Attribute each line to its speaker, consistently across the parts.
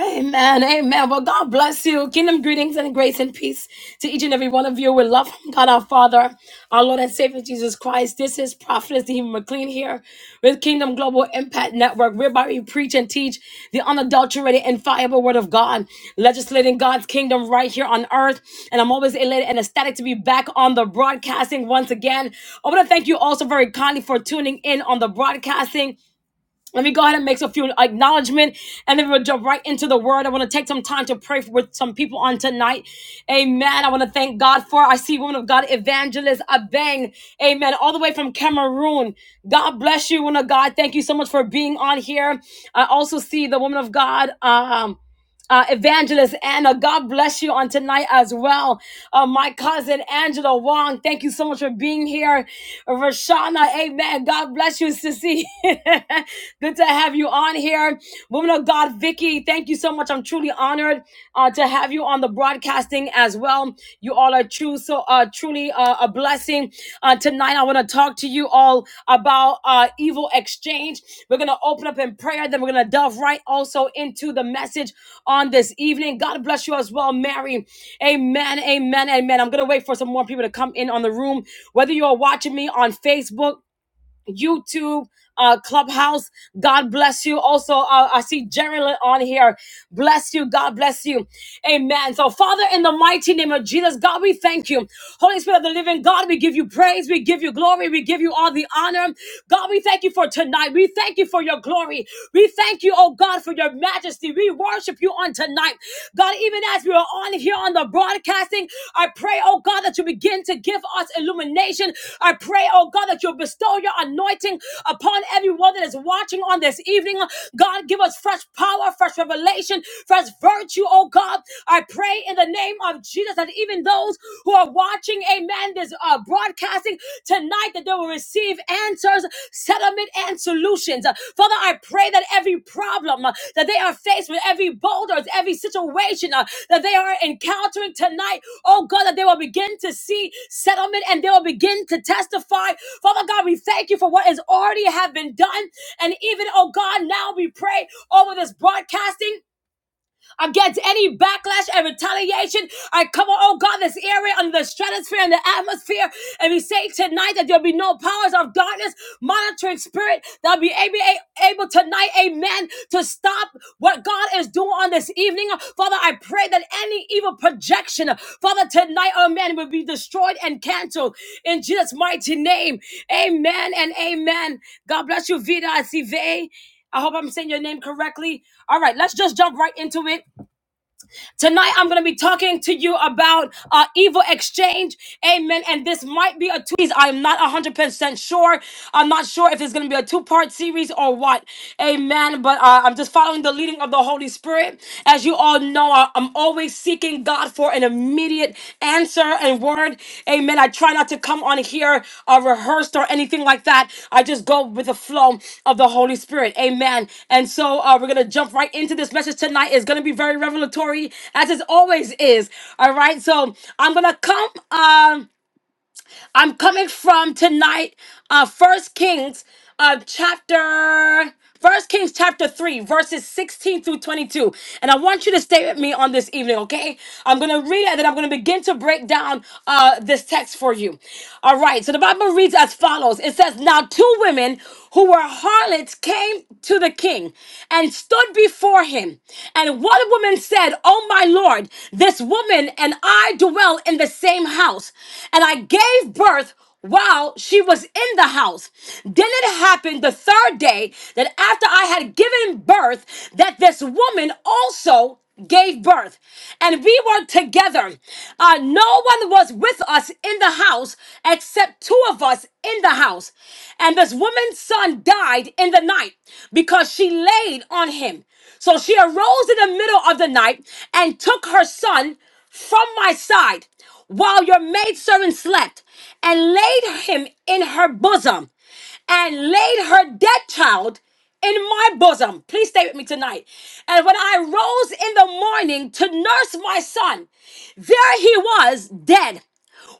Speaker 1: Amen. Amen. Well, God bless you. Kingdom greetings and grace and peace to each and every one of you. We love from God our Father, our Lord and Savior Jesus Christ. This is Prophetess Stephen McLean here with Kingdom Global Impact Network, whereby we preach and teach the unadulterated, infallible Word of God, legislating God's kingdom right here on earth. And I'm always elated and ecstatic to be back on the broadcasting once again. I want to thank you also very kindly for tuning in on the broadcasting. Let me go ahead and make a few acknowledgement and then we'll jump right into the word. I want to take some time to pray for, with some people on tonight. Amen. I want to thank God for I see woman of God, evangelist Abang. Amen. All the way from Cameroon. God bless you, woman of God. Thank you so much for being on here. I also see the woman of God. Um, uh, Evangelist Anna. God bless you on tonight as well. Uh, my cousin Angela Wong, thank you so much for being here. Rashana, amen. God bless you, Sissy. Good to have you on here. Woman of God, Vicky, thank you so much. I'm truly honored uh, to have you on the broadcasting as well. You all are true, so uh, truly uh, a blessing. Uh, tonight, I want to talk to you all about uh, evil exchange. We're going to open up in prayer, then we're going to delve right also into the message on this evening. God bless you as well, Mary. Amen, amen, amen. I'm going to wait for some more people to come in on the room. Whether you are watching me on Facebook, YouTube, uh, Clubhouse. God bless you. Also, uh, I see Jerrilyn on here. Bless you. God bless you. Amen. So, Father, in the mighty name of Jesus, God, we thank you. Holy Spirit of the living God, we give you praise. We give you glory. We give you all the honor. God, we thank you for tonight. We thank you for your glory. We thank you, oh God, for your majesty. We worship you on tonight. God, even as we are on here on the broadcasting, I pray, oh God, that you begin to give us illumination. I pray, oh God, that you bestow your anointing upon everyone that is watching on this evening. God, give us fresh power, fresh revelation, fresh virtue, oh God. I pray in the name of Jesus that even those who are watching, amen, this uh, broadcasting tonight, tonight that they will receive answers, settlement, and solutions. Uh, Father, I pray that every problem uh, that they are faced with, every boulders, every situation uh, that they are encountering tonight, oh God, that they will begin to see settlement and they will begin to testify. Father God, we thank you for what has already have been done. And even, oh God, now we pray over this broadcasting against any backlash and retaliation. I cover, oh God, this area under the stratosphere and the atmosphere. And we say tonight that there'll be no powers of darkness, monitoring spirit that'll be able, able tonight, amen, to stop what God is doing on this evening. Father, I pray that any evil projection, Father, tonight, amen, will be destroyed and canceled in Jesus' mighty name. Amen and amen. God bless you, Vida Asive. I hope I'm saying your name correctly. All right, let's just jump right into it. Tonight, I'm going to be talking to you about uh, evil exchange. Amen. And this might be a two. I'm not 100% sure. I'm not sure if it's going to be a two part series or what. Amen. But uh, I'm just following the leading of the Holy Spirit. As you all know, I- I'm always seeking God for an immediate immediate answer and word. Amen. I try not to come on here uh, rehearsed or anything like that. I just go with the flow of the Holy Spirit. Amen. And so uh, we're going to jump right into this message tonight. It's going to be very revelatory, as it always is. All right. So I'm going to come. Um, I'm coming from tonight, uh, First Kings, uh, chapter. First Kings chapter 3, verses 16 through 22. And I want you to stay with me on this evening, okay? I'm going to read it and then I'm going to begin to break down uh, this text for you. All right, so the Bible reads as follows It says, Now two women who were harlots came to the king king and stood before him. And one woman said, Oh my Lord, this woman and I dwell in the same house. And I gave birth while she was in the house. Then it happened the third day that after I had given birth, that this woman also gave birth and we were together uh, no one was with us in the house except two of us in the house and this woman's son died in the night because she laid on him so she arose in the middle of the night and took her son from my side while your maidservant slept and laid him in her bosom and laid her dead child in my bosom. Please stay with me tonight. And when I rose in the morning to nurse my son, there he was, dead.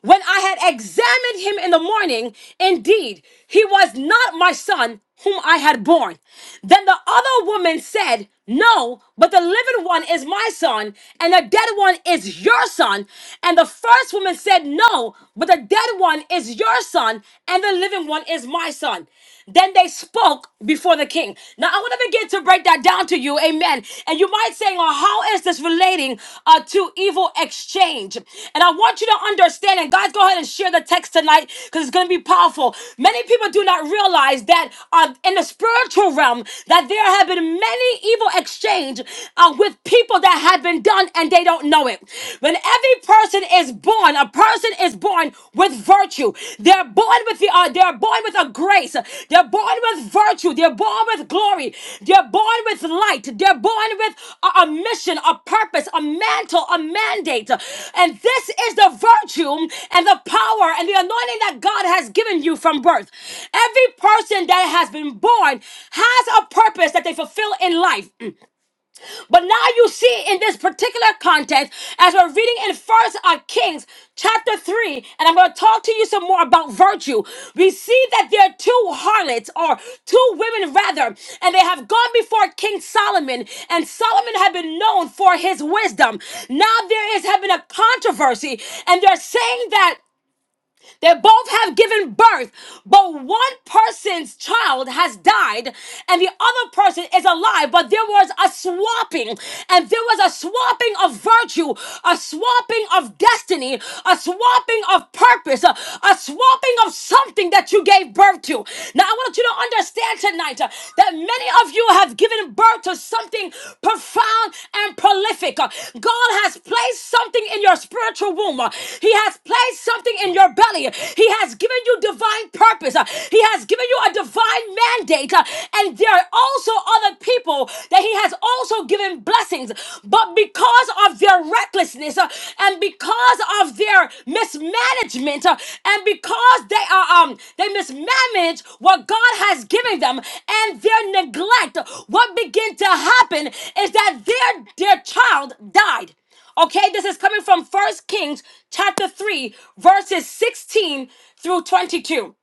Speaker 1: When I had examined him in the morning, indeed, he was not my son whom I had born. Then the other woman said, no, but the living one is my son, and the dead one is your son. And the first woman said, No, but the dead one is your son, and the living one is my son. Then they spoke before the king. Now I want to begin to break that down to you, amen. And you might say, Well, how is this relating uh, to evil exchange? And I want you to understand, and guys, go ahead and share the text tonight because it's going to be powerful. Many people do not realize that uh, in the spiritual realm, that there have been many evil exchange uh, with people that have been done and they don't know it. When every person is born, a person is born with virtue. They're born with the, uh, they're born with with a grace. They're born with virtue. They're born with glory. They're born with light. They're born with a, a mission, a purpose, a mantle, a mandate. And this is the virtue and the power and the anointing that God has given you from birth. Every person that has been born has a purpose that they fulfill in life. But now you see in this particular context, as we're reading in First Kings chapter 3, and I'm going to talk to you some more about virtue. We see that there are two harlots, or two women rather, and they have gone before King Solomon, and Solomon had been known for his wisdom. Now there is having a controversy, and they're saying that. They both have given birth, but one person's child has died and the other person is alive. But there was a swapping, and there was a swapping of virtue, a swapping of destiny, a swapping of purpose, a, a swapping of something that you gave birth to. Now, I want you to understand tonight uh, that many many of you have given birth to something profound and prolific. Uh, God has placed something in your spiritual womb. Uh, He has placed something in your belly. He has given you divine purpose. Uh, He has given you a divine mandate. Uh, And there are also other people that He has also given blessings. But because of their recklessness, business, uh, and because of their mismanagement, uh, and because they are um they mismanage what God has given them, and their neglect, what began to happen is that their their child died. Okay, this is coming from First Kings chapter 3, verses 16 through 22.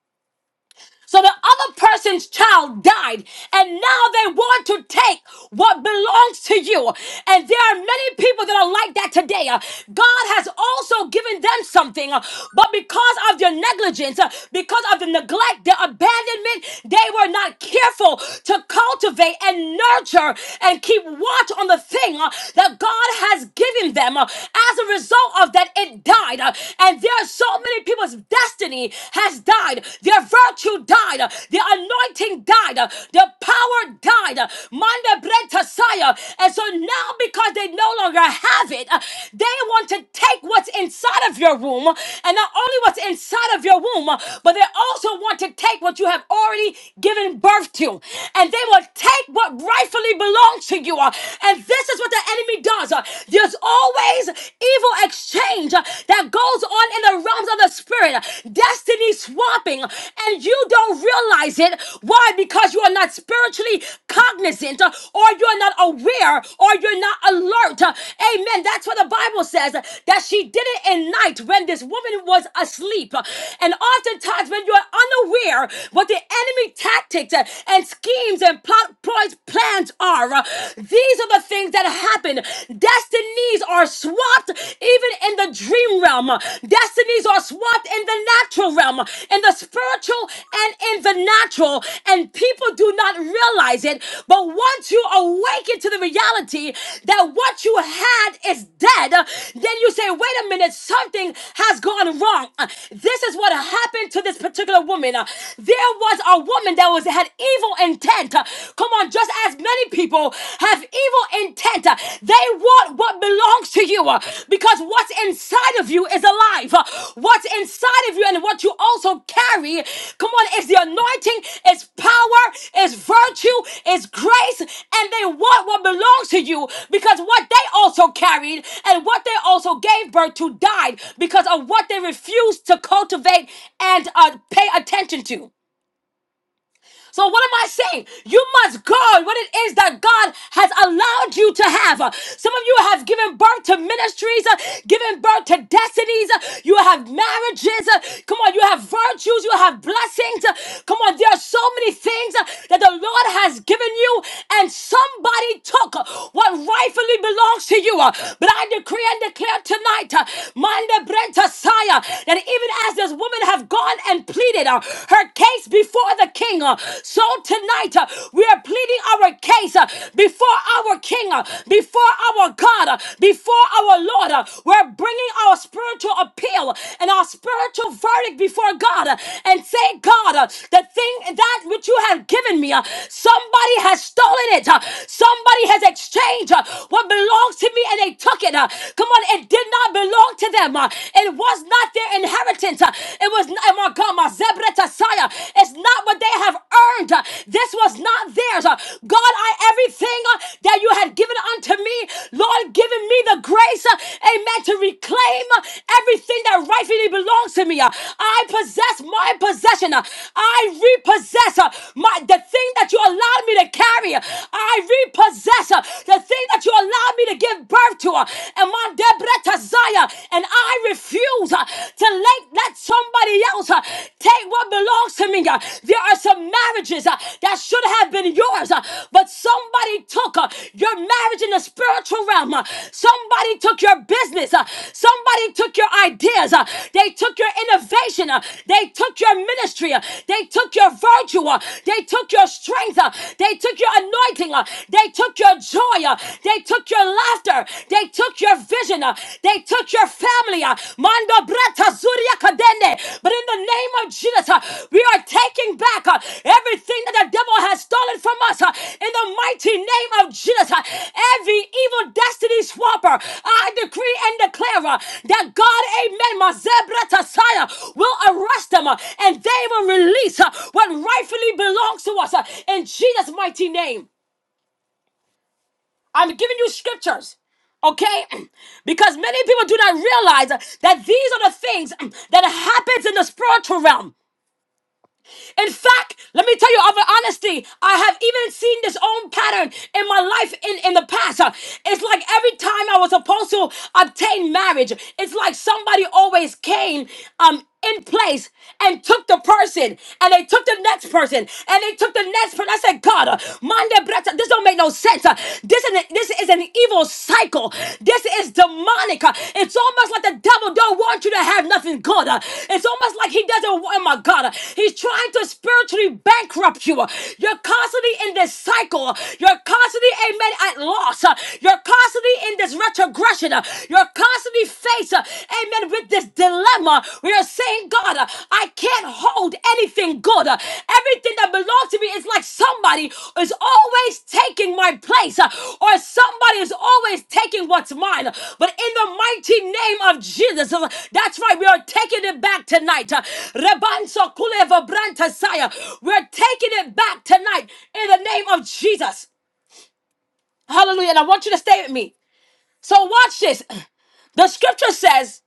Speaker 1: So the other person's child died, and now they want to take what belongs to you. And there are many people that are like that today. Uh, God has also given them something, uh, but because of their negligence, uh, because of the neglect, their abandonment, they were not careful to cultivate and nurture and keep watch on the thing uh, that God has given them. Uh, As a result of that, it died. Uh, And there are so many people people's destiny has died. Their virtue died. Their anointing died. Their power died. Manda Brenta Saya. And so now, because they no longer have it, uh, they want to take what's inside of your womb, and not only what's inside of your womb, uh, but they also want to take what you have already given birth to, and they will take what rightfully belongs to you. uh, And this is what the enemy does. uh, There's always evil exchange uh, that goes on in the realms of the spirit, uh, destiny swapping, uh, and you don't realize it. Why? Because you are not spiritually cognizant, uh, or you're not aware, or you're not alert. uh, Amen. That's what the Bible says uh, that she did it in night when this woman was asleep. uh, And oftentimes, when you're unaware what the enemy tactics uh, and schemes and plot ploys plans are, uh, these are the things things that happen. Destinies are swapped even in the dream realm. Destinies are swapped in the natural realm, in the spiritual and in the natural. And people do not realize it. But once you awaken to the reality that what you had is dead, then you say, wait a minute, something has gone wrong. Uh, This is what happened to this particular woman. Uh, There was a woman that was had evil intent. Come on, just as many people have evil intent, uh, they want what belongs to you uh, because what's inside of you is alive. Uh, What's inside of you and what you also carry, come on, is the anointing, is power, is virtue, is grace, and they want what belongs to you because what they also carried and what they also gave birth to died because of what they refused to cultivate and uh, pay attention to. So what am I saying? You must guard what it is that God has allowed you to have. Uh, Some of you have given birth to ministries, uh, given birth to destinies. uh, You have marriages. uh, Come on, you have virtues. You have blessings. uh, Come on, there are so many things uh, that the Lord has given you, and somebody took uh, what rightfully belongs to you. uh, But I decree and declare tonight, uh, Manda Brenta Saya, that even as this woman have gone and pleaded pleaded uh, her case before the king. uh. So tonight, uh, we are pleading our case uh, before our king, uh, before our God, uh, before our Lord. uh. We're bringing our spiritual appeal and our spiritual verdict before God uh, and say, God, uh, the thing that which you have given me, uh, somebody has stolen it. uh, Somebody has exchanged uh, what belongs to me and they took it. uh. Come on, it did not belong to them. uh. It was not not their inheritance. Uh, It was not, oh my God, my Zebretasaya. It's not what they have earned. Uh, This was not theirs. Uh, God, I everything uh, that you had given unto me, Lord, given me the grace, uh, amen, to reclaim uh, everything that rightfully belongs to me. Uh, I possess my possession. Uh, I repossess uh, my the thing that you allowed me to carry. Uh, I repossess uh, the thing that you allowed me to give birth to. Uh, And my Zion, and I refuse uh, to let, let somebody else uh, take what belongs to me. uh. There are some marriages uh, that should have been yours, uh, but somebody took uh, your marriage in the spiritual realm. uh. Somebody took your business. uh. Somebody took your ideas. uh. They took your innovation. uh. They took your ministry. uh. They took your virtue. uh. They took your strength. uh. They took your anointing. uh. They took your joy. uh. They took took your laughter. They took your vision. uh, They took your family. uh, Mando brata zuria kadende. But in the name of Jesus, uh, we are taking back uh, everything that the devil has stolen from us. uh, In the mighty name of Jesus, uh, every evil destiny swapper, I decree and declare uh, that God, amen, my zebrata saya, will arrest them uh, and they will release uh, what rightfully belongs to us uh, in Jesus' mighty name. I'm giving you scriptures. Okay? Because many people do not realize that these are the things that happens in the spiritual realm. In fact, let me tell you of honesty, I have even seen this own pattern in my life in, in the past. Uh, It's like every time I was supposed to obtain marriage, it's like somebody always came um in place and took the person and they took the next person and they took the next person. I said, God, uh, Monday, Bretta, this don't make no sense. Uh, This is an, this is an evil cycle. This is demonic. Uh, It's almost like the devil don't want you to have nothing good. Uh, It's almost like he doesn't want, oh my God, uh, he's trying to spiritually bankrupt you. Uh, You're constantly in this cycle. Uh, You're constantly, amen, at loss. Uh, You're constantly in this retrogression. Uh, You're constantly faced, uh, amen, with this dilemma. We are saying, God, God. uh, I can't hold anything good. Uh, Everything that belongs to me is like somebody is always taking my place, uh, or somebody is always taking what's mine. But in the mighty name of Jesus, uh, that's right. we are taking it back tonight. Uh, Rebanso kuleva brantasaya. We're taking it back tonight in the name of Jesus. Hallelujah. And I want you to stay with me. So watch this. The scripture says,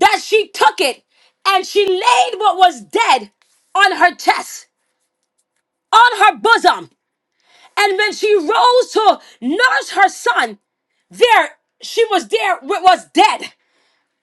Speaker 1: that she took it and she laid what was dead on her chest, on her bosom. And when she rose to nurse her son, there she was there what was dead.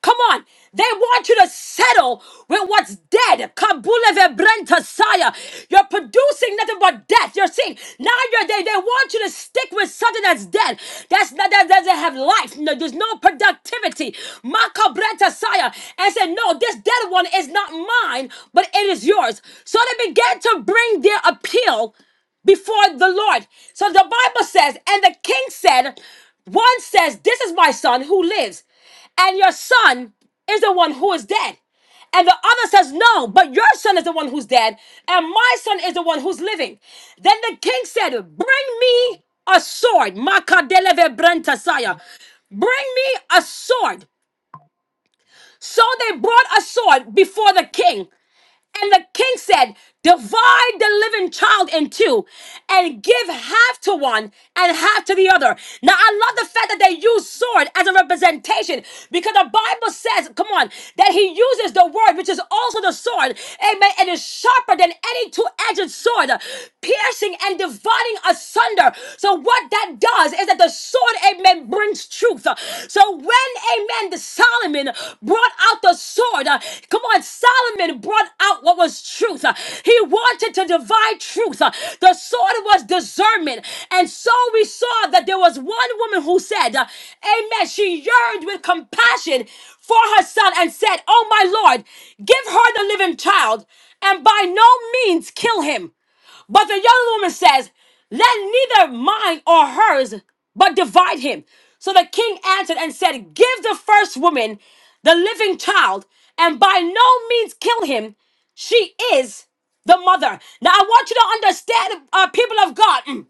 Speaker 1: Come on. They want you to settle with what's dead. Kabule vebrenta saya. You're producing nothing but death. You're seeing now you're they, they want you to stick with something that's dead. That's not that doesn't have life. No, there's no productivity. Makabrenta saya. And said, No, this dead one is not mine, but it is yours. So they began to bring their appeal before the Lord. So the Bible says, and the king said, one says, This is my son who lives and your son is the one who is dead. And the other says, No, but your son is the one who's dead, and my son is the one who's living. Then the king said, Bring me a sword. Makadeleve brentasaya. Bring me a sword. So they brought a sword before the king. And the king said, Divide the living child in two and give half to one and half to the other. Now, I love the fact that they use sword as a representation because the Bible says, come on, that he uses the word, which is also the sword. Amen. And is sharper than any two edged sword, piercing and dividing asunder. So, what that does, does is that the sword, amen, brings truth. Uh, So when, amen, the Solomon brought out the sword, uh, come on, Solomon brought out what was truth. Uh, He wanted to divide truth. Uh, The sword was discernment. And so we saw that there was one woman who said, uh, amen, she yearned with compassion for her son and said, oh my Lord, give her the living child and by no means kill him. But the young woman says, Let neither mine or hers but divide him. So the king answered and said, Give the first woman the living child, and by no means kill him. She is the mother. Now I want you to understand, uh, people of God. mm,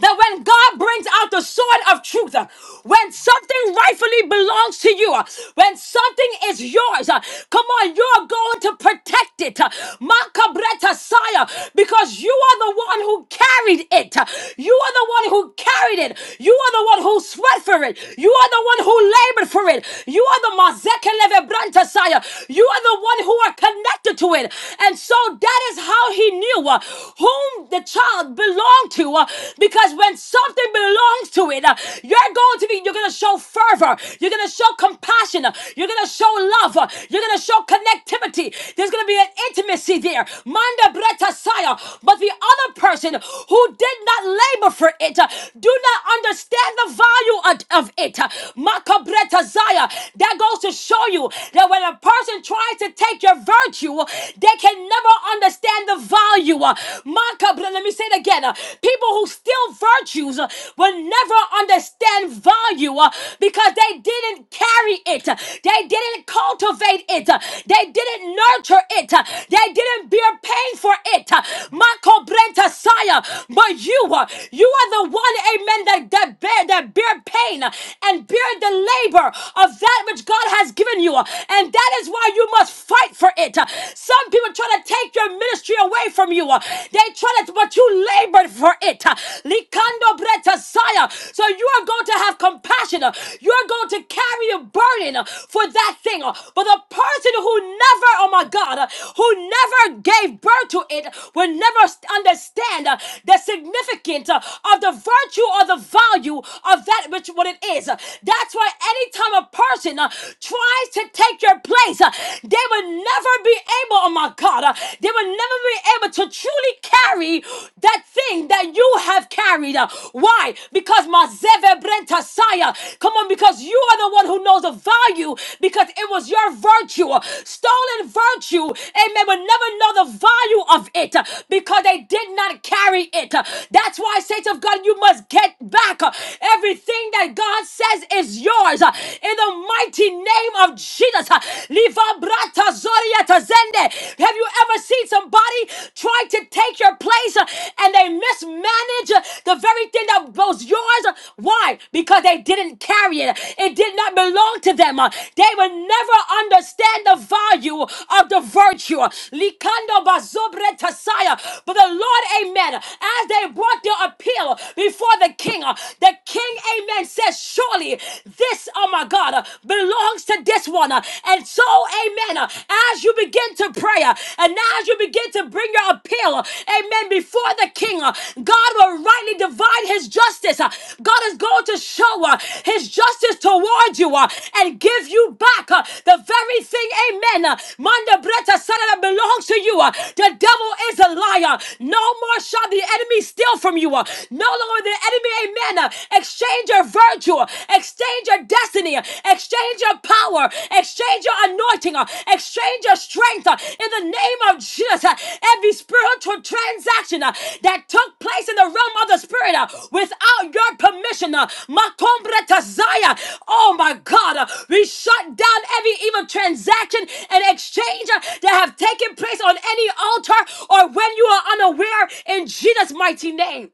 Speaker 1: that when God brings out the sword of truth, uh, when something rightfully belongs to you, uh, when something is yours, uh, come on, you're going to protect it. uh, Makabreta Saya, because you are the one who carried it. uh, You are the one who carried it. You are the one who sweat for it. You are the one who labored for it. You are the Mazeke Levebranta Saya. You are the one who are connected connected to it. And so that is how he knew uh, whom the child belonged to. uh, because when something belongs to it, uh, you're going to be, you're going to show fervor. You're going to show compassion. uh, You're going to show love. uh, You're going to show connectivity. There's going to be an intimacy there. Manda breta saya. But the other person who did not labor for it, uh, do not understand the value of, of it. Uh, Maka breta zaya. That goes to show you that when a person tries to take your virtue, they can never understand the value. Uh, Maka, but let me say it again. uh, People who steal virtues uh, will never understand value uh, because they didn't carry it, uh, they didn't cultivate it, uh, they didn't nurture it, uh, they didn't bear pain for it. uh, Maka Brenta Saya, but you, uh, you are the one, amen, that, that, bear, that bear pain uh, and bear the labor of that which God has given you given you. And that is why you must fight for it. Some people try to take your ministry away from you. They try to, but you labored for it. Likando bretasaya. So you are going to have compassion. You are going to carry a burden for that thing. But the person who never, oh my God, who never gave birth to it will never understand the significance of the virtue or the value of that which what it is. That's why anytime a person uh, tries to take your place, uh, they will never be able, oh my God, uh, they will never be able to truly carry that thing that you have carried. uh. Why? Because my Zeve Brenta Saya. Come on, because you are the one who knows the value because it was your virtue. uh, Stolen virtue, amen, will never know the value of it uh, because they did not carry it. uh. That's why, saints of God, you must get back uh, everything that God says is yours uh, in the mighty name of Jesus. uh, Liva brata zoria tazende. Have you ever seen somebody try to take your place uh, and they mismanage uh, the very thing that was yours? Uh, Why? Because they didn't carry it, it did not belong to them. uh, They will never understand the value of the virtue. Likando bazobre tasaya. But the Lord, amen, as they brought their appeal before the king, uh, the king amen, says, Surely this, oh my God, uh, belongs to this one. uh, And so, amen, uh, as you begin to pray uh, and as you begin to bring your appeal, uh, amen, before the king, uh, God will rightly divide his justice. uh, God is going to show uh, his justice toward you uh, and give you back uh, the very thing, amen, uh, Manda Breta Sana that belongs to you. uh, The devil is a liar. No more shall the enemy steal from you. uh, No longer the enemy Amen. Exchange your virtue, exchange your destiny, exchange your power, exchange your anointing, exchange your strength in the name of Jesus. Every spiritual transaction that took place in the realm of the spirit without your permission, Makombra Tazaya, oh my God, we shut down every evil transaction and exchange that have taken place on any altar or when you are unaware in Jesus' mighty name.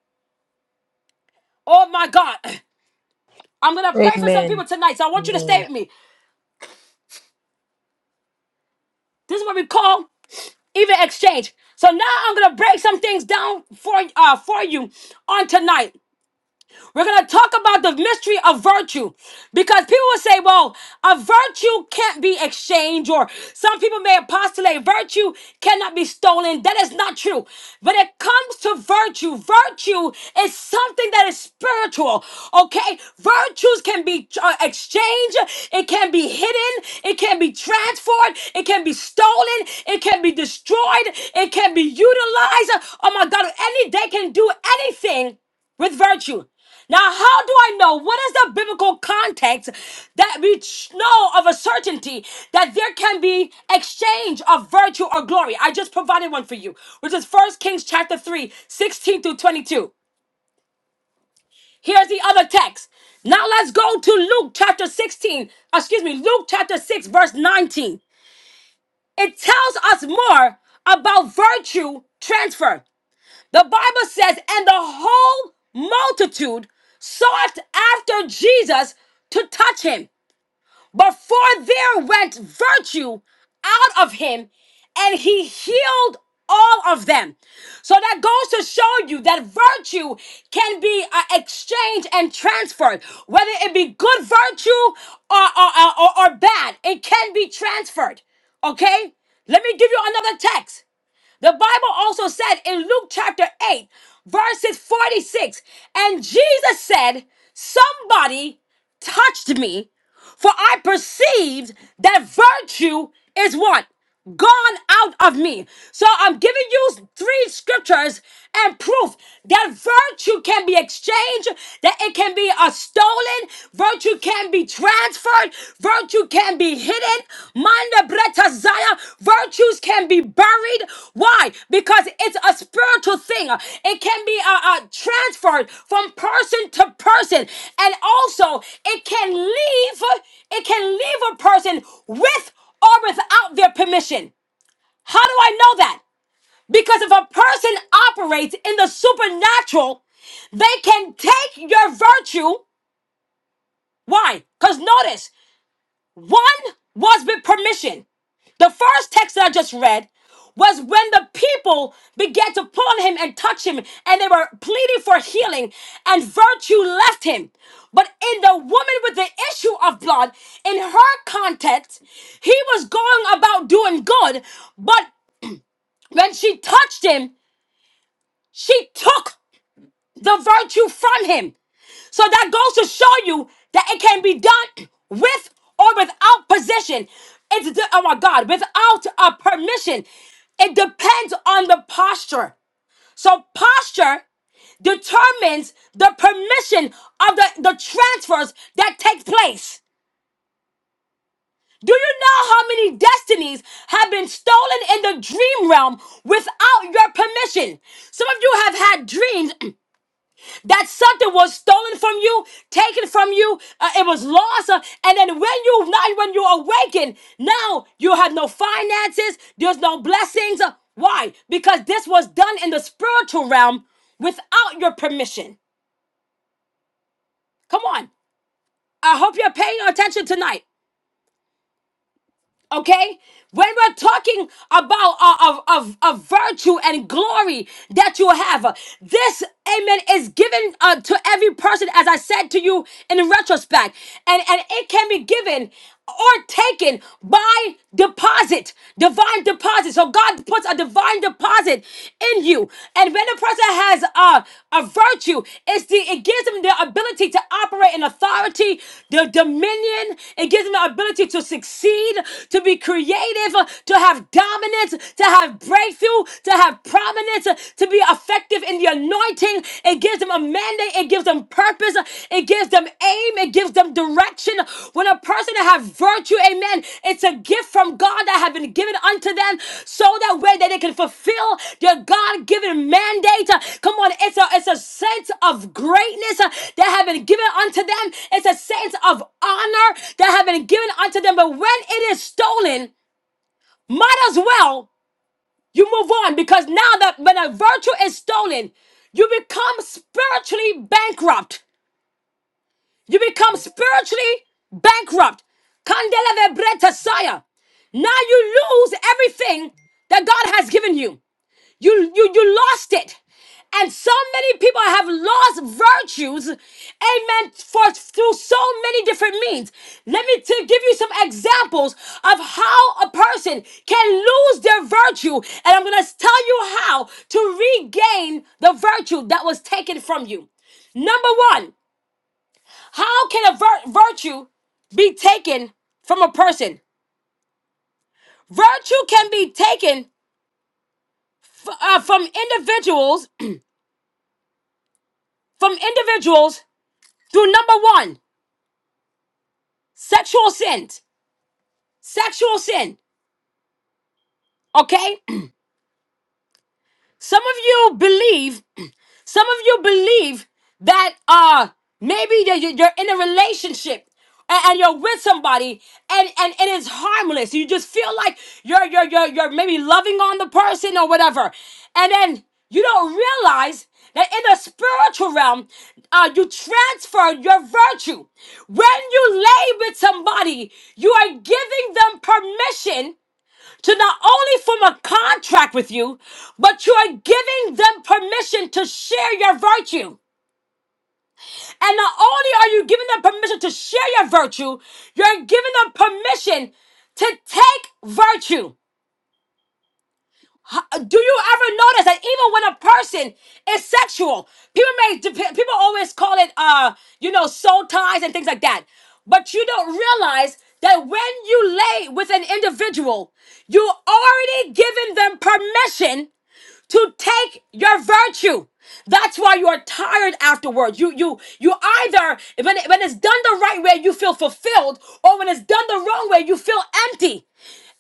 Speaker 1: Oh my God. I'm gonna pray for some
Speaker 2: Amen.
Speaker 1: people tonight. So I want you to stay
Speaker 2: Amen.
Speaker 1: with me. This is what we call even exchange. So now I'm gonna break some things down for uh for you on tonight. We're going to talk about the mystery of virtue because people will say, well, a virtue can't be exchanged, or some people may postulate virtue cannot be stolen. That is not true. When it comes to virtue, virtue is something that is spiritual, okay? Virtues can be uh, exchanged, it can be hidden, it can be transferred, it can be stolen, it can be destroyed, it can be utilized. Oh my God, any day can do anything with virtue. Now, how do I know? What is the biblical context that we ch- know of a certainty that there can be exchange of virtue or glory? I just provided one for you, which is First Kings chapter 3, 16 through 22. Here's the other text. Now let's go to Luke chapter 16, excuse me, Luke chapter 6, verse 19. It tells us more about virtue transfer. The Bible says, and the whole multitude sought after Jesus to touch him. But for there went virtue out of him, and he healed all of them. So that goes to show you that virtue can be uh, exchanged and transferred, whether it be good virtue or, or, or or bad, it can be transferred. Okay? Let me give you another text. The Bible also said in Luke chapter 8, verses 46, and Jesus said, Somebody touched me, for I perceived that virtue is what? Gone out of me. So I'm giving you three scriptures and proof that virtue can be exchanged, that it can be a stolen, virtue can be transferred, virtue can be hidden. Manda breta zaya, virtues can be buried. Why? Because it's a spiritual thing. It can be uh, uh, transferred from person to person, and also it can leave. It can leave a person with or without their permission. How do I know that? Because if a person operates in the supernatural, they can take your virtue why? Because notice, one was with permission. The first text that I just read was when the people began to pull on him and touch him, and they were pleading for healing, and virtue left him. But in the woman with the issue of blood, in her context, he was going about doing good, but when she touched him, she took the virtue from him. So that goes to show you that it can be done with or without position. It's the, oh my God, without a permission. It depends on the posture. So posture determines the permission of the, the transfers that take place. Do you know how many destinies have been stolen in the dream realm without your permission? Some of you have had dreams that something was stolen from you, taken from you, uh, it was lost. uh, and then when you now when you awaken, now you have no finances, there's no blessings. uh, why? Because this was done in the spiritual realm without your permission. Come on. I hope you're paying attention tonight. Okay? When we're talking about uh, of, of, of virtue and glory that you have, uh, this, amen, is given uh, to every person, as I said to you in retrospect. And, and it can be given or taken by deposit, divine deposit. So God puts a divine deposit in you. And when a person has a, a virtue, it's the it gives them the ability to operate in authority, the dominion. It gives them the ability to succeed, to be creative, uh, to have dominance, to have breakthrough, to have prominence, uh, to be effective in the anointing. It gives them a mandate. It gives them purpose. It gives them aim it gives them direction when a person have virtue amen it's a gift from god that have been given unto them so that way that they can fulfill their god-given mandate Uh, come on it's a it's a sense of greatness uh, that have been given unto them it's a sense of honor that have been given unto them but when it is stolen might as well you move on because now that when a virtue is stolen you become spiritually bankrupt you become spiritually bankrupt. Candela vebretasaya. Now you lose everything that God has given you. You, you, you lost it. And so many people have lost virtues, amen, for through so many different means. Let me to give you some examples of how a person can lose their virtue. And I'm gonna tell you how to regain the virtue that was taken from you. Number one, how can a vir- virtue be taken from a person? Virtue can be taken f- uh, from individuals, from individuals through number one, sexual sin, sexual sin. Okay, Some of you believe, some of you believe that uh maybe that you- you're in a relationship and, and you're with somebody and, and and it's harmless. You just feel like you're you're you're you're maybe loving on the person or whatever. And then you don't realize that in the spiritual realm, uh, you transfer your virtue. When you lay with somebody, you are giving them permission to not only form a contract with you, but you are giving them permission to share your virtue. And not only are you giving them permission to share your virtue, you're giving them permission to take virtue. H- Do you ever notice that even when a person is sexual, people may dep- people always call it uh you know soul ties and things like that, but you don't realize that when you lay with an individual, you already giving them permission to take your virtue. That's why you are tired afterwards. You you you either when it- when it's done the right way you feel fulfilled, or when it's done the wrong way you feel empty.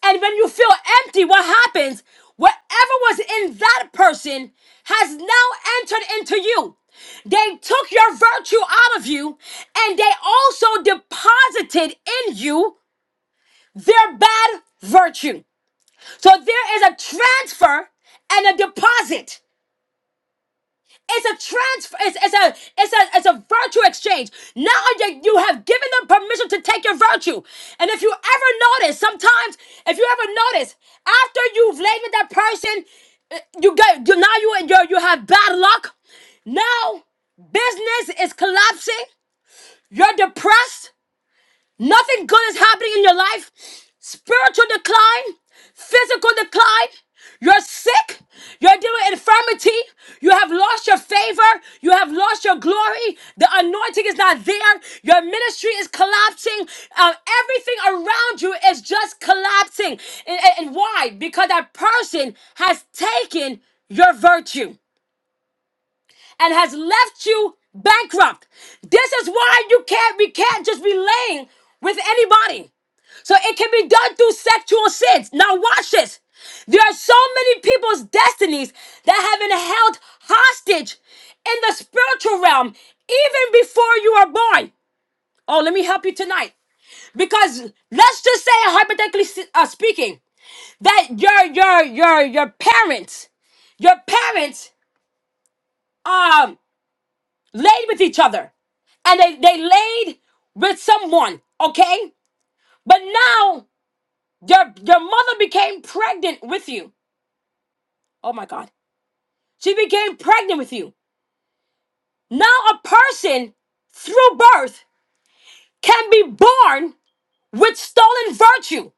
Speaker 1: And when you feel empty, what happens? Whatever was in that person has now entered into you. They took your virtue out of you, and they also deposited in you their bad virtue. So there is a transfer and a deposit. It's a transfer. It's, it's a it's a it's a virtue exchange. Now you, you have given them permission to take your virtue. And if you ever notice, sometimes if you ever notice, after you've laid with that person, eh, you get you now you you you have bad luck. Now business is collapsing. You're depressed. Nothing good is happening in your life. Spiritual decline, physical decline. You're sick. You're dealing with infirmity. You have lost your favor. You have lost your glory. The anointing is not there. Your ministry is collapsing. Um, everything around you is just collapsing. and and- and why? Because that person has taken your virtue and has left you bankrupt. This is why you can't we can't just be laying with anybody. So it can be done through sexual sins. Now watch this. There are so many people's destinies that have been held hostage in the spiritual realm even before you are born. Oh, let me help you tonight. Because let's just say hypothetically s- uh, speaking that your your your your parents your parents. um laid with each other and they, they laid with someone, okay? But now your your mother became pregnant with you. Oh my god. She became pregnant with you. Now a person through birth can be born with stolen virtue.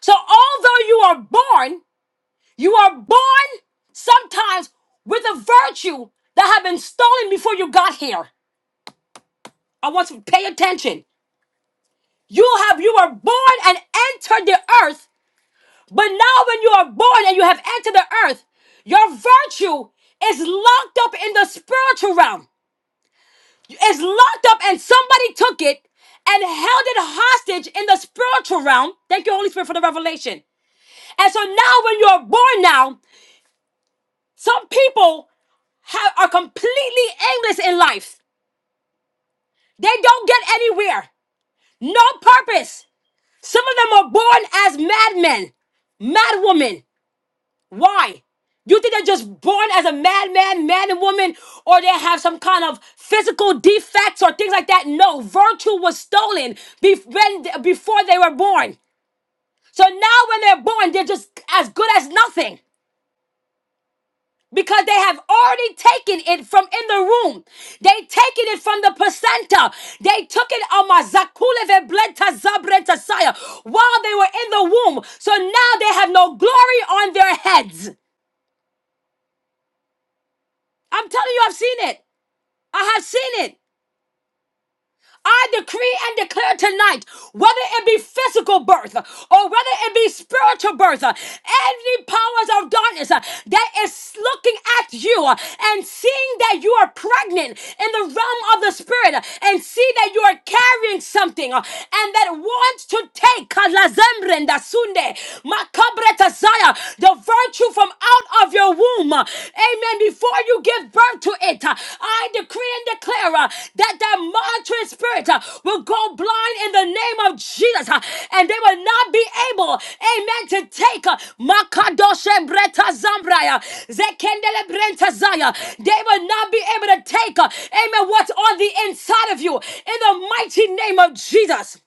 Speaker 1: So although you are born, you are born sometimes with a virtue that had been stolen before you got here. I want you to pay attention. You have you were born and entered the earth But now, when you are born and you have entered the earth, your virtue is locked up in the spiritual realm. It's locked up, and somebody took it and held it hostage in the spiritual realm. Thank you, Holy Spirit, for the revelation. And so now, when you are born now, some people have, are completely aimless in life. They don't get anywhere, no purpose. Some of them are born as madmen, madwomen. Why? You think they're just born as a madman, man and woman, or they have some kind of physical defects or things like that? No, virtue was stolen be- when, before they were born. So now when they're born, they're just as good as nothing because they have already taken it from in the room. They taken it from the placenta. They took it on my zakuleve blenta zabrenta saya while they were in the womb. So now they have no glory on their heads. I'm telling you, I've seen it. I have seen it. I decree and declare tonight, whether it be physical birth or whether it be spiritual birth, any powers of darkness uh, that is looking at you uh, and seeing that you are pregnant in the realm of the spirit uh, and see that you are carrying something uh, and that wants to take uh, lazembre sunde, dasunde, makabre tazaya, the virtue from out of your womb. uh, Amen. Before you give birth to it, uh, I decree and declare uh, that that monitoring spirit uh, will go blind in the name of Jesus uh, and they will not be able, amen, to take uh, Makadoshe Breta Zambraya, Zekendele Brenta Zaya. They will not be able to take, uh, amen, what's on the inside of you in the mighty name of Jesus.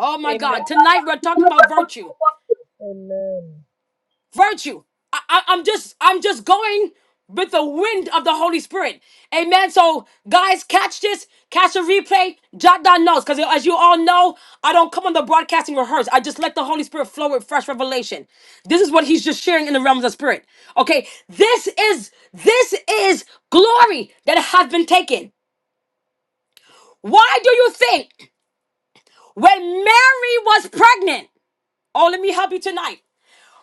Speaker 1: Oh my
Speaker 2: Amen.
Speaker 1: God. Tonight we're talking about virtue.
Speaker 2: Amen.
Speaker 1: virtue. I, I, I'm just I'm just going with the wind of the Holy Spirit. Amen. So guys, catch this, catch the replay, jot down notes. Because as you all know, I don't come on the broadcasting rehearse. I just let the Holy Spirit flow with fresh revelation. This is what he's just sharing in the realms of spirit. Okay. This is this is glory that has been taken. Why do you think when Mary was pregnant? Oh, let me help you tonight.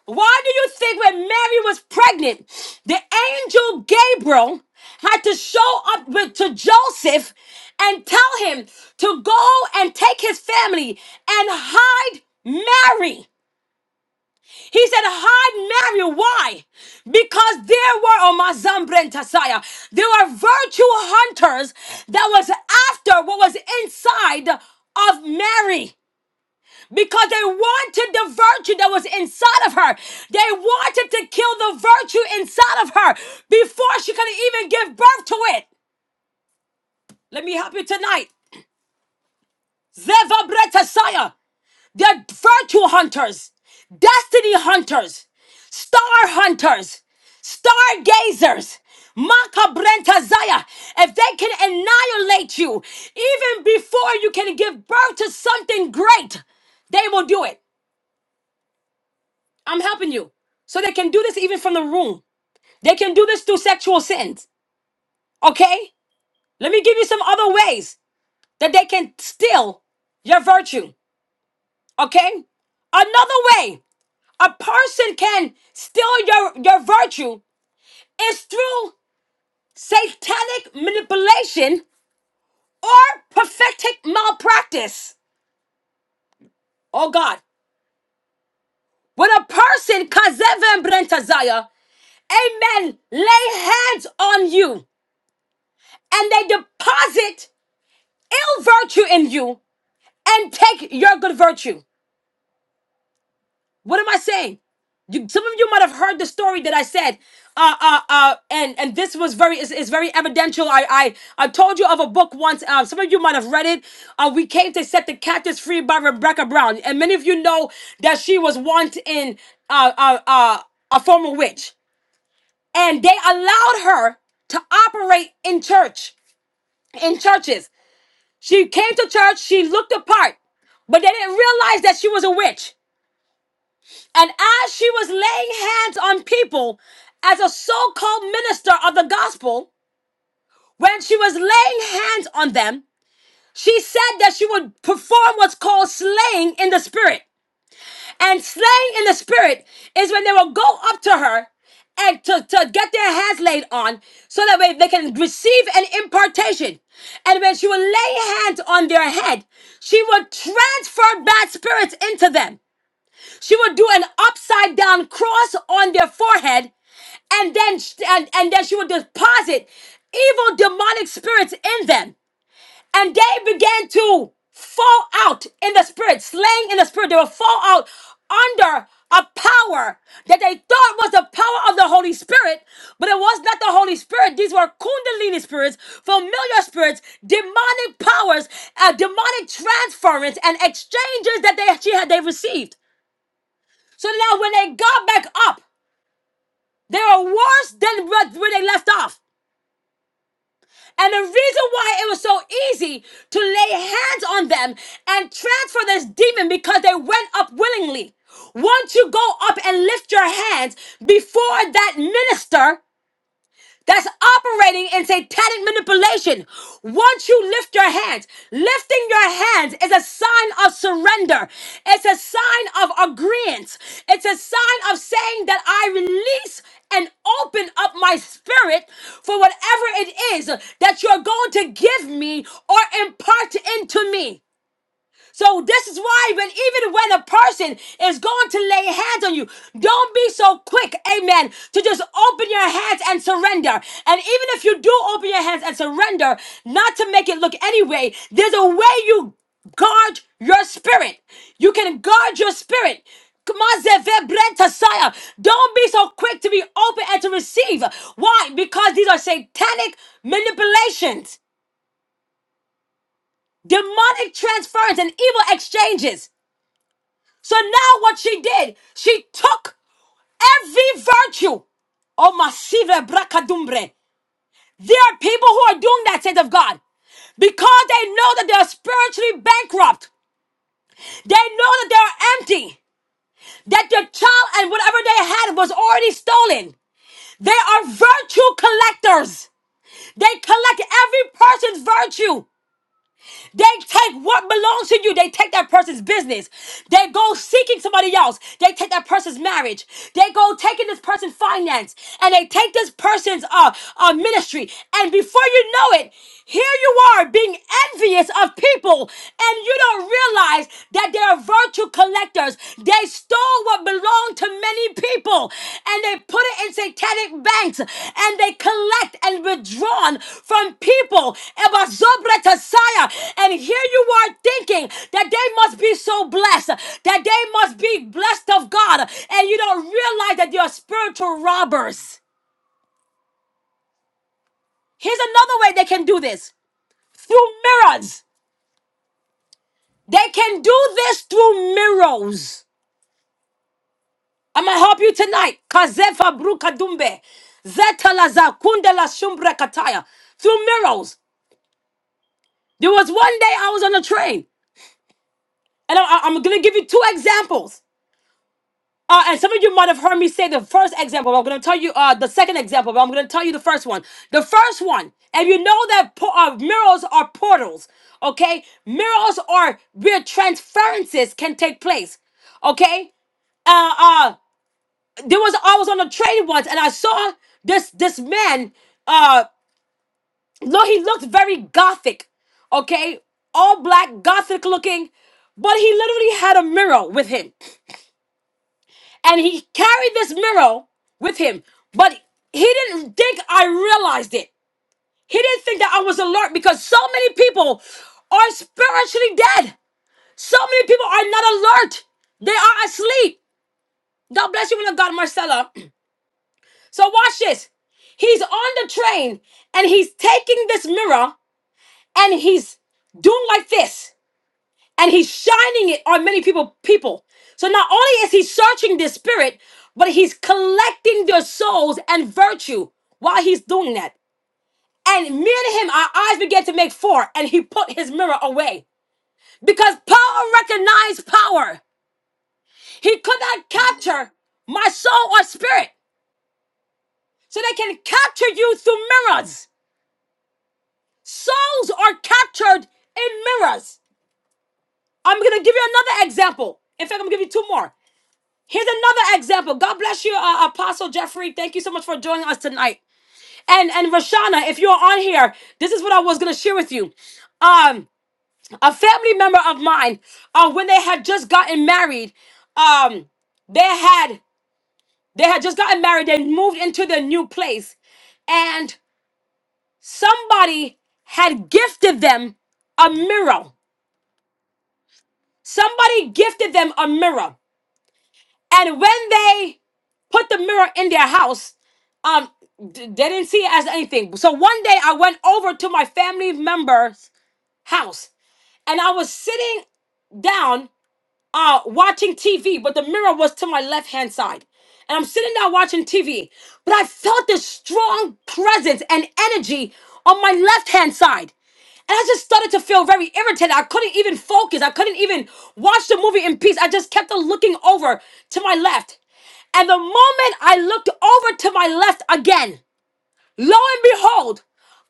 Speaker 1: Why do you think when Mary was pregnant, the angel Gabriel had to show up with, to Joseph and tell him to go and take his family and hide Mary? He said, hide Mary. Why? Because there were on my Zambrentasaya, there were virtue hunters that was after what was inside of Mary because they wanted the virtue that was inside of her. They wanted to kill the virtue inside of her before she could even give birth to it. Let me help you tonight. Zeva Bretasaya, they're virtue hunters, destiny hunters, star hunters, stargazers. Maka Brentazaya, if they can annihilate you even before you can give birth to something great, they will do it. I'm helping you. So they can do this even from the room. They can do this through sexual sins. Okay? Let me give you some other ways that they can steal your virtue. Okay? Another way a person can steal your, your virtue is through satanic manipulation or prophetic malpractice. Oh God. When a person, Kazevan Brentazaya, amen, lay hands on you and they deposit ill virtue in you and take your good virtue. What am I saying? You, some of you might have heard the story that I said, uh, uh, uh, and and this was very is, is very evidential. I, I I told you of a book once. Um, some of you might have read it. Uh, we came to set the captives free by Rebecca Brown, and many of you know that she was once in uh, uh, uh, a former witch, and they allowed her to operate in church in churches. She came to church, she looked apart, but they didn't realize that she was a witch. And as she was laying hands on people as a so called minister of the gospel, when she was laying hands on them, she said that she would perform what's called slaying in the spirit. And slain in the spirit is when they will go up to her and to, to get their hands laid on so that way they can receive an impartation. And when she will lay hands on their head, she will transfer bad spirits into them. She will do an upside down cross on their forehead, and then and, and then she will deposit evil demonic spirits in them. And they began to fall out in the spirit, slaying in the spirit. They will fall out under a power that they thought was the power of the Holy Spirit, but it was not the Holy Spirit. These were Kundalini spirits, familiar spirits, demonic powers, uh, demonic transference, and exchanges that they she had they received. So now when they got back up, they were worse than where where they left off. And the reason why it was so easy to lay hands on them and transfer this demon because they went up willingly. Once you go up and lift your hands before that minister, that's operating in satanic manipulation. Once you lift your hands, lifting your hands is a sign of surrender. It's a sign of agreement. It's a sign of saying that I release and open up my spirit for whatever it is that you're going to give me or impart into me. So this is why when even when a person is going to lay hands on you, don't be so quick, amen, to just open your hands and surrender. And even if you do open your hands and surrender, not to make it look anyway, there's a way you guard your spirit. You can guard your spirit. Kmazevebrentasiah. Don't be so quick to be open and to receive. Why? Because these are satanic manipulations, demonic transference, and evil exchanges. So now what she did, she took every virtue. Oh, masive bracadumbre. There are people who are doing that, said of God, because they know that they are spiritually bankrupt. They know that they are empty, that their child and whatever they had was already stolen. They are virtue collectors. They collect every person's virtue. They take what belongs to you. They take that person's business. They go seeking somebody else. They take that person's marriage. They go taking this person's finance and they take this person's uh, uh ministry. And before you know it, here you are being envious of people and you don't realize that they are virtue collectors. They stole what belonged to many people and they put it in satanic banks and they collect and withdrawn from people. Eba zobra tasaya. And here you are thinking that they must be so blessed, that they must be blessed of God, and you don't realize that you're spiritual robbers. Here's another way they can do this through mirrors. They can do this through mirrors. I'm gonna help you tonight. Kazefa bruka dumbe. Zeta la za kunde la shumbre kataya. Through miracles. There was one day I was on a train. And I, am gonna give you two examples. Uh, and some of you might have heard me say the first example. but I'm gonna tell you uh, the second example, but I'm gonna tell you the first one. The first one, and you know that po- uh, miracles are portals, okay? Miracles are where transferences can take place, okay? Uh. uh, there was I was on a train once and I saw this this man. Uh, look, he looked very gothic, okay, all black, gothic looking, but he literally had a mirror with him, and he carried this mirror with him, but he didn't think I realized it. He didn't think that I was alert because so many people are spiritually dead. So many people are not alert. They are asleep. God bless you, man of God, Marcella. So watch this. He's on the train and he's taking this mirror and he's doing like this and he's shining it on many people people. So not only is he searching the spirit, but he's collecting their souls and virtue while he's doing that. And me and him, our eyes began to make four, and he put his mirror away. Because power recognized power. He could not capture my soul or spirit. So they can capture you through mirrors. Souls are captured in mirrors. I'm going to give you another example. In fact, I'm going to give you two more. Here's another example. God bless you, uh, Apostle Jeffrey. Thank you so much for joining us tonight. And and Rashana, if you're on here, this is what I was going to share with you. Um, a family member of mine, uh, when they had just gotten married, um, they had they had just gotten married. They moved into their new place, and somebody had gifted them a mirror. Somebody gifted them a mirror. And when they put the mirror in their house, um, d- they didn't see it as anything. So one day I went over to my family member's house and I was sitting down uh, watching TV, but the mirror was to my left hand side. And I'm sitting there watching TV, but I felt this strong presence and energy on my left hand side. And I just started to feel very irritated. I couldn't even focus. I couldn't even watch the movie in peace. I just kept on looking over to my left. And the moment I looked over to my left again, lo and behold,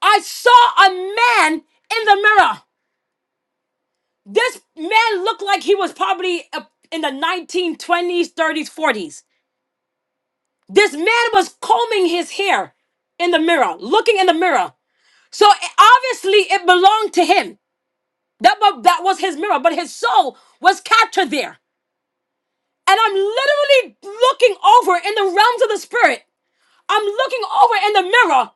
Speaker 1: I saw a man in the mirror. This man looked like he was probably uh, in the 1920s, 30s, 40s. This man was combing his hair in the mirror, looking in the mirror. So it- obviously it belonged to him. That, wa- that was his mirror, but his soul was captured there. And I'm literally looking over in the realms of the spirit. I'm looking over in the mirror,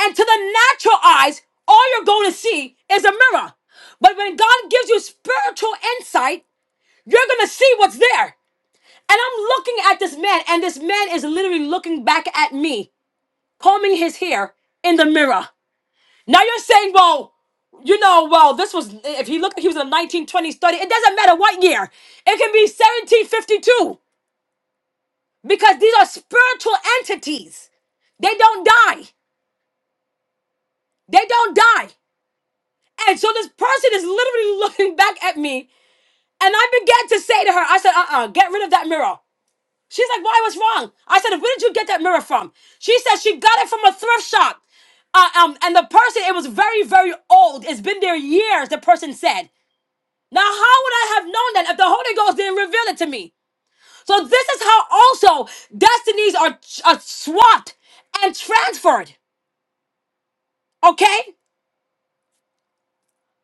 Speaker 1: and to the natural eyes, all you're going to see is a mirror. But when God gives you spiritual insight, you're going to see what's there. And I'm looking at this man, and this man is literally looking back at me, combing his hair in the mirror. Now you're saying, well, you know, well, this was, if he looked like he was in a 1920s study, it doesn't matter what year. It can be 1752 because these are spiritual entities. They don't die. They don't die. And so this person is literally looking back at me, and I began to say to her, I said, uh uh get rid of that mirror. She's like, why? What's wrong? I said, where did you get that mirror from? She said she got it from a thrift shop. Uh, um, and the person, it was very, very old. It's been there years, the person said. Now, how would I have known that if the Holy Ghost didn't reveal it to me? So this is how also destinies are, are swapped and transferred. Okay?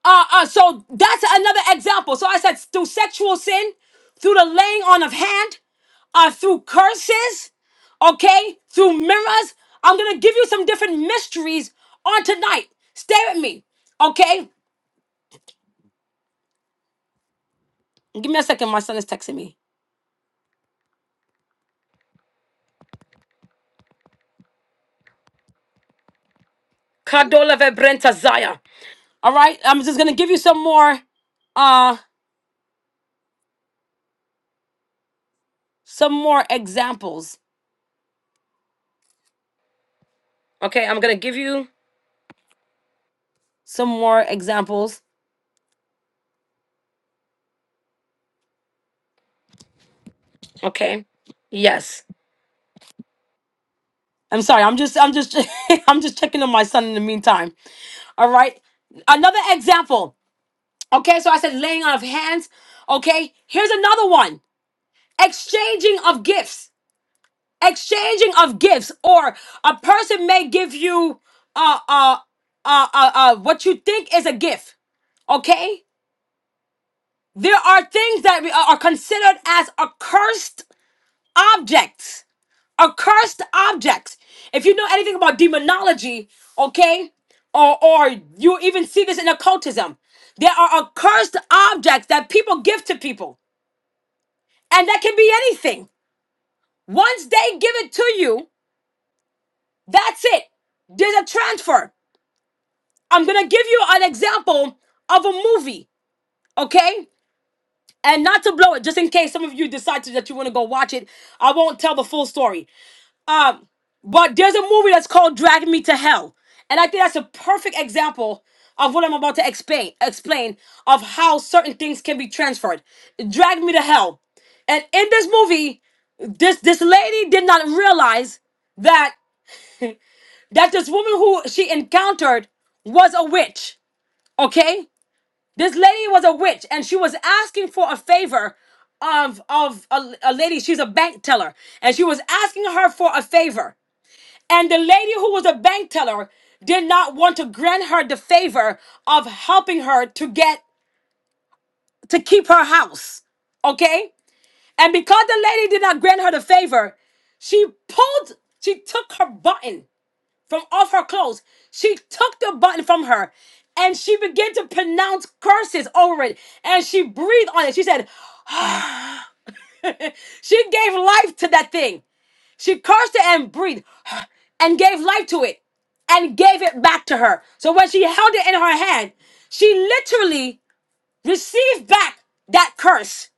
Speaker 1: Uh, uh, so that's another example. So I said through sexual sin, through the laying on of hand, uh, through curses, okay, through mirrors. I'm gonna give you some different mysteries on tonight. Stay with me, okay? Give me a second. My son is texting me. Kadola vebrenta zaya. All right, I'm just gonna give you some more, uh, some more examples. Okay, I'm gonna give you some more examples. Okay, yes. I'm sorry. I'm just I'm just I'm just checking on my son in the meantime. All right. Another example. Okay, so I said laying on of hands. Okay, here's another one. Exchanging of gifts. Exchanging of gifts or a person may give you uh uh uh uh, uh what you think is a gift, okay? There are things that we- uh, are considered as accursed objects accursed objects. If you know anything about demonology, okay, or or you even see this in occultism, there are accursed objects that people give to people, and that can be anything. Once they give it to you, that's it. There's a transfer. I'm gonna give you an example of a movie, okay? And not to blow it, just in case some of you decide to, that you want to go watch it, I won't tell the full story. Um, but there's a movie that's called Drag Me to Hell. And I think that's a perfect example of what I'm about to explain explain of how certain things can be transferred. Drag Me to Hell. And in this movie, this this lady did not realize that that this woman who she encountered was a witch. Okay? This lady was a witch and she was asking for a favor of of a, a lady she's a bank teller and she was asking her for a favor and the lady who was a bank teller did not want to grant her the favor of helping her to get to keep her house. Okay? And because the lady did not grant her the favor, she pulled, she took her button from off her clothes. She took the button from her and she began to pronounce curses over it. And she breathed on it. She said, she gave life to that thing. She cursed it and breathed and gave life to it and gave it back to her. So when she held it in her hand, she literally received back that curse.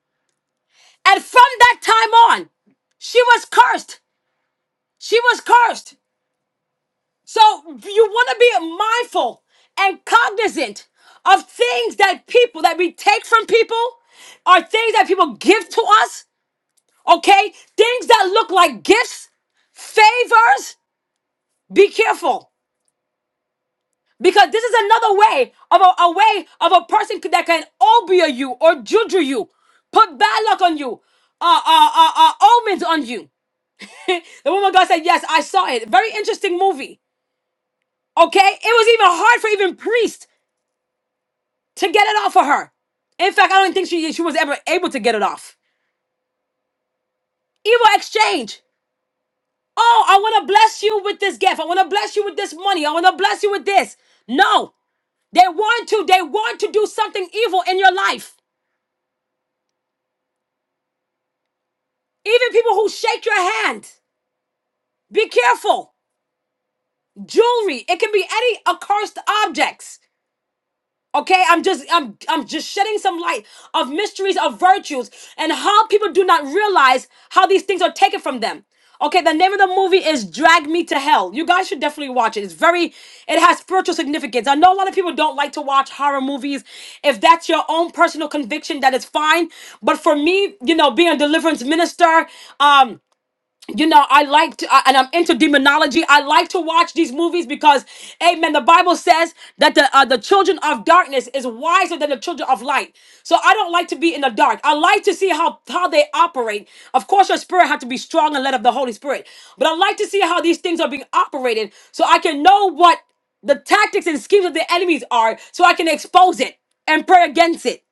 Speaker 1: And from that time on, she was cursed. She was cursed. So you want to be mindful and cognizant of things that people that we take from people are things that people give to us, okay? Things that look like gifts, favors. Be careful. Because this is another way of a, a way of a person that can obia you or juju you, put bad luck on you, uh, uh, uh, uh, omens on you. the woman God said, Yes, I saw it. Very interesting movie. Okay? It was even hard for even priest to get it off of her. In fact, I don't think she, she was ever able to get it off. Evil exchange. Oh, I want to bless you with this gift. I want to bless you with this money. I want to bless you with this. No. They want to, they want to do something evil in your life. Even people who shake your hand, be careful. Jewelry, it can be any accursed objects. Okay, I'm just I'm I'm just shedding some light of mysteries of virtues and how people do not realize how these things are taken from them. Okay, the name of the movie is Drag Me to Hell. You guys should definitely watch it. It's very it has spiritual significance. I know a lot of people don't like to watch horror movies. If that's your own personal conviction, that is fine. But for me, you know, being a deliverance minister, um you know, I like to, I- and I'm into demonology. I like to watch these movies because, Amen. The Bible says that the uh, the children of darkness is wiser than the children of light. So I don't like to be in the dark. I like to see how how they operate. Of course, your spirit has to be strong and led of the Holy Spirit, but I like to see how these things are being operated, so I can know what the tactics and schemes of the enemies are, so I can expose it and pray against it.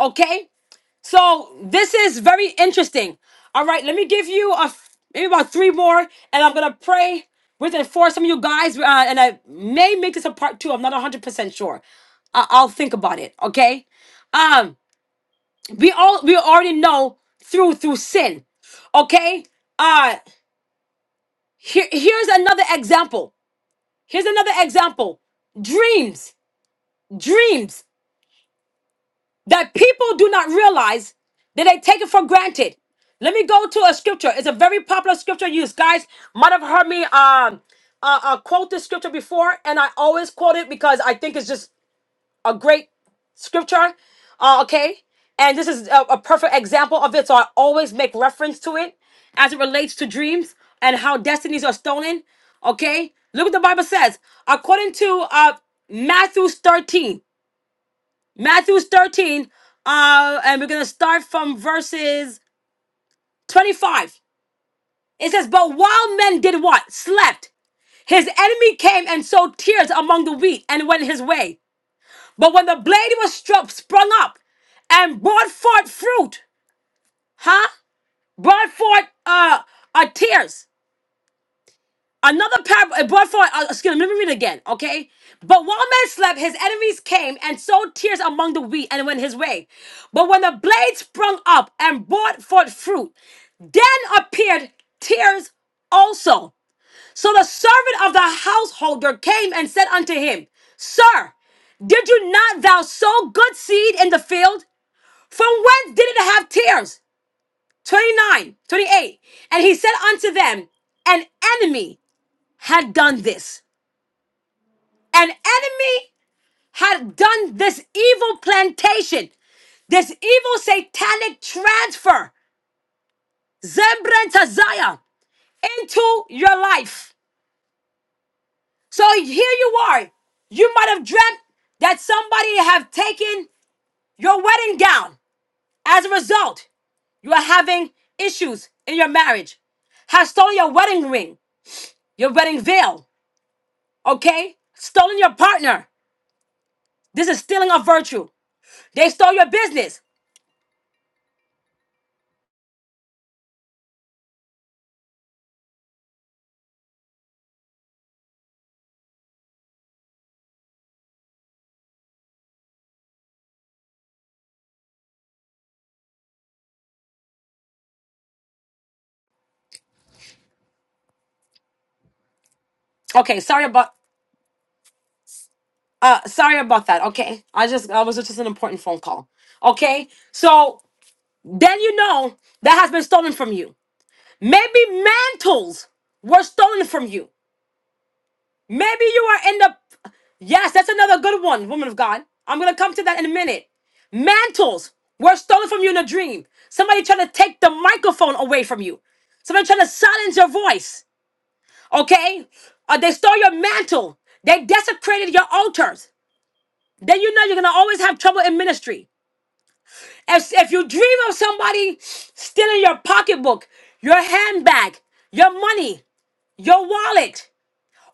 Speaker 1: Okay. So this is very interesting. All right, let me give you a maybe about three more, and I'm gonna pray with it for some of you guys, uh, and I may make this a part two. I'm not 100 percent sure. I- I'll think about it. Okay. Um, we all we already know through through sin. Okay. Uh, here here's another example. Here's another example. Dreams, dreams. that people do not realize that they take it for granted. Let me go to a scripture. It's a very popular scripture used. Guys might have heard me um, uh, uh, quote this scripture before, and I always quote it because I think it's just a great scripture. Uh, okay. And this is a, a perfect example of it. So I always make reference to it as it relates to dreams and how destinies are stolen. Okay. Look what the Bible says. According to uh, Matthew 13, Matthew 13, uh, and we're going to start from verses 25. It says, But while men did what? Slept. His enemy came and sowed tears among the wheat and went his way. But when the blade was struck, sprung up and brought forth fruit, huh? Brought forth uh, uh, tears. Another parable, brought forth, uh, excuse me, let me read it again, okay? But while man slept, his enemies came and sowed tears among the wheat and went his way. But when the blade sprung up and brought forth fruit, then appeared tears also. So the servant of the householder came and said unto him, Sir, did you not thou sow good seed in the field? From whence did it have tears? 29, 28. And he said unto them, An enemy had done this. An enemy had done this evil plantation, this evil satanic transfer, Zebran to Zion, into your life. So here you are. You might have dreamt that somebody have taken your wedding gown. As a result, you are having issues in your marriage. Has stolen your wedding ring, your wedding veil, okay? Stolen your partner. This is stealing of virtue. They stole your business. Okay, sorry about Uh, sorry about that. Okay, I just I was just an important phone call. Okay, so then you know that has been stolen from you. Maybe mantles were stolen from you. Maybe you are in the. Yes, that's another good one, woman of God. I'm gonna come to that in a minute. Mantles were stolen from you in a dream. Somebody trying to take the microphone away from you. Somebody trying to silence your voice. Okay? Uh, they stole your mantle. They desecrated your altars. Then you know you're gonna always have trouble in ministry. If, if you dream of somebody stealing your pocketbook, your handbag, your money, your wallet,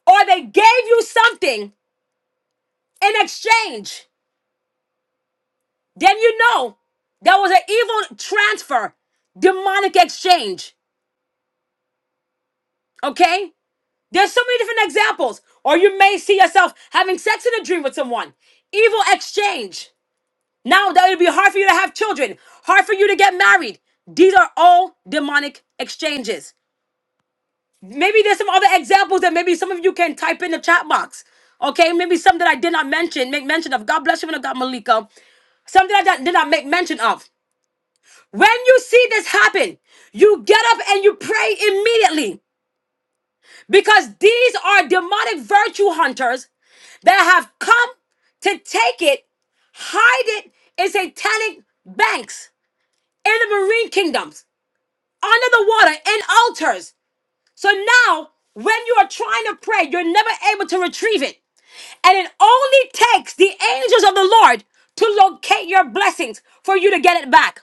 Speaker 1: or they gave you something in exchange, then you know that was an evil transfer, demonic exchange. Okay? There's so many different examples. Or you may see yourself having sex in a dream with someone. Evil exchange. Now that it'll be hard for you to have children, hard for you to get married. These are all demonic exchanges. maybe there's some other examples that maybe some of you can type in the chat box. Okay, maybe some that I did not mention, make mention of. God bless you, when I got Malika. Something I did did not make mention of. When you see this happen, you get up and you pray immediately because these are demonic virtue hunters that have come to take it, hide it in satanic banks, in the marine kingdoms, under the water, in altars. So now, when you are trying to pray, you're never able to retrieve it. And it only takes the angels of the Lord to locate your blessings for you to get it back.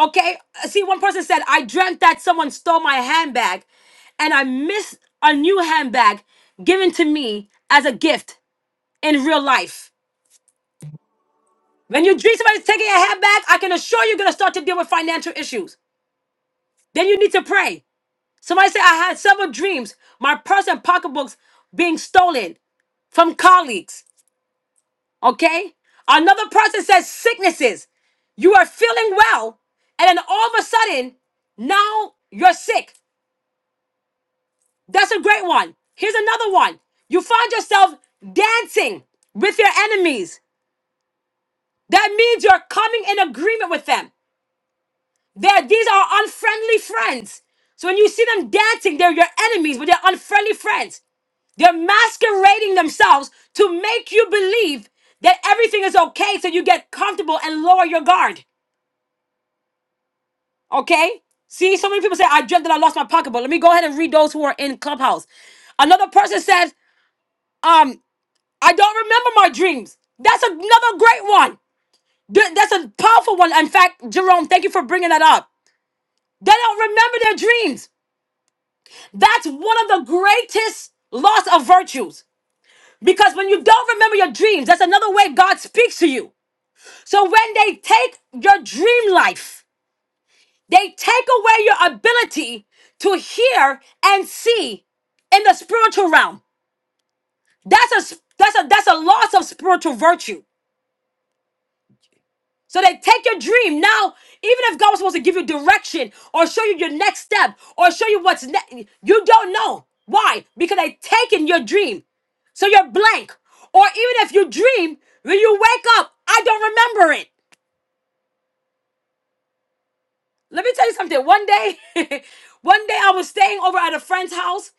Speaker 1: Okay? Uh, See, one person said, I dreamt that someone stole my handbag and I missed a new handbag given to me as a gift in real life. When you dream somebody's taking your handbag, I can assure you, you're going to start to deal with financial issues. Then you need to pray. Somebody said I had several dreams, my purse and pocketbooks being stolen from colleagues. Okay? Another person says sicknesses. You are feeling well, and then all of a sudden, now you're sick. That's a great one. Here's another one. You find yourself dancing with your enemies. That means you're coming in agreement with them. They're, these are unfriendly friends. So when you see them dancing, they're your enemies, but they're unfriendly friends. They're masquerading themselves to make you believe that everything is okay so you get comfortable and lower your guard. Okay? See, so many people say, I dreamt that I lost my pocketbook. Let me go ahead and read those who are in Clubhouse. Another person said, um, I don't remember my dreams. That's another great one. Th- That's a powerful one. In fact, Jerome, thank you for bringing that up. They don't remember their dreams. That's one of the greatest loss of virtues. Because when you don't remember your dreams, that's another way God speaks to you. So when they take your dream life, they take away your ability to hear and see in the spiritual realm. That's a that's a that's a loss of spiritual virtue. So they take your dream. Now, even if God was supposed to give you direction or show you your next step or show you what's next, you don't know. Why? Because they taken your dream. So you're blank. Or even if you dream, when you wake up, I don't remember it. Let me tell you something. One day, one day I was staying over at a friend's house.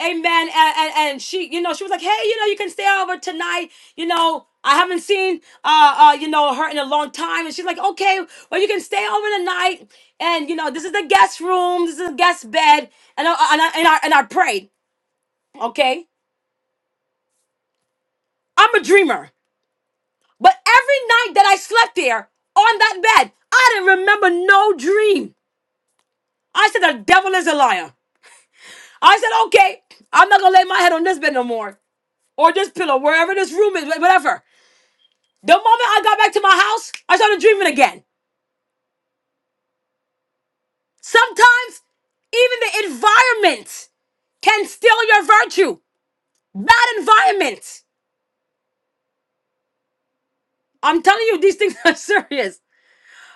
Speaker 1: Amen. And, and, and she, you know, she was like, hey, you know, you can stay over tonight. You know, I haven't seen, uh, uh, you know, her in a long time. And she's like, okay, well, you can stay over tonight. And, you know, this is the guest room. This is the guest bed. And I, and I, and I, and I prayed. Okay. I'm a dreamer. But every night that I slept there on that bed, I didn't remember no dream. I said, the devil is a liar. I said, okay, I'm not gonna lay my head on this bed no more. Or this pillow, wherever this room is, wh- whatever. The moment I got back to my house, I started dreaming again. Sometimes even the environment can steal your virtue. Bad environment. I'm telling you, these things are serious.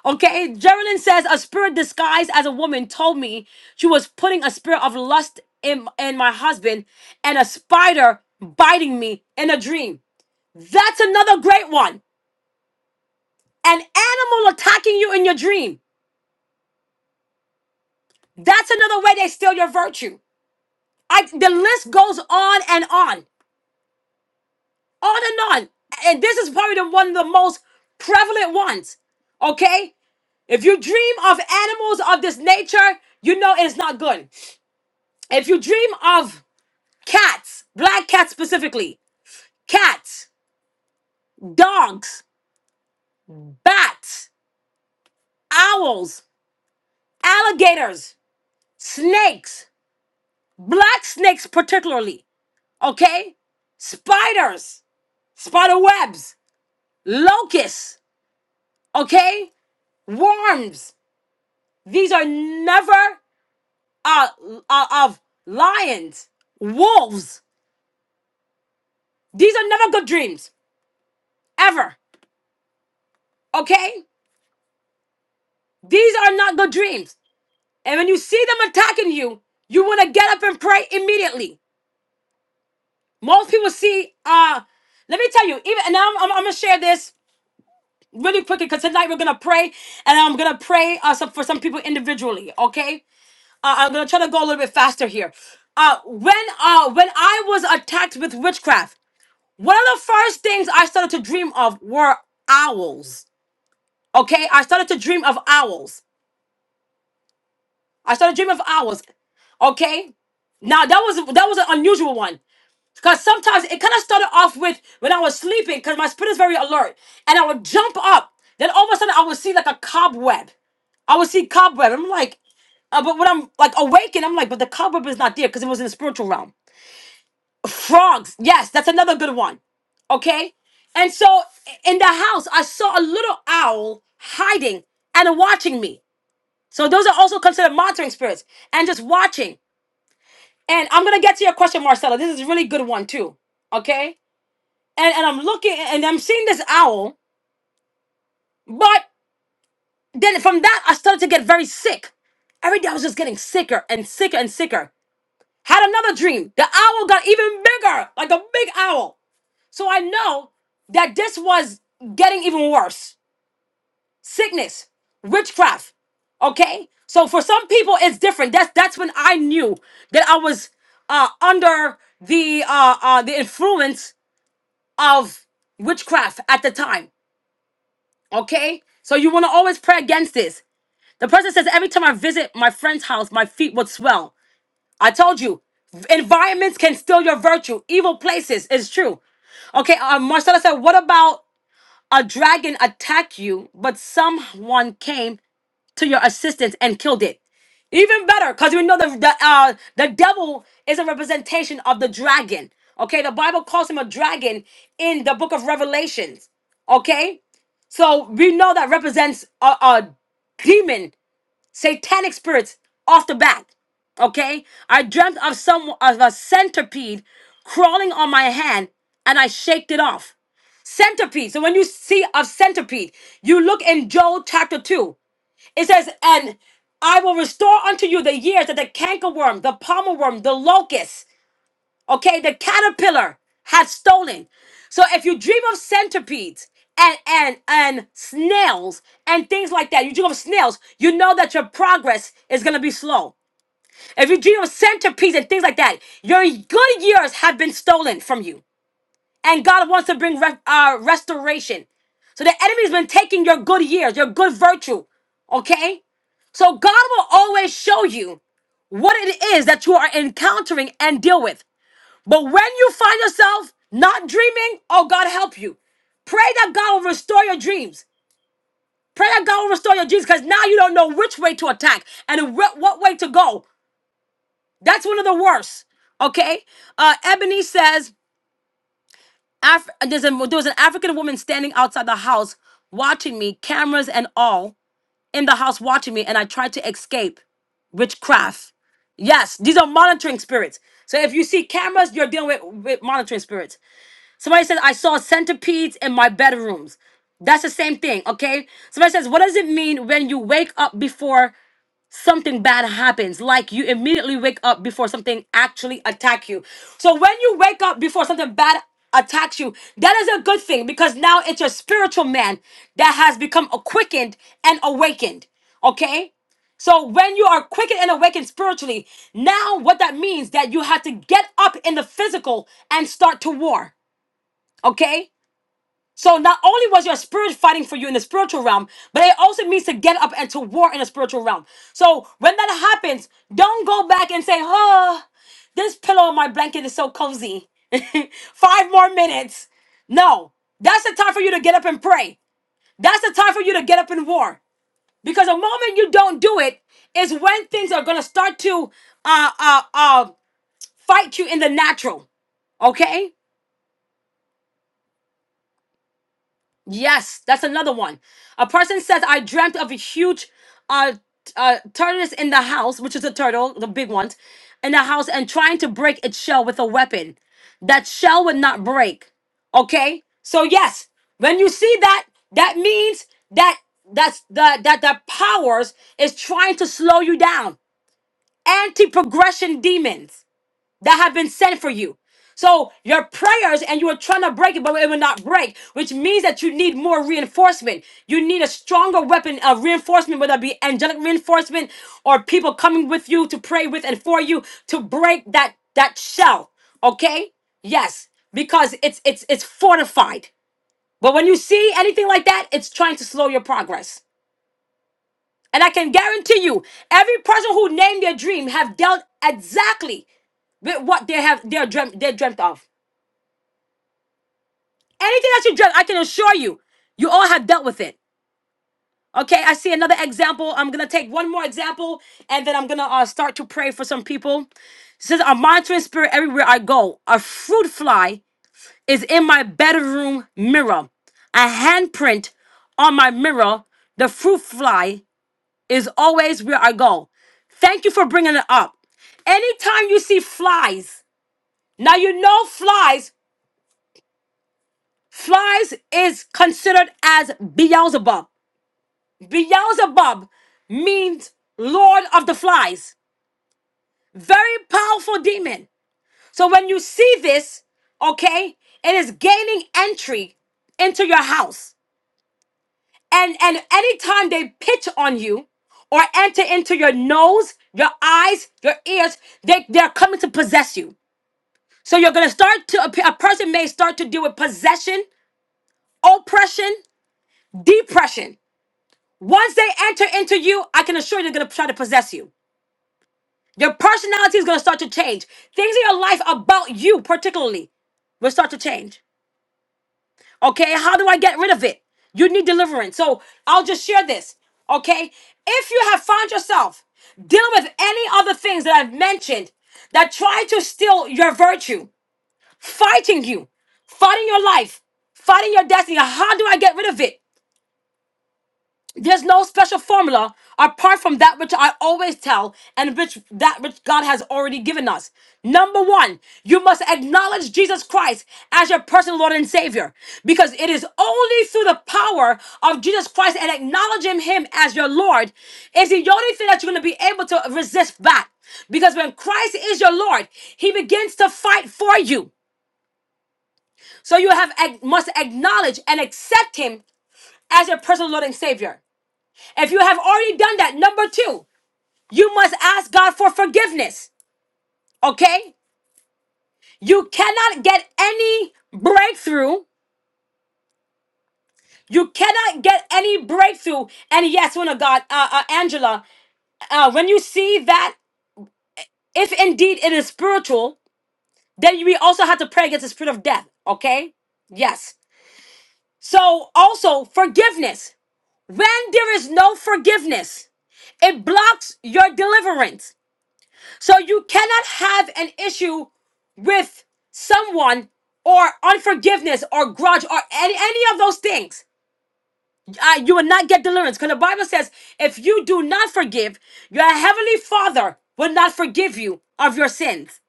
Speaker 1: Okay, Geraldine says a spirit disguised as a woman told me she was putting a spirit of lust in, in my husband and a spider biting me in a dream. That's another great one. an animal attacking you in your dream. That's another way they steal your virtue. I, the list goes on and on, on and on. And this is probably the one of the most prevalent ones. Okay? If you dream of animals of this nature, you know it's not good. If you dream of cats, black cats specifically, cats, dogs, bats, owls, alligators, snakes, black snakes particularly. okay? Spiders, spider webs, locusts, okay? Worms. These are never uh, uh of lions, wolves. These are never good dreams ever, okay? These are not good dreams. And when you see them attacking you, you want to get up and pray immediately. Most people see uh let me tell you, even and I'm, I'm, I'm gonna share this really quickly because tonight we're gonna pray and I'm gonna pray uh, some, for some people individually, okay? uh, I'm gonna try to go a little bit faster here. Uh, when uh, when I was attacked with witchcraft, one of the first things I started to dream of were owls. Okay, I started to dream of owls. I started to dream of owls. Okay, now that was that was an unusual one because sometimes it kind of started off with when I was sleeping because my spirit is very alert and I would jump up. Then all of a sudden I would see like a cobweb. I would see cobweb. I'm like, uh, but when I'm like awakened, I'm like, but the cobweb is not there because it was in the spiritual realm. Frogs. Yes, that's another good one. Okay? And so in the house, I saw a little owl hiding and watching me. So those are also considered monitoring spirits and just watching. And I'm gonna get to your question, Marcella. This is a really good one too. Okay? And and I'm looking and I'm seeing this owl, but then from that I started to get very sick. Every day I was just getting sicker and sicker and sicker. Had another dream. The owl got even bigger, like a big owl. So I know that this was getting even worse. Sickness, witchcraft. Okay? So for some people it's different. That's that's when I knew that I was uh under the uh uh the influence of witchcraft at the time. Okay? So you want to always pray against this. The person says every time I visit my friend's house, my feet would swell. I told you, environments can steal your virtue. Evil places is true. Okay, uh, Marcella said, what about a dragon attacked you, but someone came to your assistance and killed it. Even better, because we know the the, uh, the devil is a representation of the dragon. Okay, the Bible calls him a dragon in the book of Revelations. Okay, so we know that represents a, a demon, satanic spirits off the bat. Okay, I dreamt of some of a centipede crawling on my hand, and I shaked it off. Centipede. So when you see a centipede, you look in Joel chapter 2. It says, And I will restore unto you the years that the cankerworm, the pommel worm, the locust, okay, the caterpillar had stolen. So if you dream of centipedes and and and snails and things like that, you dream of snails, you know that your progress is gonna be slow. If you dream of centipedes and things like that, your good years have been stolen from you. And God wants to bring re- uh, restoration. So the enemy's been taking your good years, your good virtue. Okay? So God will always show you what it is that you are encountering and deal with. But when you find yourself not dreaming, oh God help you. Pray that God will restore your dreams. Pray that God will restore your dreams because now you don't know which way to attack and wh- what way to go. That's one of the worst. Okay? Uh, Ebony says, Af- there's a, there was an African woman standing outside the house watching me, cameras and all, in the house watching me, and I tried to escape witchcraft. Yes, these are monitoring spirits. So if you see cameras, you're dealing with, with monitoring spirits. Somebody says, I saw centipedes in my bedrooms. That's the same thing, okay? Somebody says, What does it mean when you wake up before? something bad happens like you immediately wake up before something actually attack you so when you wake up before something bad attacks you that is a good thing because now it's your spiritual man that has become a quickened and awakened okay so when you are quickened and awakened spiritually now what that means that you have to get up in the physical and start to war okay so not only was your spirit fighting for you in the spiritual realm, but it also means to get up and to war in the spiritual realm. So when that happens, don't go back and say, "Oh, this pillow on my blanket is so cozy." Five more minutes. No, that's the time for you to get up and pray. That's the time for you to get up and war. Because the moment you don't do it, is when things are gonna start to uh uh uh fight you in the natural. Okay? Yes, that's another one. A person says, I dreamt of a huge uh, t- uh tortoise in the house, which is a turtle, the big ones, in the house, and trying to break its shell with a weapon. That shell would not break. Okay? So yes, when you see that, that means that that's the that the powers is trying to slow you down. Anti-progression demons that have been sent for you. So your prayers and you are trying to break it, but it will not break, which means that you need more reinforcement. You need a stronger weapon of reinforcement, whether it be angelic reinforcement or people coming with you to pray with and for you to break that that shell. Okay? Yes, because it's it's it's fortified. But when you see anything like that, it's trying to slow your progress. And I can guarantee you, every person who named their dream have dealt exactly with what they have they dreamt they dreamt of. Anything that you dreamt, I can assure you, you all have dealt with it. Okay, I see another example. I'm gonna take one more example, and then I'm gonna uh, start to pray for some people. It says a monitoring spirit everywhere I go. A fruit fly is in my bedroom mirror. A handprint on my mirror. The fruit fly is always where I go. Thank you for bringing it up. Anytime you see flies, now you know flies, flies is considered as Beelzebub. Beelzebub means Lord of the Flies. Very powerful demon. So when you see this, okay, it is gaining entry into your house. And and anytime they pitch on you or enter into your nose, your eyes, your ears, they, they're coming to possess you. So you're gonna start to a, pe- a person may start to deal with possession, oppression, depression. Once they enter into you, I can assure you they're gonna try to possess you. Your personality is gonna start to change. Things in your life about you, particularly, will start to change. Okay, how do I get rid of it? You need deliverance. So I'll just share this. Okay, if you have found yourself dealing with any other things that I've mentioned that try to steal your virtue, fighting you, fighting your life, fighting your destiny, how do I get rid of it? There's no special formula apart from that which I always tell and which that which God has already given us. Number one, you must acknowledge Jesus Christ as your personal Lord and Savior because it is only through the power of Jesus Christ and acknowledging Him as your Lord is the only thing that you're going to be able to resist back. Because when Christ is your Lord, He begins to fight for you. So you have must acknowledge and accept Him as your personal Lord and Savior. If you have already done that, number two, you must ask God for forgiveness. Okay? You cannot get any breakthrough. You cannot get any breakthrough. And yes, one of God, uh, uh, Angela, uh, when you see that, if indeed it is spiritual, then we also have to pray against the spirit of death. Okay? Yes. So also forgiveness. When there is no forgiveness, it blocks your deliverance. So you cannot have an issue with someone or unforgiveness or grudge or any, any of those things. Uh, you will not get deliverance because the Bible says if you do not forgive, your heavenly Father will not forgive you of your sins.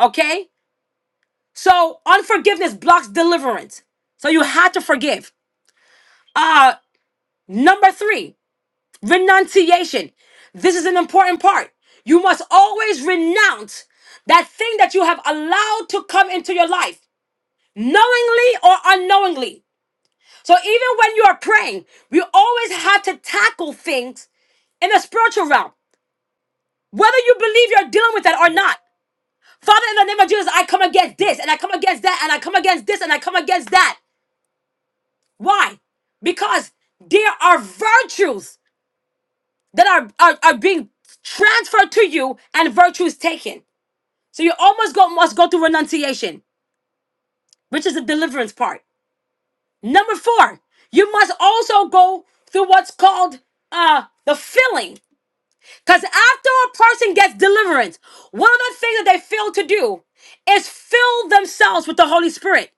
Speaker 1: Okay? So unforgiveness blocks deliverance. So you have to forgive. Uh, number three. Renunciation. This is an important part. You must always renounce that thing that you have allowed to come into your life, knowingly or unknowingly. So even when you are praying, we always have to tackle things in the spiritual realm, whether you believe you're dealing with that or not. Father, in the name of Jesus, I come against this and I come against that and I come against this and I come against that. Why? Because there are virtues that are, are, are being transferred to you and virtue is taken. So you almost go must go through renunciation, which is the deliverance part. Number four, you must also go through what's called uh the filling. Because after a person gets deliverance, one of the things that they fail to do is fill themselves with the Holy Spirit.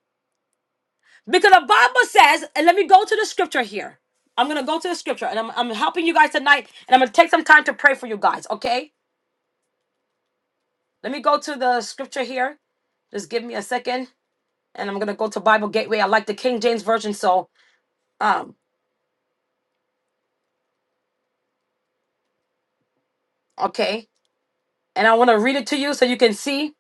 Speaker 1: Because the Bible says, and let me go to the scripture here. I'm gonna go to the scripture and I'm, I'm helping you guys tonight, and I'm gonna take some time to pray for you guys, okay? Let me go to the scripture here. Just give me a second, and I'm gonna go to Bible Gateway. I like the King James version, so um, okay. And I want to read it to you so you can see,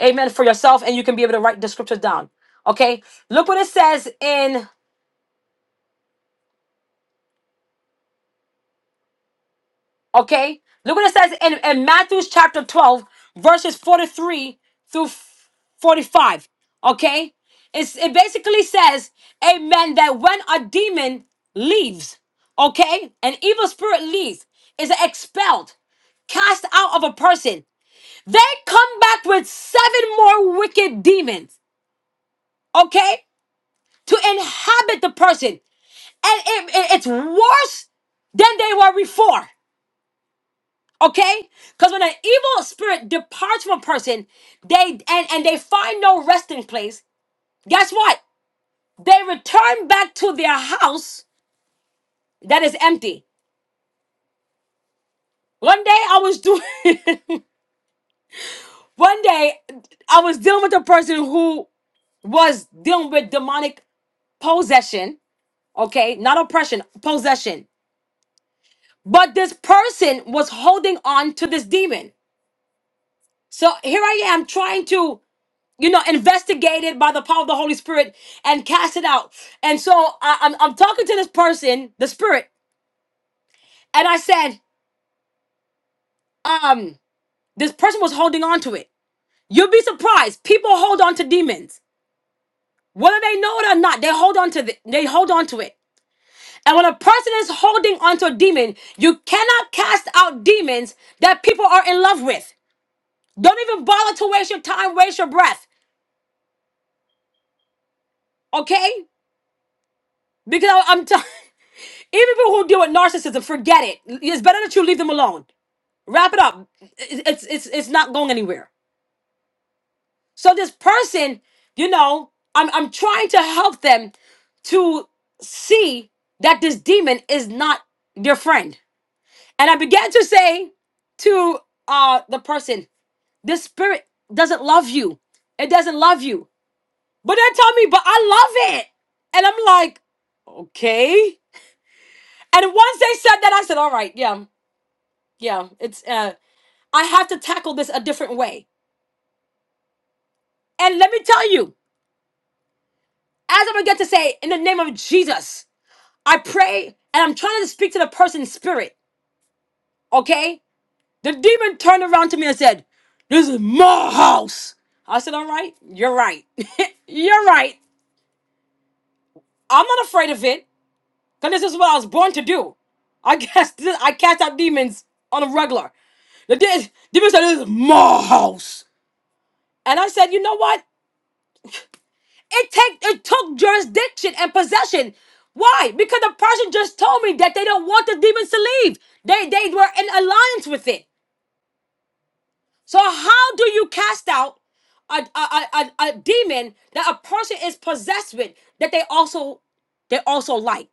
Speaker 1: Amen, for yourself, and you can be able to write the scriptures down. Okay, look what it says in Okay? Look what it says in, in Matthew's chapter 12, verses 43 through 45. Okay? It's, it basically says, Amen, that when a demon leaves, okay, an evil spirit leaves, is expelled, cast out of a person, they come back with seven more wicked demons, okay, to inhabit the person. And it, it- it's worse than they were before. Okay? Because when an evil spirit departs from a person, they and, and they find no resting place, guess what? They return back to their house that is empty. One day I was doing one day I was dealing with a person who was dealing with demonic possession, okay? Not oppression, possession. But this person was holding on to this demon. So here I am trying to you know, investigated by the power of the Holy Spirit and cast it out. And so I, I'm, I'm talking to this person, the Spirit, and I said, um, this person was holding on to it. You'll be surprised. People hold on to demons, whether they know it or not. They hold on to the, they hold on to it. And when a person is holding onto a demon, you cannot cast out demons that people are in love with. Don't even bother to waste your time, waste your breath. Okay? Because I, am telling. Even people who deal with narcissism, forget it. It's better that you leave them alone. Wrap it up. It's it's it's not going anywhere. So this person, you know, I'm I'm trying to help them to see that this demon is not their friend. And I began to say to uh the person, this spirit doesn't love you. It doesn't love you. But they tell me, but I love it. And I'm like, okay. And once they said that, I said, all right, yeah, yeah. It's uh I have to tackle this a different way. And let me tell you, as I'm gonna get to say, in the name of Jesus, I pray and I'm trying to speak to the person's spirit, okay? The demon turned around to me and said, This is my house. I said, All right, you're right. you're right. I'm not afraid of it, because this is what I was born to do. I cast, I cast out demons on a regular. The de- demon said, This is my house. And I said, You know what? It take it took jurisdiction and possession. Why? Because the person just told me that they don't want the demons to leave. They they were in alliance with it. So how do you cast out a a, a, a a demon that a person is possessed with that they also they also like?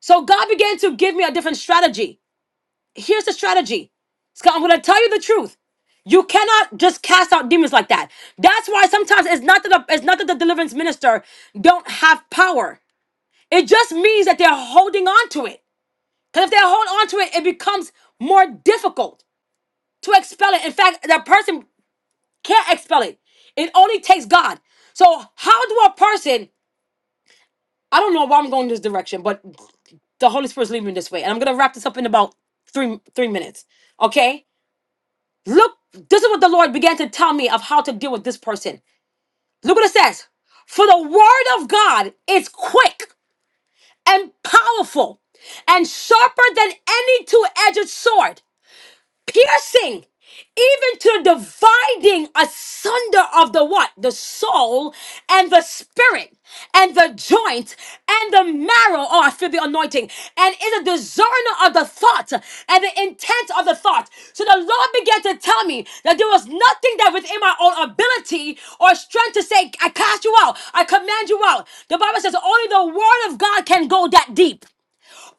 Speaker 1: So God began to give me a different strategy. Here's the strategy. Scott, I'm gonna tell you the truth. You cannot just cast out demons like that. That's why sometimes it's not that the, it's not that the deliverance minister don't have power. It just means that they're holding on to it. Because if they hold on to it, it becomes more difficult to expel it. In fact, that person can't expel it. It only takes God. So, how do a person, I don't know why I'm going this direction, but the Holy Spirit's leading me this way. And I'm going to wrap this up in about three, three minutes. Okay? Look, this is what the Lord began to tell me of how to deal with this person. Look what it says. For the word of God is quick. and powerful and sharper than any two edged sword piercing even to dividing asunder of the what the soul and the spirit and the joint and the marrow oh i feel the anointing and is a discerner of the thought and the intent of the thought so the lord began to tell me that there was nothing that within my own ability or strength to say i cast you out i command you out the bible says only the word of god can go that deep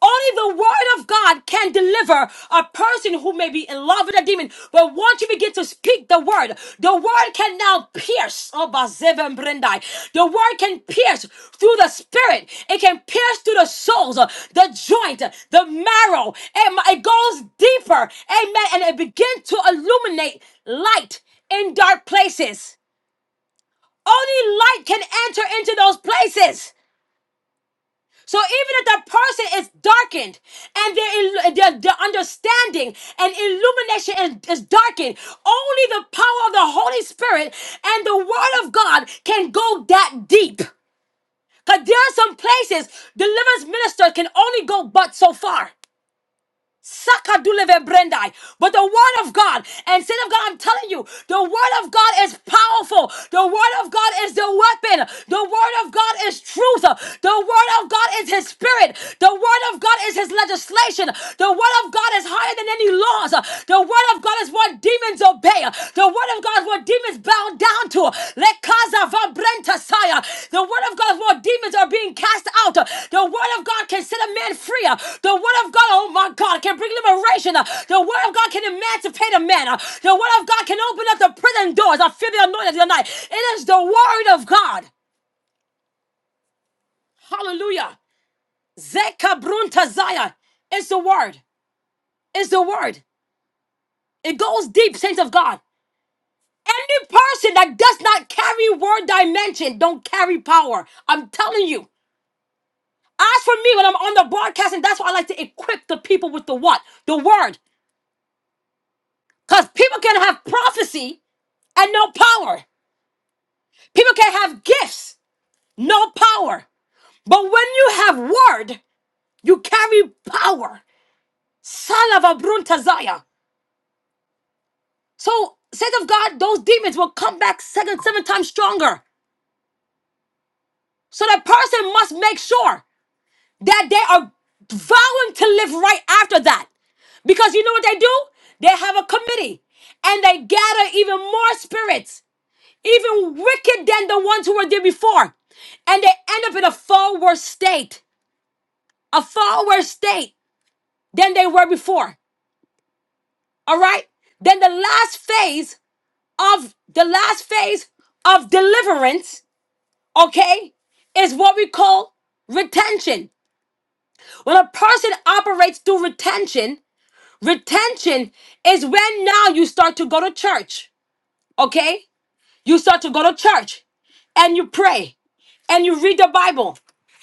Speaker 1: only the word of God can deliver a person who may be in love with a demon. But once you begin to speak the word, the word can now pierce. Oh, Bazeva and Brendai. The word can pierce through the spirit. It can pierce through the souls, uh, the joint, uh, the marrow. It, it goes deeper. Amen. And it begins to illuminate light in dark places. Only light can enter into those places. So even if that person is darkened and their, il- their, their understanding and illumination is, is darkened, only the power of the Holy Spirit and the Word of God can go that deep. Because there are some places deliverance ministers can only go but so far. Sakaduleve brendai. But the word of God, and sin of God, I'm telling you, the word of God is powerful. The word of God is the weapon. The word of God is truth. The word of God is his spirit. The word of God is his legislation. The word of God is higher than any laws. The word of God is what demons obey. The word of God what demons bow down to. Let Kaza van Brentasaya. The word of God what demons are being cast out. The word of God can set a man free. The word of God, oh my God, can bring liberation. The word of God can emancipate a man. The word of God can open up the prison doors. I feel the anointing tonight. It is the word of God. Hallelujah. Zeka Bruntazaya. It's the word. It's the word. It goes deep, saints of God. Any person that does not carry word dimension don't carry power. I'm telling you. As for me, when I'm on the broadcast, and that's why I like to equip the people with the what? The word. Because people can have prophecy and no power. People can have gifts, no power. But when you have word, you carry power. Salava bruntazaya. So, said of God, those demons will come back second, seven times stronger. So that person must make sure. that they are vowing to live right after that. Because you know what they do? They have a committee and they gather even more spirits, even wicked than the ones who were there before. And they end up in a far worse state, a far worse state than they were before. All right? Then the last phase of the last phase of deliverance, okay, is what we call retention. When a person operates through retention, Retention is when now you start to go to church, okay? You start to go to church and you pray and you read the Bible.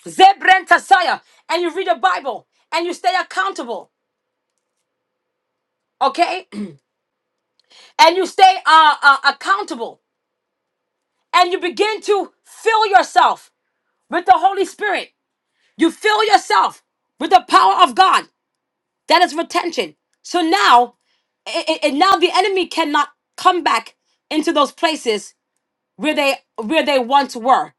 Speaker 1: Zebren Tasaya, and you read the Bible and you stay accountable, okay? and you stay uh, uh, accountable and you begin to fill yourself with the Holy Spirit. You fill yourself with the power of God. That is retention. So now, and now the enemy cannot come back into those places where they where they once were.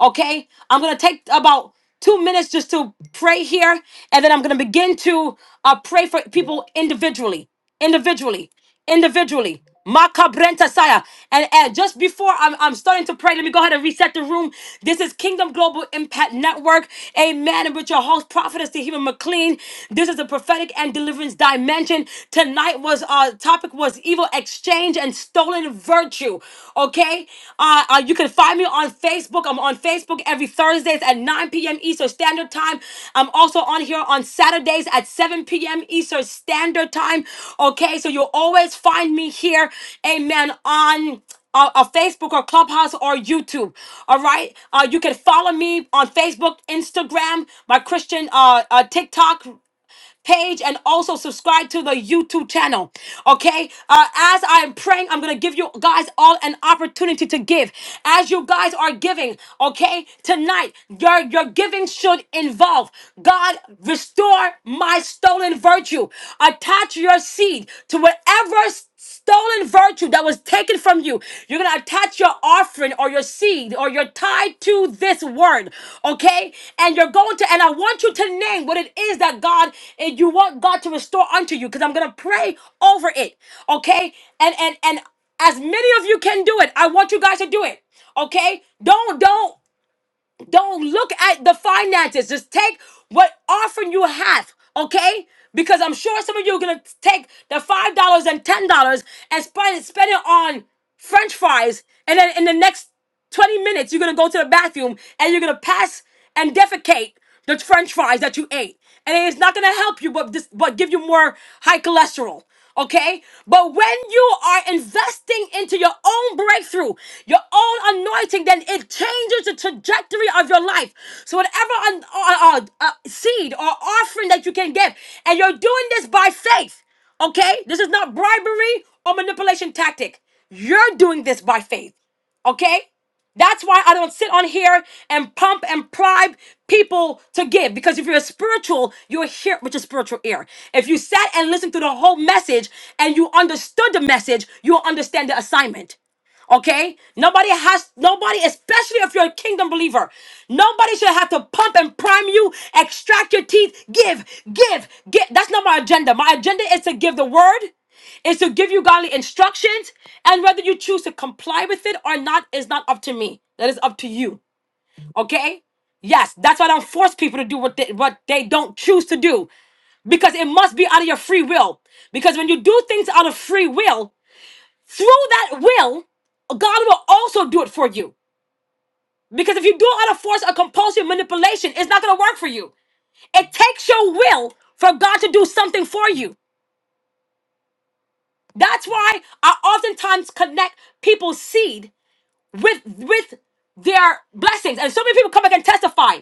Speaker 1: Okay? I'm gonna take about two minutes just to pray here, and then I'm gonna begin to uh pray for people individually. Individually. Individually. Makabrenta saya. And, and just before I'm, I'm starting to pray, let me go ahead and reset the room. This is Kingdom Global Impact Network. Amen. And with your host, Prophetess Tehima McLean. This is the prophetic and deliverance dimension. Tonight was our uh topic was evil exchange exchange and stolen virtue. Okay, uh, uh, you can find me on Facebook. I'm on Facebook every Thursdays at 9 p.m. Eastern Standard Time. I'm also on here on Saturdays at 7 p.m. Eastern Standard Time. Okay, so you'll always find me here. Amen. On uh, uh, Facebook or Clubhouse or YouTube. All right. Uh, you can follow me on Facebook, Instagram, my Christian uh, uh, TikTok page and also subscribe to the YouTube channel. Okay. Uh, as I am praying, I'm going to give you guys all an opportunity to give. As you guys are giving, okay, tonight, your, your giving should involve God, restore my stolen virtue. Attach your seed to whatever stolen virtue that was taken from you. You're going to attach your offering or your seed or your tithe to this word, okay? And you're going to, and I want you to name what it is that God, and you want God to restore unto you because I'm going to pray over it, okay? And, and, and as many of you can do it, I want you guys to do it, okay? Don't, don't, don't look at the finances. Just take what offering you have, okay? Because I'm sure some of you are gonna take the five dollars and ten dollars and spend spend it on French fries, and then in the next 20 minutes you're gonna go to the bathroom and you're gonna pass and defecate the french fries that you ate and it's not going to help you but this but give you more high cholesterol okay but when you are investing into your own breakthrough your own anointing then it changes the trajectory of your life so whatever un, uh, uh, uh, seed or offering that you can give and you're doing this by faith okay this is not bribery or manipulation tactic you're doing this by faith okay? That's why I don't sit on here and pump and bribe people to give. Because if you're spiritual, you are here with your spiritual ear. If you sat and listened to the whole message and you understood the message, you'll understand the assignment. Okay? Nobody has, nobody, especially if you're a kingdom believer, nobody should have to pump and prime you, extract your teeth, give, give, give. That's not my agenda. My agenda is to give the word, is to give you godly instructions, and whether you choose to comply with it or not is not up to me. That is up to you. Okay? Yes, that's why I don't force people to do what they, what they don't choose to do because it must be out of your free will. Because when you do things out of free will, through that will, God will also do it for you. Because if you do it out of force or compulsion, manipulation, it's not going to work for you. It takes your will for God to do something for you. That's why I oftentimes connect people's seed with with their blessings, and so many people come back and testify.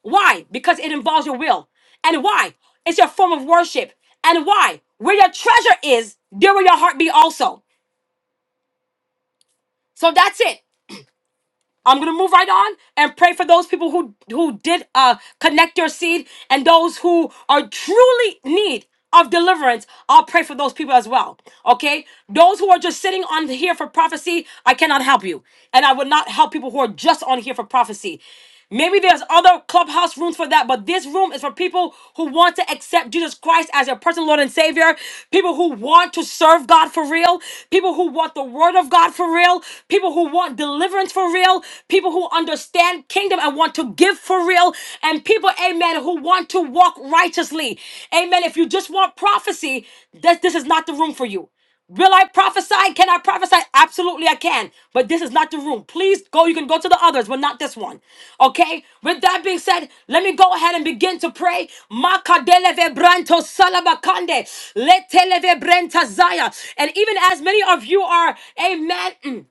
Speaker 1: Why? Because it involves your will, and why? It's your form of worship, and why? Where your treasure is, there will your heart be also. So that's it. I'm gonna move right on and pray for those people who who did uh connect your seed and those who are truly need of deliverance. I'll pray for those people as well. Okay, those who are just sitting on here for prophecy, I cannot help you, and I would not help people who are just on here for prophecy. Maybe there's other clubhouse rooms for that, but this room is for people who want to accept Jesus Christ as their personal Lord and Savior, people who want to serve God for real, people who want the Word of God for real, people who want deliverance for real, people who understand kingdom and want to give for real, and people, amen, who want to walk righteously. Amen. If you just want prophecy, this, this is not the room for you. Will I prophesy? Can I prophesy? Absolutely, I can. But this is not the room. Please go. You can go to the others, but not this one. Okay? With that being said, let me go ahead and begin to pray. Makadeleve branto salabakande, leteleve brenta zaya. And even as many of you are, amen.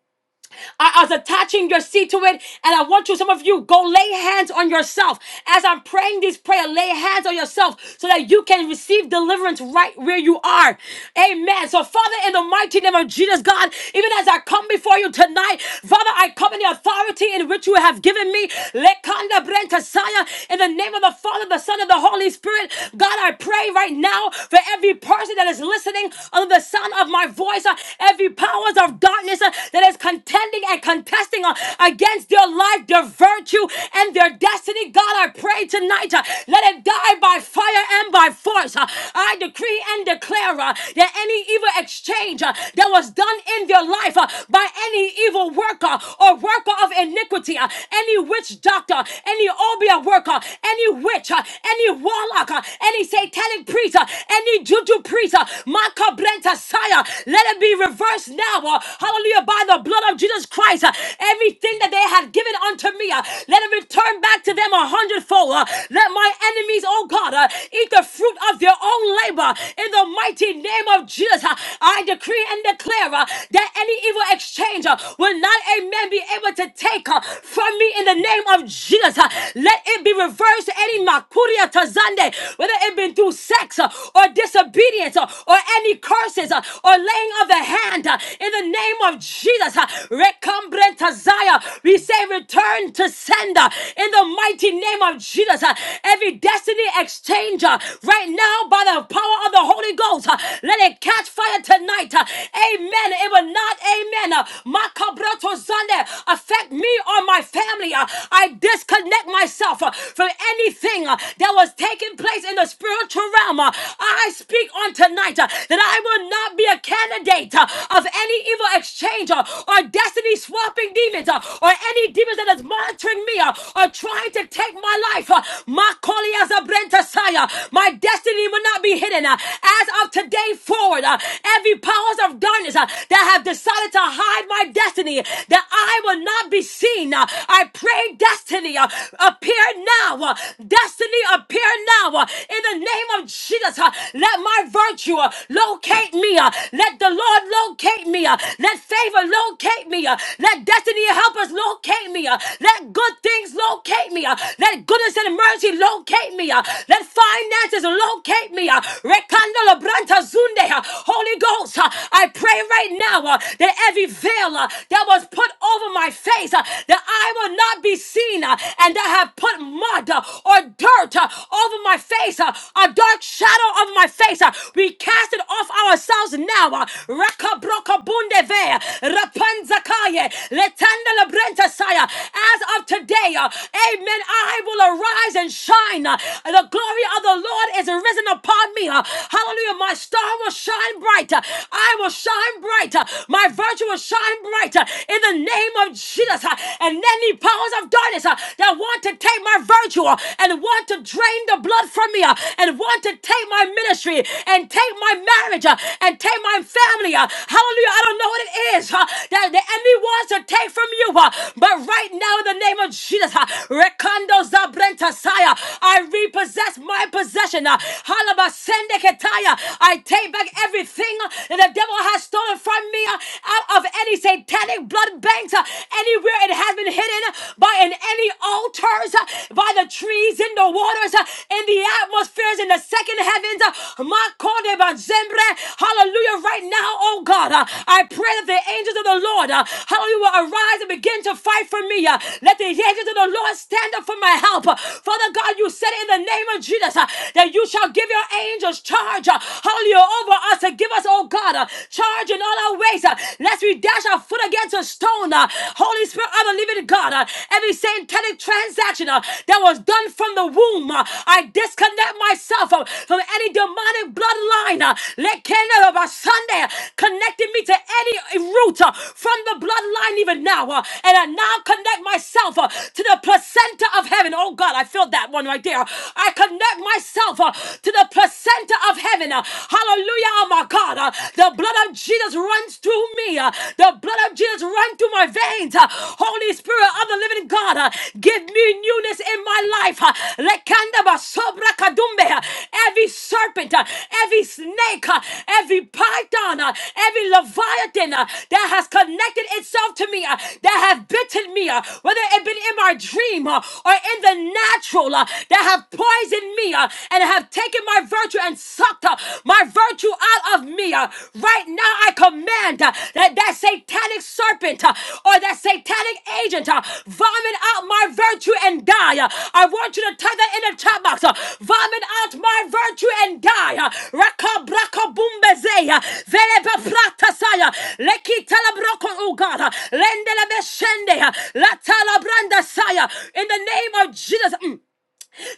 Speaker 1: I was attaching your seat to it. And I want you, some of you, go lay hands on yourself. As I'm praying this prayer, lay hands on yourself so that you can receive deliverance right where you are. Amen. So, Father, in the mighty name of Jesus, God, even as I come before you tonight, Father, I come in the authority in which you have given me. Lekanda brentasaya. In the name of the Father, the Son, and the Holy Spirit, God, I pray right now for every person that is listening under the sound of my voice, uh, every power powers of darkness uh, that is contending and contesting uh, against their life, their virtue, and their destiny. God, I pray tonight, uh, let it die by fire and by force. uh. I decree and declare uh, that any evil exchange uh, that was done in their life uh, by any evil worker or worker of iniquity, uh, any witch doctor, any obia worker, any witch, uh, any warlock, uh, any satanic priest, uh, any juju priest, uh, Messiah. Let it be reversed now. uh, Hallelujah. By the blood of Jesus Christ. uh, Everything that they had given unto me, uh, let it return back to them a hundredfold. uh, Let my enemies, oh God, uh, eat the fruit of their own labor. In the mighty name of Jesus, uh, I decree and declare uh, that any evil exchange uh, will not, amen, be able to take uh, from me in the name of Jesus. uh, Let it be reversed. Any makuria tazande, whether it be through sex uh, or or disobedience uh, or any curses uh, or laying of the hand uh, in the name of Jesus. uh, Recombrenta Zaya. We say return to sender in the mighty name of Jesus. uh, Every destiny exchanger right now by the power of the Holy Ghost, uh, let it catch fire tonight. uh, Amen. It will not, amen. uh, Makabrato Sunday affect me or my family. uh, I disconnect myself uh, from anything uh, that was taking taking place in the spiritual realm. Uh, I speak on tonight uh, that I will not be a candidate uh, of any evil exchange uh, or destiny swapping demons uh, or any demons that is monitoring me uh, or trying to take my life. uh, My calling as a brentasaya, my destiny will not be hidden. uh, As of today forward, uh, every powers of darkness uh, that have decided to hide my destiny, that I will not be seen. uh, I pray destiny uh, appear now. uh, Destiny appear now. uh, In the name of Jesus, uh, let my virtue uh, locate me. uh, Let the Lord locate me. uh, Let favor locate me. uh, Let destiny help us locate me. uh, Let good things locate me. uh, Let goodness and mercy locate me. uh, Let finances locate me. uh, Rekandala Branta Zunde. uh, Holy Ghost, uh, I pray right now uh, that every veil uh, that was put over my face, uh, that I will not not be seen, uh, and I have put mud uh, or dirt uh, over my face, uh, a dark shadow over my face. uh, We cast it off ourselves now. uh, Rakabrokabundeve, Rapanzakaye, Letandalabrentasaya. As of today, uh, amen, I will arise and shine. uh, The glory of the Lord is risen upon me. uh, Hallelujah. My star will shine bright. uh, I will shine bright. uh, My virtue will shine bright. uh, In the name name of Jesus. uh, And any powers of darkness uh, that want to take my virtue uh, and want to drain the blood from me uh, and want to take my ministry and take my marriage uh, and take my family. uh, Hallelujah. I don't know what it is uh, that the enemy wants to take from you. uh, But right now, in the name of Jesus, uh, Rekando Zabrenta Saya, I repossess my possession. uh, Halabasende Ketaya, I take back everything uh, that the devil has stolen from me. uh, out of any satanic blood banks, uh, anywhere it has been hidden uh, by in any altars, uh, by the trees, in the waters, uh, in the atmospheres, in the second heavens. uh, Makode Bazembre. Hallelujah. Right now, oh God, uh, I pray that the angels of the Lord, uh, hallelujah, will arise and begin to fight for me. uh, Let the angels of the Lord stand up for my help. uh, Father God, you said in the name of Jesus uh, that you shall give your angels charge, uh, hallelujah, over us to give us, oh oh God. Uh, Charge in all our ways. Uh, Lest we dash our foot against a stone. Uh, Holy Spirit, i believe in God. Uh, Every satanic transaction uh, that was done from the womb, uh, I disconnect myself uh, from any demonic bloodline. uh, Let Canada of our Sunday uh, connecting me to any root uh, from the bloodline even now. uh, And I now connect myself uh, to the placenta of heaven. Oh God, I feel that one right there. I connect myself uh, to the placenta of heaven heaven. Uh, Hallelujah, oh my God. Uh, The blood of Jesus runs through me. Uh, The blood of Jesus runs through my veins. Uh, Holy Spirit of the living God, uh, give me newness in my life. Uh, Lekanda basobra kadumbe. Uh, Every serpent, uh, every snake, uh, every python, uh, every leviathan uh, that has connected itself to me, uh, that have bitten me, uh, whether it been in my dream uh, or in the natural, uh, that have poisoned me. uh, and have taken my virtue and sucked uh, my virtue out of me. uh, Right now, I command uh, that that satanic serpent uh, or that satanic agent uh, vomit out my virtue and die. uh, I want you to type that in the chat box. uh, Vomit out my virtue and die. uh, Raka braka bumbezeya. Veleba pratasaya. Leki talabroko, oh God. uh, Lendele beshende. uh, Latala brandasaya. In the name of Jesus. mm,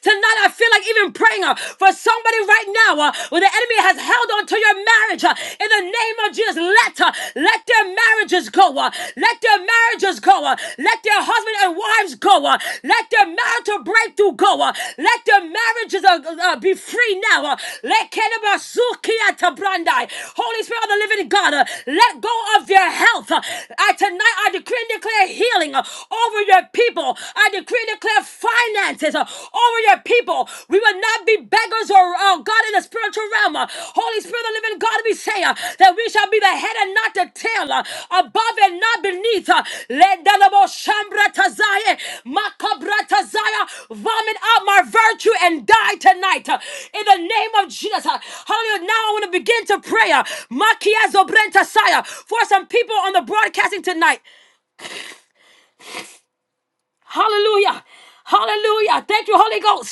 Speaker 1: Tonight, I feel like even praying uh, for somebody right now uh, where the enemy has held on to your marriage. uh, in the name of Jesus, let, uh, let their marriages go. uh, let their marriages go. uh, let their husband and wives go. uh, let their marital breakthrough go. uh, let their marriages uh, uh, be free now. uh, let Kenabasukiatabrandai. Holy Spirit of the living God, uh, let go of their health. uh, I- tonight, I decree and declare healing uh, over your people people. I decree and declare finances uh, over your people. We will not be beggars or uh, God in the spiritual realm. Uh, Holy Spirit of the living God, we say uh, that we shall be the head and not the tail, uh, above and not beneath. Uh, Let the Lord shambra tazaya, makabra tazaya, vomit out my virtue and die tonight. uh, In the name of Jesus. Uh, Hallelujah. Now I want to begin to pray. uh, Makiazo Brentasaya for some people on the broadcasting tonight. Hallelujah. Hallelujah. Thank you, Holy Ghost.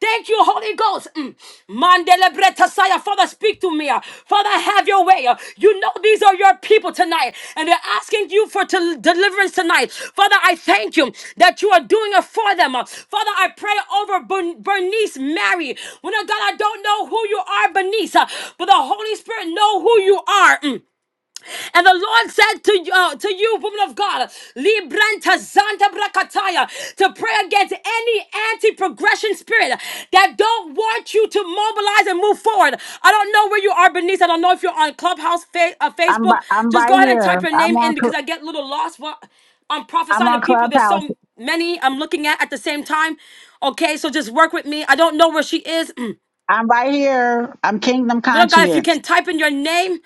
Speaker 1: Thank you, Holy Ghost. Mm. Mandele bretasaya. Father, speak to me. Father, have your way. You know these are your people tonight, and they're asking you for tel- deliverance tonight. Father, I thank you that you are doing it for them. Father, I pray over Bern- Bernice Mary. When God, I don't know who you are, Bernice, but the Holy Spirit know who you are. Mm. And the Lord said to you, uh, to you, woman of God, Libranta Zanta Brakataya, to pray against any anti-progression spirit that don't want you to mobilize and move forward. I don't know where you are, Bernice. I don't know if you're on Clubhouse, fa- uh,
Speaker 3: I'm
Speaker 1: Facebook.
Speaker 3: ri- I'm
Speaker 1: Just go
Speaker 3: right
Speaker 1: ahead and type
Speaker 3: here.
Speaker 1: your
Speaker 3: I'm
Speaker 1: name
Speaker 3: on
Speaker 1: in because
Speaker 3: Cl-
Speaker 1: I get a little lost while I'm
Speaker 3: I'm
Speaker 1: prophesying to
Speaker 3: on
Speaker 1: people. There's
Speaker 3: Clubhouse.
Speaker 1: so many I'm looking at at the same time. Okay, so just work with me. I don't know where she is.
Speaker 3: I'm right here. I'm Kingdom
Speaker 1: Little God, if you
Speaker 3: Conscience.
Speaker 1: can type in your name,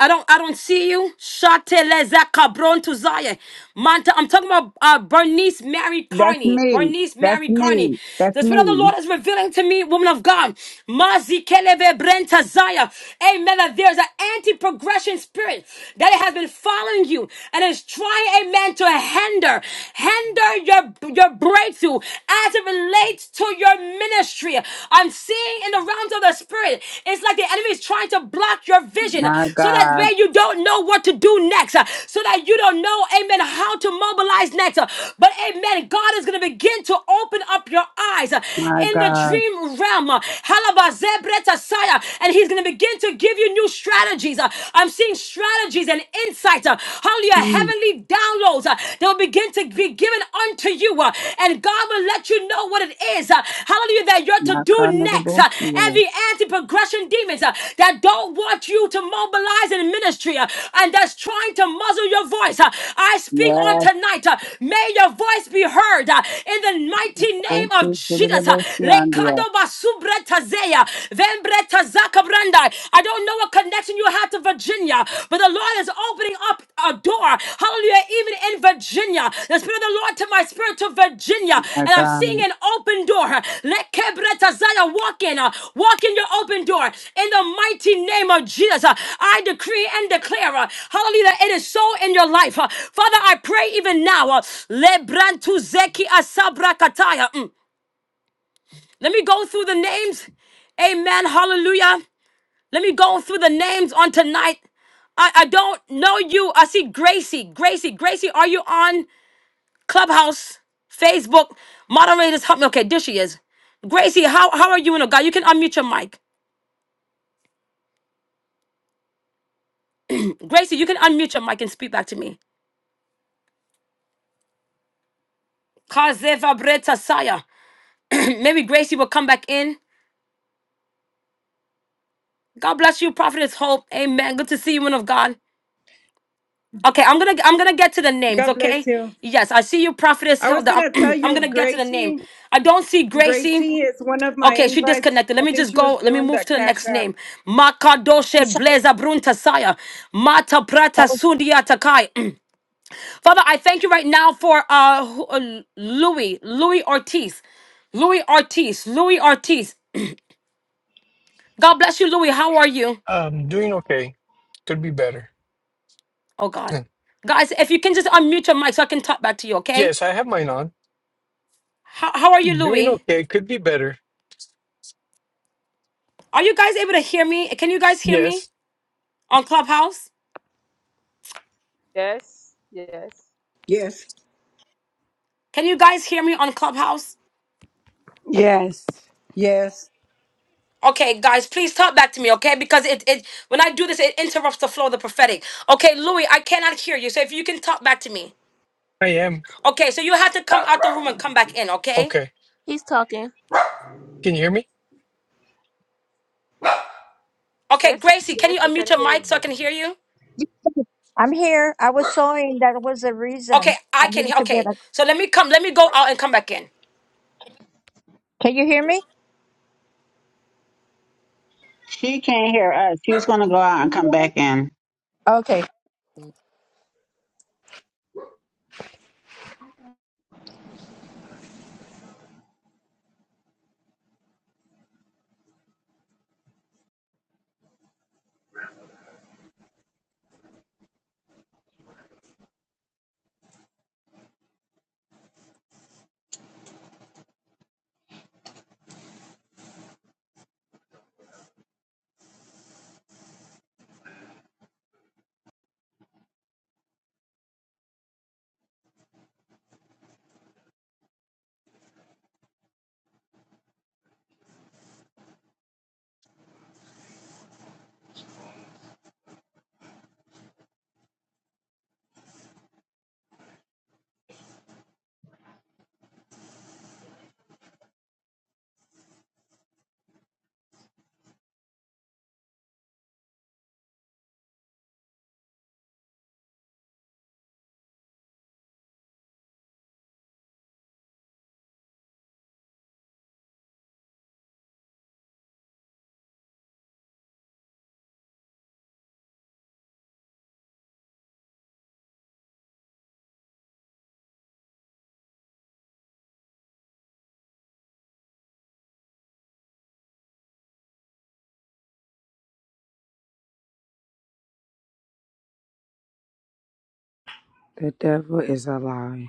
Speaker 1: I don't I don't see you. Shateleza cabron to Zaya. Manta, I'm talking about uh, Bernice Mary
Speaker 3: That's
Speaker 1: Carney.
Speaker 3: me.
Speaker 1: Bernice
Speaker 3: That's
Speaker 1: Mary Carney.
Speaker 3: me. That's
Speaker 1: The Spirit of the
Speaker 3: me.
Speaker 1: Lord is revealing to me, woman of God. Mazi keleve brenta Zaya. Amen. That there's an anti-progression spirit that it has been following you and is trying, amen, to hinder, hinder your, your breakthrough as it relates to your ministry ministry. I'm seeing in the realms of the spirit. It's like the enemy is trying to block your vision
Speaker 3: My
Speaker 1: so that
Speaker 3: God.
Speaker 1: way you don't know what to do next, uh, so that you don't know, amen, how to mobilize next. uh, But amen, God is going to begin to open up your eyes uh,
Speaker 3: My
Speaker 1: in the
Speaker 3: God.
Speaker 1: dream realm. uh, Halabazebratasaya, And he's going to begin to give you new strategies. uh, I'm seeing strategies and insights. uh, Hallelujah.
Speaker 3: Mm.
Speaker 1: Heavenly downloads. uh, uh, that will begin to be given unto you. uh, and God will let you know what it is, uh, hallelujah, that you're to
Speaker 3: My God,
Speaker 1: do
Speaker 3: never
Speaker 1: next.
Speaker 3: both
Speaker 1: uh,
Speaker 3: you.
Speaker 1: every anti progression demons uh, that don't want you to mobilize in ministry uh, and that's trying to muzzle your voice, uh, I speak on
Speaker 3: Yes.
Speaker 1: tonight. uh, may your voice be heard uh, in the mighty name of
Speaker 3: Okay, so they
Speaker 1: Jesus. Uh,
Speaker 3: both see on
Speaker 1: Lekado basubretazeya, vembretazakabranda. I don't don't know what connection you have to Virginia, but the Lord is opening up a door. Hallelujah. Even in Virginia, the Spirit of the Lord to my spirit to Virginia,
Speaker 3: My
Speaker 1: and I'm seeing
Speaker 3: God.
Speaker 1: an open door. Let Kebretazaya walk in, uh, walk in your open door in the mighty name of Jesus. uh, I decree and declare, uh, hallelujah, that it is so in your life. uh. Father, I pray even now, uh, Lebrantuzeki Asabrakataya. Mm. Let me go through the names. Amen. Hallelujah. Let me go through the names on tonight. I, I don't know you. I see Gracie. Gracie, Gracie, are you on Clubhouse, Facebook? Moderators, help me. Okay, there she is. Gracie, how, how are you in a God? You can unmute your mic. Gracie, you can unmute your mic and speak back to me. Kazeva Breta Saya. Maybe Gracie will come back in. God bless you, Prophetess Hope. Amen. Good to see you, woman of God. Okay, I'm gonna I'm gonna get to the names,
Speaker 4: God
Speaker 1: okay?
Speaker 4: bless you.
Speaker 1: Yes, I see you, Prophetess
Speaker 4: I was
Speaker 1: Hilda.
Speaker 4: going to tell
Speaker 1: I'm, I'm
Speaker 4: you,
Speaker 1: gonna get to the name.
Speaker 4: Gracie,
Speaker 1: I don't see Gracie.
Speaker 4: Gracie is one of my
Speaker 1: Okay, she
Speaker 4: invites.
Speaker 1: disconnected. Let
Speaker 4: I
Speaker 1: me
Speaker 4: think
Speaker 1: just
Speaker 4: she was
Speaker 1: go. Let me
Speaker 4: doing
Speaker 1: move
Speaker 4: that
Speaker 1: to the
Speaker 4: Cash
Speaker 1: next
Speaker 4: App.
Speaker 1: name.
Speaker 5: I'm
Speaker 1: Makadoshe
Speaker 5: sorry.
Speaker 1: Bleza Bruntasaya. Mata Prata
Speaker 5: I was,
Speaker 1: Sundia Takai. Father, I thank you right now for uh who- uh, Louis, Louis Ortiz. Louis Ortiz, Louis Ortiz. God bless you, Louis. How are you?
Speaker 6: Um, doing okay. Could be better.
Speaker 1: Oh God.
Speaker 6: Hmm.
Speaker 1: Guys, if you can just unmute your mic so I can talk back to you, okay?
Speaker 6: Yes, I have mine on.
Speaker 1: How, how are you,
Speaker 6: Doing
Speaker 1: Louis?
Speaker 6: okay. Could be better.
Speaker 1: Are you guys able to hear me? Can you guys hear me
Speaker 6: Yes,
Speaker 1: on Clubhouse?
Speaker 7: Yes,
Speaker 1: Can you guys hear me on Clubhouse?
Speaker 8: Yes,
Speaker 7: yes,
Speaker 1: Okay, guys, please talk back to me, okay? Because it, it when I do this, it interrupts the flow of the prophetic. Okay, Louis, I cannot hear you. So if you can talk back to me.
Speaker 6: I am.
Speaker 1: Okay, so you have to come out the room and come back in, okay?
Speaker 6: Okay.
Speaker 9: He's talking.
Speaker 6: Can you hear me?
Speaker 1: Okay, Gracie, can you unmute your mic so I can hear you?
Speaker 5: I'm here. I was sewing. That was the
Speaker 1: Okay,
Speaker 5: reason I
Speaker 1: I can hear
Speaker 5: needed to get
Speaker 1: okay.
Speaker 5: a.
Speaker 1: So let me come, let me go out and come back in.
Speaker 5: Can you hear me?
Speaker 3: She can't hear us. She's gonna go out
Speaker 5: Can
Speaker 3: and
Speaker 5: you
Speaker 3: come
Speaker 5: hear me?
Speaker 3: back in.
Speaker 5: Okay.
Speaker 8: the devil is alive.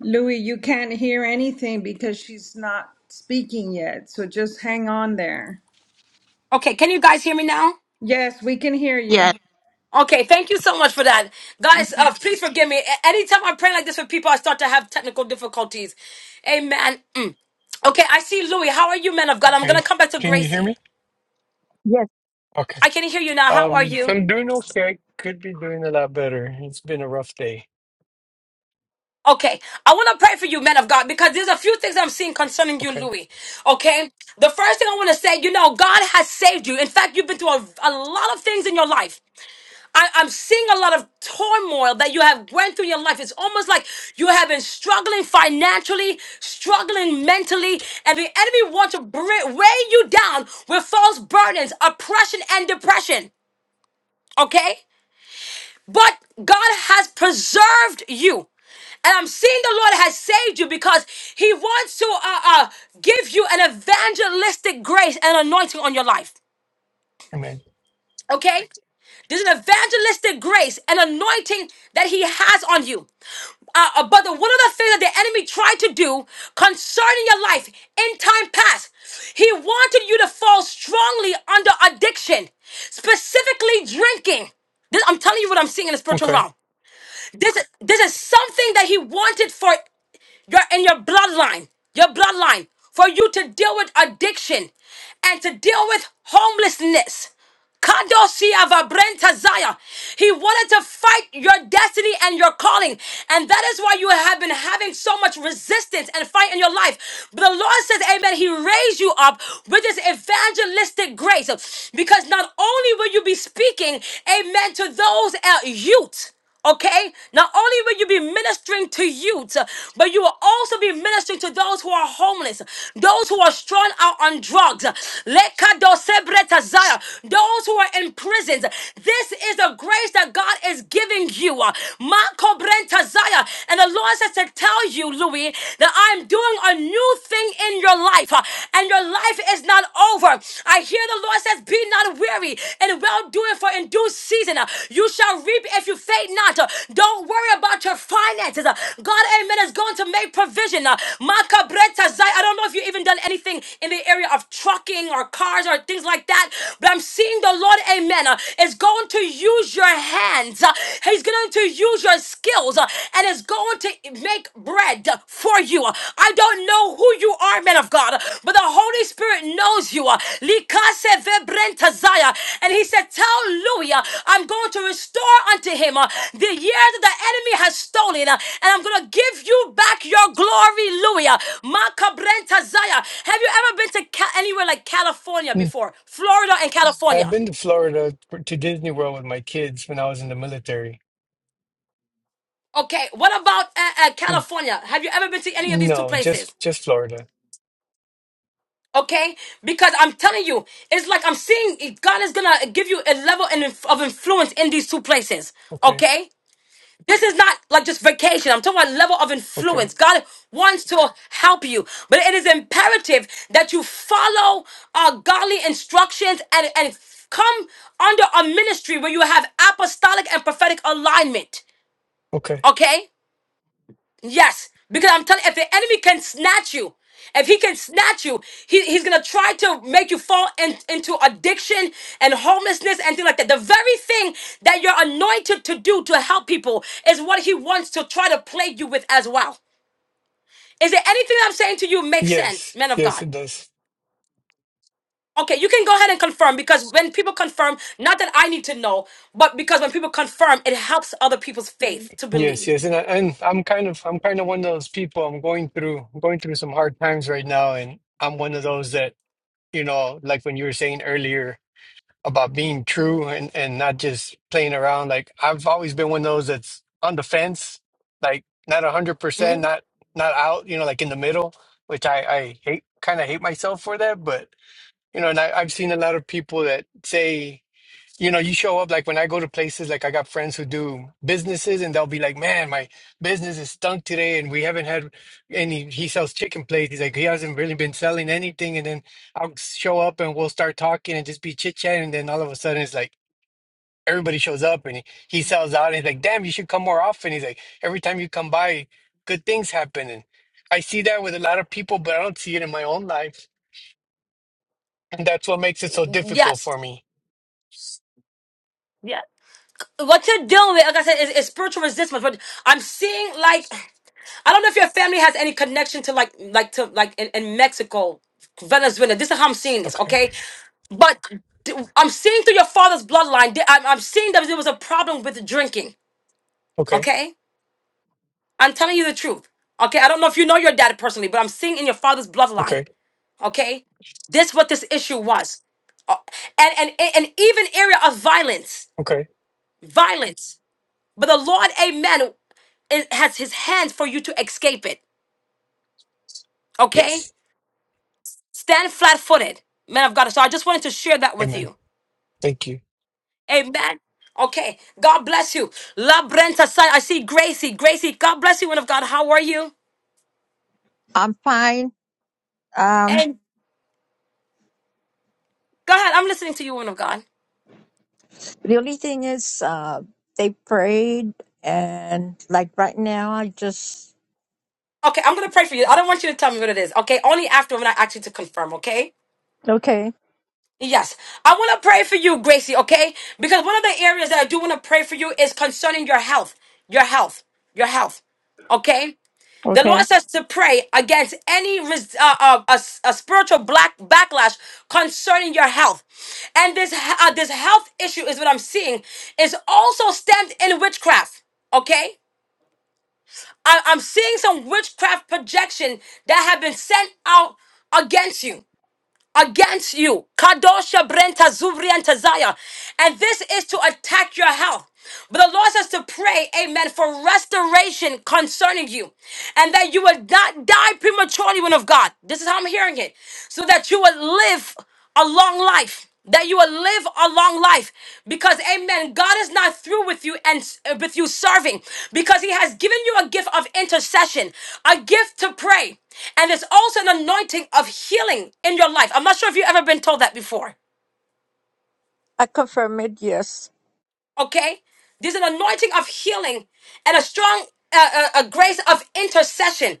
Speaker 4: Louis, you can't hear anything because she's not speaking yet. So just hang on there.
Speaker 1: Okay, can you guys hear me now?
Speaker 4: Yes, we can hear you.
Speaker 9: Yeah.
Speaker 1: Okay, thank you so much for that. Guys, uh, please forgive me. A- Anytime I pray like this for people, I start to have technical difficulties. Amen. Mm. Okay, I see Louis. How are you, men of God? I'm gonna
Speaker 6: Okay.
Speaker 1: come back to
Speaker 6: Can you hear
Speaker 1: Gracie.
Speaker 6: me?
Speaker 5: Yes,
Speaker 6: Okay.
Speaker 1: I can hear you now. How are
Speaker 6: Um, so
Speaker 1: you?
Speaker 6: I'm doing okay. Could be doing a lot better. It's been a rough day.
Speaker 1: Okay. I want to pray for you, man of God, because there's a few things I'm seeing concerning you,
Speaker 6: Okay.
Speaker 1: Louis. Okay. The first thing I want to say, you know, God has saved you. In fact, you've been through a, a lot of things in your life. I, I'm seeing a lot of turmoil that you have went through in your life. It's almost like you have been struggling financially, struggling mentally, and the enemy wants to bring, weigh you down with false burdens, oppression, and depression. Okay? But God has preserved you. And I'm seeing the Lord has saved you because He wants to uh, uh, give you an evangelistic grace and anointing on your life.
Speaker 6: Amen.
Speaker 1: Okay? There's an evangelistic grace and anointing that he has on you. Uh, uh, but the, one of the things that the enemy tried to do concerning your life in time past, he wanted you to fall strongly under addiction, specifically drinking. This, I'm telling you what I'm seeing in the spiritual
Speaker 6: Okay.
Speaker 1: realm. This is this is something that he wanted for your in your bloodline, your bloodline, for you to deal with addiction and to deal with homelessness. Kadosia Vabrenta Zaya. He wanted to fight your destiny and your calling. And that is why you have been having so much resistance and fight in your life. But the Lord says, Amen, He raised you up with this evangelistic grace. Because not only will you be speaking, Amen, to those uh, youth. Okay, not only will you be ministering to youth, but you will also be ministering to those who are homeless, those who are strung out on drugs, Lekadosebretazaya, those who are in prisons. This is the grace that God is giving you. Makobrentazaya. And the Lord says to tell you, Louis, that I'm doing a new thing in your life, and your life is not over over. I hear the Lord says, Be not weary and well doing for in due season. uh, You shall reap if you faint not. Uh, Don't worry about your finances. Uh, God, amen, is going to make provision. Uh, Makabreta zai- I don't know if you've even done anything in the area of trucking or cars or things like that, but I'm seeing the Lord, amen, uh, is going to use your hands. Uh, He's going to use your skills uh, and is going to to make bread for you. I don't know who you are, man of God, but the Holy Spirit knows you. Likase vebrentazaya. And he said, Tell Louis, uh, I'm going to restore unto him uh, the year that the enemy has stolen, uh, and I'm going to give you back your glory, Louis. Uh, Makabrentazaya. Have you ever been to Ca- anywhere like California
Speaker 6: Mm.
Speaker 1: before? Florida and
Speaker 6: I've
Speaker 1: California.
Speaker 6: been to Florida for- to Disney World with my kids when I was in the military.
Speaker 1: Okay, what about uh, uh,
Speaker 6: Mm.
Speaker 1: California? Have you ever been to any of these two
Speaker 6: No,
Speaker 1: places?
Speaker 6: just just Florida.
Speaker 1: Okay, because I'm telling you, it's like I'm seeing God is gonna give you a level in- of influence in these two places.
Speaker 6: Okay.
Speaker 1: Okay, this is not like just vacation. I'm talking about level of
Speaker 6: Okay.
Speaker 1: influence. God wants to help you, but it is imperative that you follow uh, godly instructions and and come under a ministry where you have apostolic and prophetic alignment.
Speaker 6: Okay.
Speaker 1: Okay. Yes, because I'm telling if the enemy can snatch you, if he can snatch you, he, he's gonna try to make you fall in- into addiction and homelessness and things like that. The very thing that you're anointed to do to help people is what he wants to try to plague you with as well. Is there anything I'm saying to you makes sense,
Speaker 6: Yes.
Speaker 1: men of
Speaker 6: Yes,
Speaker 1: God?
Speaker 6: it does.
Speaker 1: Okay, you can go ahead and confirm because when people confirm, not that I need to know, but because when people confirm, it helps other people's faith to
Speaker 6: Yes,
Speaker 1: believe.
Speaker 6: yes, and I, and I'm kind of I'm kind of one of those people. I'm going through I'm going through some hard times right now, and I'm one of those that you know, like when you were saying earlier about being true and and not just playing around. Like I've always been one of those that's on the fence, like not a hundred percent,
Speaker 1: Mhm.
Speaker 6: not not out, you know, like in the middle, which I I hate kind of hate myself for that, but you know, and I, I've seen a lot of people that say you know, you show up like when I go to places, like I got friends who do businesses and they'll be like, man, my business is stunk today and we haven't had any. He sells chicken plates. He's like, he hasn't really been selling anything. And then I'll show up and we'll start talking and just be chit chatting. And then all of a sudden it's like, everybody shows up and he, he sells out. And he's like, damn, you should come more often. He's like, every time you come by, good things happen. And I see that with a lot of people, but I don't see it in my own life. And that's what makes it so difficult for
Speaker 1: Yes.
Speaker 6: me.
Speaker 1: Yes. what you're dealing with, like I said, is, is spiritual resistance. But I'm seeing like I don't know if your family has any connection to like like to like in, in Mexico, Venezuela. This is how I'm seeing this,
Speaker 6: Okay.
Speaker 1: okay? But d- I'm seeing through your father's bloodline. th- I'm, I'm seeing that there was a problem with drinking,
Speaker 6: Okay.
Speaker 1: okay? I'm telling you the truth, okay? I don't know if you know your dad personally, but I'm seeing in your father's bloodline,
Speaker 6: Okay.
Speaker 1: okay? This what this issue was, Uh, and and and even area of violence,
Speaker 6: Okay.
Speaker 1: violence. But the Lord, amen, is, has his hands for you to escape it. Okay?
Speaker 6: Yes.
Speaker 1: Stand flat footed, man of God. So I just wanted to share that with
Speaker 6: Amen.
Speaker 1: you.
Speaker 6: Thank you.
Speaker 1: Amen. Okay. God bless you. La Brenta, son. I see Gracie. Gracie, God bless you, woman of God. How are you?
Speaker 5: I'm fine. Um,
Speaker 1: And go ahead. I'm listening to you, woman of God.
Speaker 5: the only thing is, uh, they prayed, and like right now, I just.
Speaker 1: Okay, I'm going to pray for you. I don't want you to tell me what it is. Okay? Only after when I ask you to confirm, okay?
Speaker 5: Okay.
Speaker 1: Yes, I want to pray for you, Gracie, okay? Because one of the areas that I do want to pray for you is concerning your health, your health, your health, okay? The Lord
Speaker 5: Okay.
Speaker 1: says to pray against any res- uh, uh, a, s- a spiritual black backlash concerning your health, and this he- uh, this health issue is what I'm seeing is also stemmed in witchcraft. Okay, I- I'm seeing some witchcraft projection that have been sent out against you against you. Kadosha Brenta Zuvri and Tazaya. And this is to attack your health. But the Lord says to pray, amen, for restoration concerning you. And that you would not die prematurely, woman of God. This is how I'm hearing it. So that you would live a long life that you will live a long life because amen god is not through with you and uh, with you serving because he has given you a gift of intercession a gift to pray and it's also an anointing of healing in your life i'm not sure if you've ever been told that before
Speaker 5: I confirm it. Yes,
Speaker 1: Okay? There's an anointing of healing and a strong uh, uh, a grace of intercession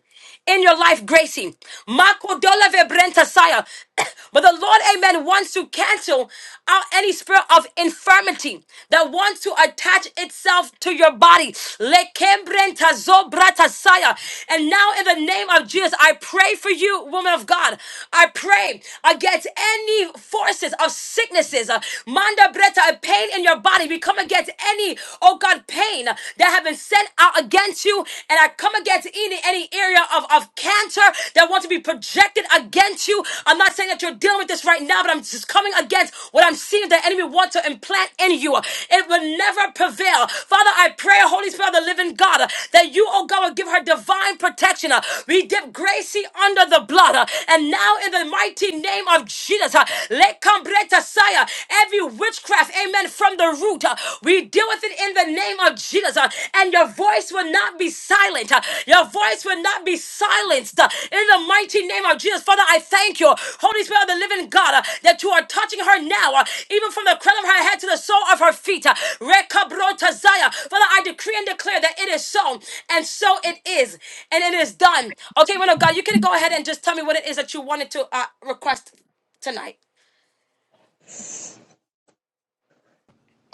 Speaker 1: in your life, Gracie. Marco Dola Vebrenta Saya. But the Lord, amen, wants to cancel out any spirit of infirmity that wants to attach itself to your body. Lekembrenta Zobrata Saya. And now, in the name of Jesus, I pray for you, woman of God. I pray against any forces of sicknesses. uh, Manda Breta against A pain in your body. We come against any, oh God, pain that have been sent out against you. And I come against any, any area of, of cancer that wants to be projected against you. I'm not saying that you're dealing with this right now, but I'm just coming against what I'm seeing the enemy wants to implant in you. It will never prevail. Father, I pray, Holy Spirit of the living God, that you, oh God, will give her divine protection. Uh, We dip Gracie under the blood. uh, And now in the mighty name of Jesus, uh, let come break us, Messiah. Every witchcraft, amen, from the root, uh, we deal with it in the name of Jesus. uh, And your voice will not be silent. uh, Your voice will not be silenced uh, in the mighty name of Jesus. Father, I thank you, Holy Spirit of the living God, uh, that you are touching her now, uh, even from the crown of her head to the sole of her feet. uh, Rekabrotazaya. Father, I decree and declare that it is so, and so it is, and it is done. Okay, woman of God, you can go ahead and just tell me what it is that you wanted to uh, request tonight.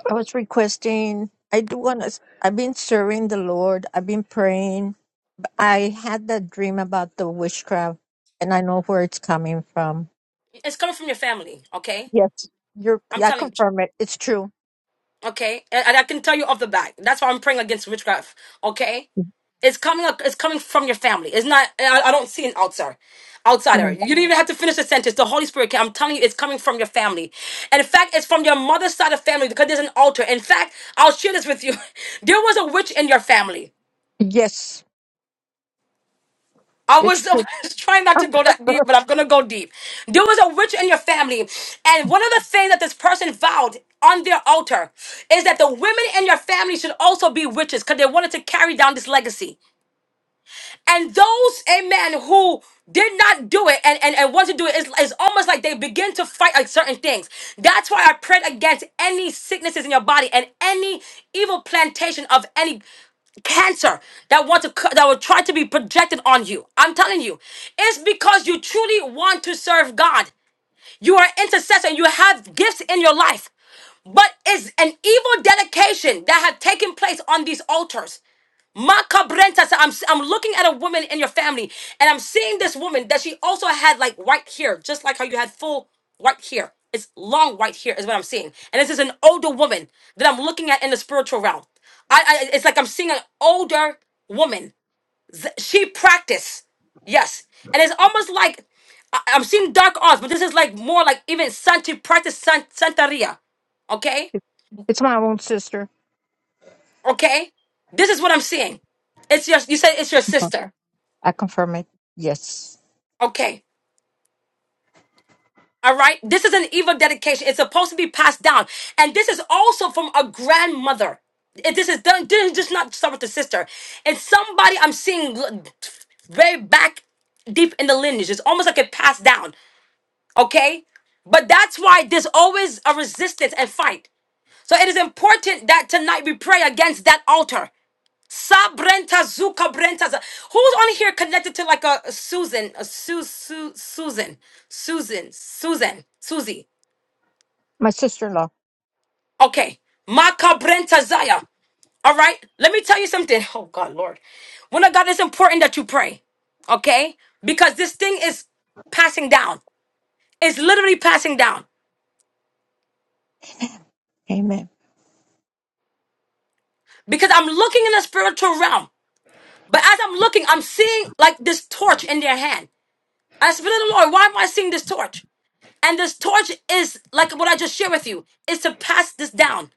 Speaker 5: I was requesting. I do want to. I've been serving the Lord. I've been praying. I had that dream about the witchcraft, and I know where it's coming from
Speaker 1: It's coming from your family, okay?
Speaker 5: Yes. You're,
Speaker 1: I'm
Speaker 5: yeah, I
Speaker 1: telling you,
Speaker 5: confirm it. It's true.
Speaker 1: okay? And, and I can tell you off the bat. That's why I'm praying against witchcraft, okay? It's coming up. It's coming from your family. It's not. I, I don't see an outsider. Outsider.
Speaker 5: Mm.
Speaker 1: You don't even have to finish the sentence. The Holy Spirit. can- I'm telling you, it's coming from your family. And in fact, it's from your mother's side of family because there's an altar. In fact, I'll share this with you. There was a witch in your family.
Speaker 5: Yes,
Speaker 1: I
Speaker 5: it's
Speaker 1: was, I
Speaker 5: true.
Speaker 1: was trying not
Speaker 5: I'm
Speaker 1: to go that deep,
Speaker 5: confirmed.
Speaker 1: but I'm gonna go deep. There was a witch in your family, and one of the things that this person vowed on their altar is that the women in your family should also be witches because they wanted to carry down this legacy. And those, amen, who did not do it and, and, and want to do it, it's, it's almost like they begin to fight like certain things. That's why I prayed against any sicknesses in your body and any evil plantation of any cancer that want to co- that will try to be projected on you. I'm telling you, it's because you truly want to serve God. You are an intercessor and you have gifts in your life. But it's an evil dedication that have taken place on these altars. Macabrenta. So I'm I'm looking at a woman in your family, and I'm seeing this woman that she also had like white hair, just like how you had full white hair. It's long white hair is what I'm seeing, and this is an older woman that I'm looking at in the spiritual realm. I, I it's like I'm seeing an older woman she practiced. Yes. And it's almost like I, I'm seeing dark arts, but this is like more like even San, she practiced San, Santeria. Okay?
Speaker 5: It- It's my own sister.
Speaker 1: Okay? This is what I'm seeing. It's your you said it's your
Speaker 5: Mhm.
Speaker 1: sister.
Speaker 5: I confirm it. Yes.
Speaker 1: Okay. All right. This is an evil dedication. It's supposed to be passed down. And this is also from a grandmother. It, this is done didn't just not start with the sister. It's somebody I'm seeing l- very back deep in the lineage. It's almost like it passed down. Okay? But that's why there's always a resistance and fight. So it is important that tonight we pray against that altar. Sabrenta zuka brenta. za- Who's on here connected to like a, a Susan, a Su, Su, Susan, Susan, Susan, Susie?
Speaker 5: My sister in law.
Speaker 1: Okay. Maka brenta zaya. All right, let me tell you something. Oh God, Lord, when I God, it's important that you pray, okay? Because this thing is passing down. It's literally passing down.
Speaker 5: Amen.
Speaker 1: because I'm looking in the spiritual realm. But as I'm looking, I'm seeing like this torch in their hand. I said, Spirit of the Lord, why am I seeing this torch? And this torch is like what I just shared with you, is to pass this down,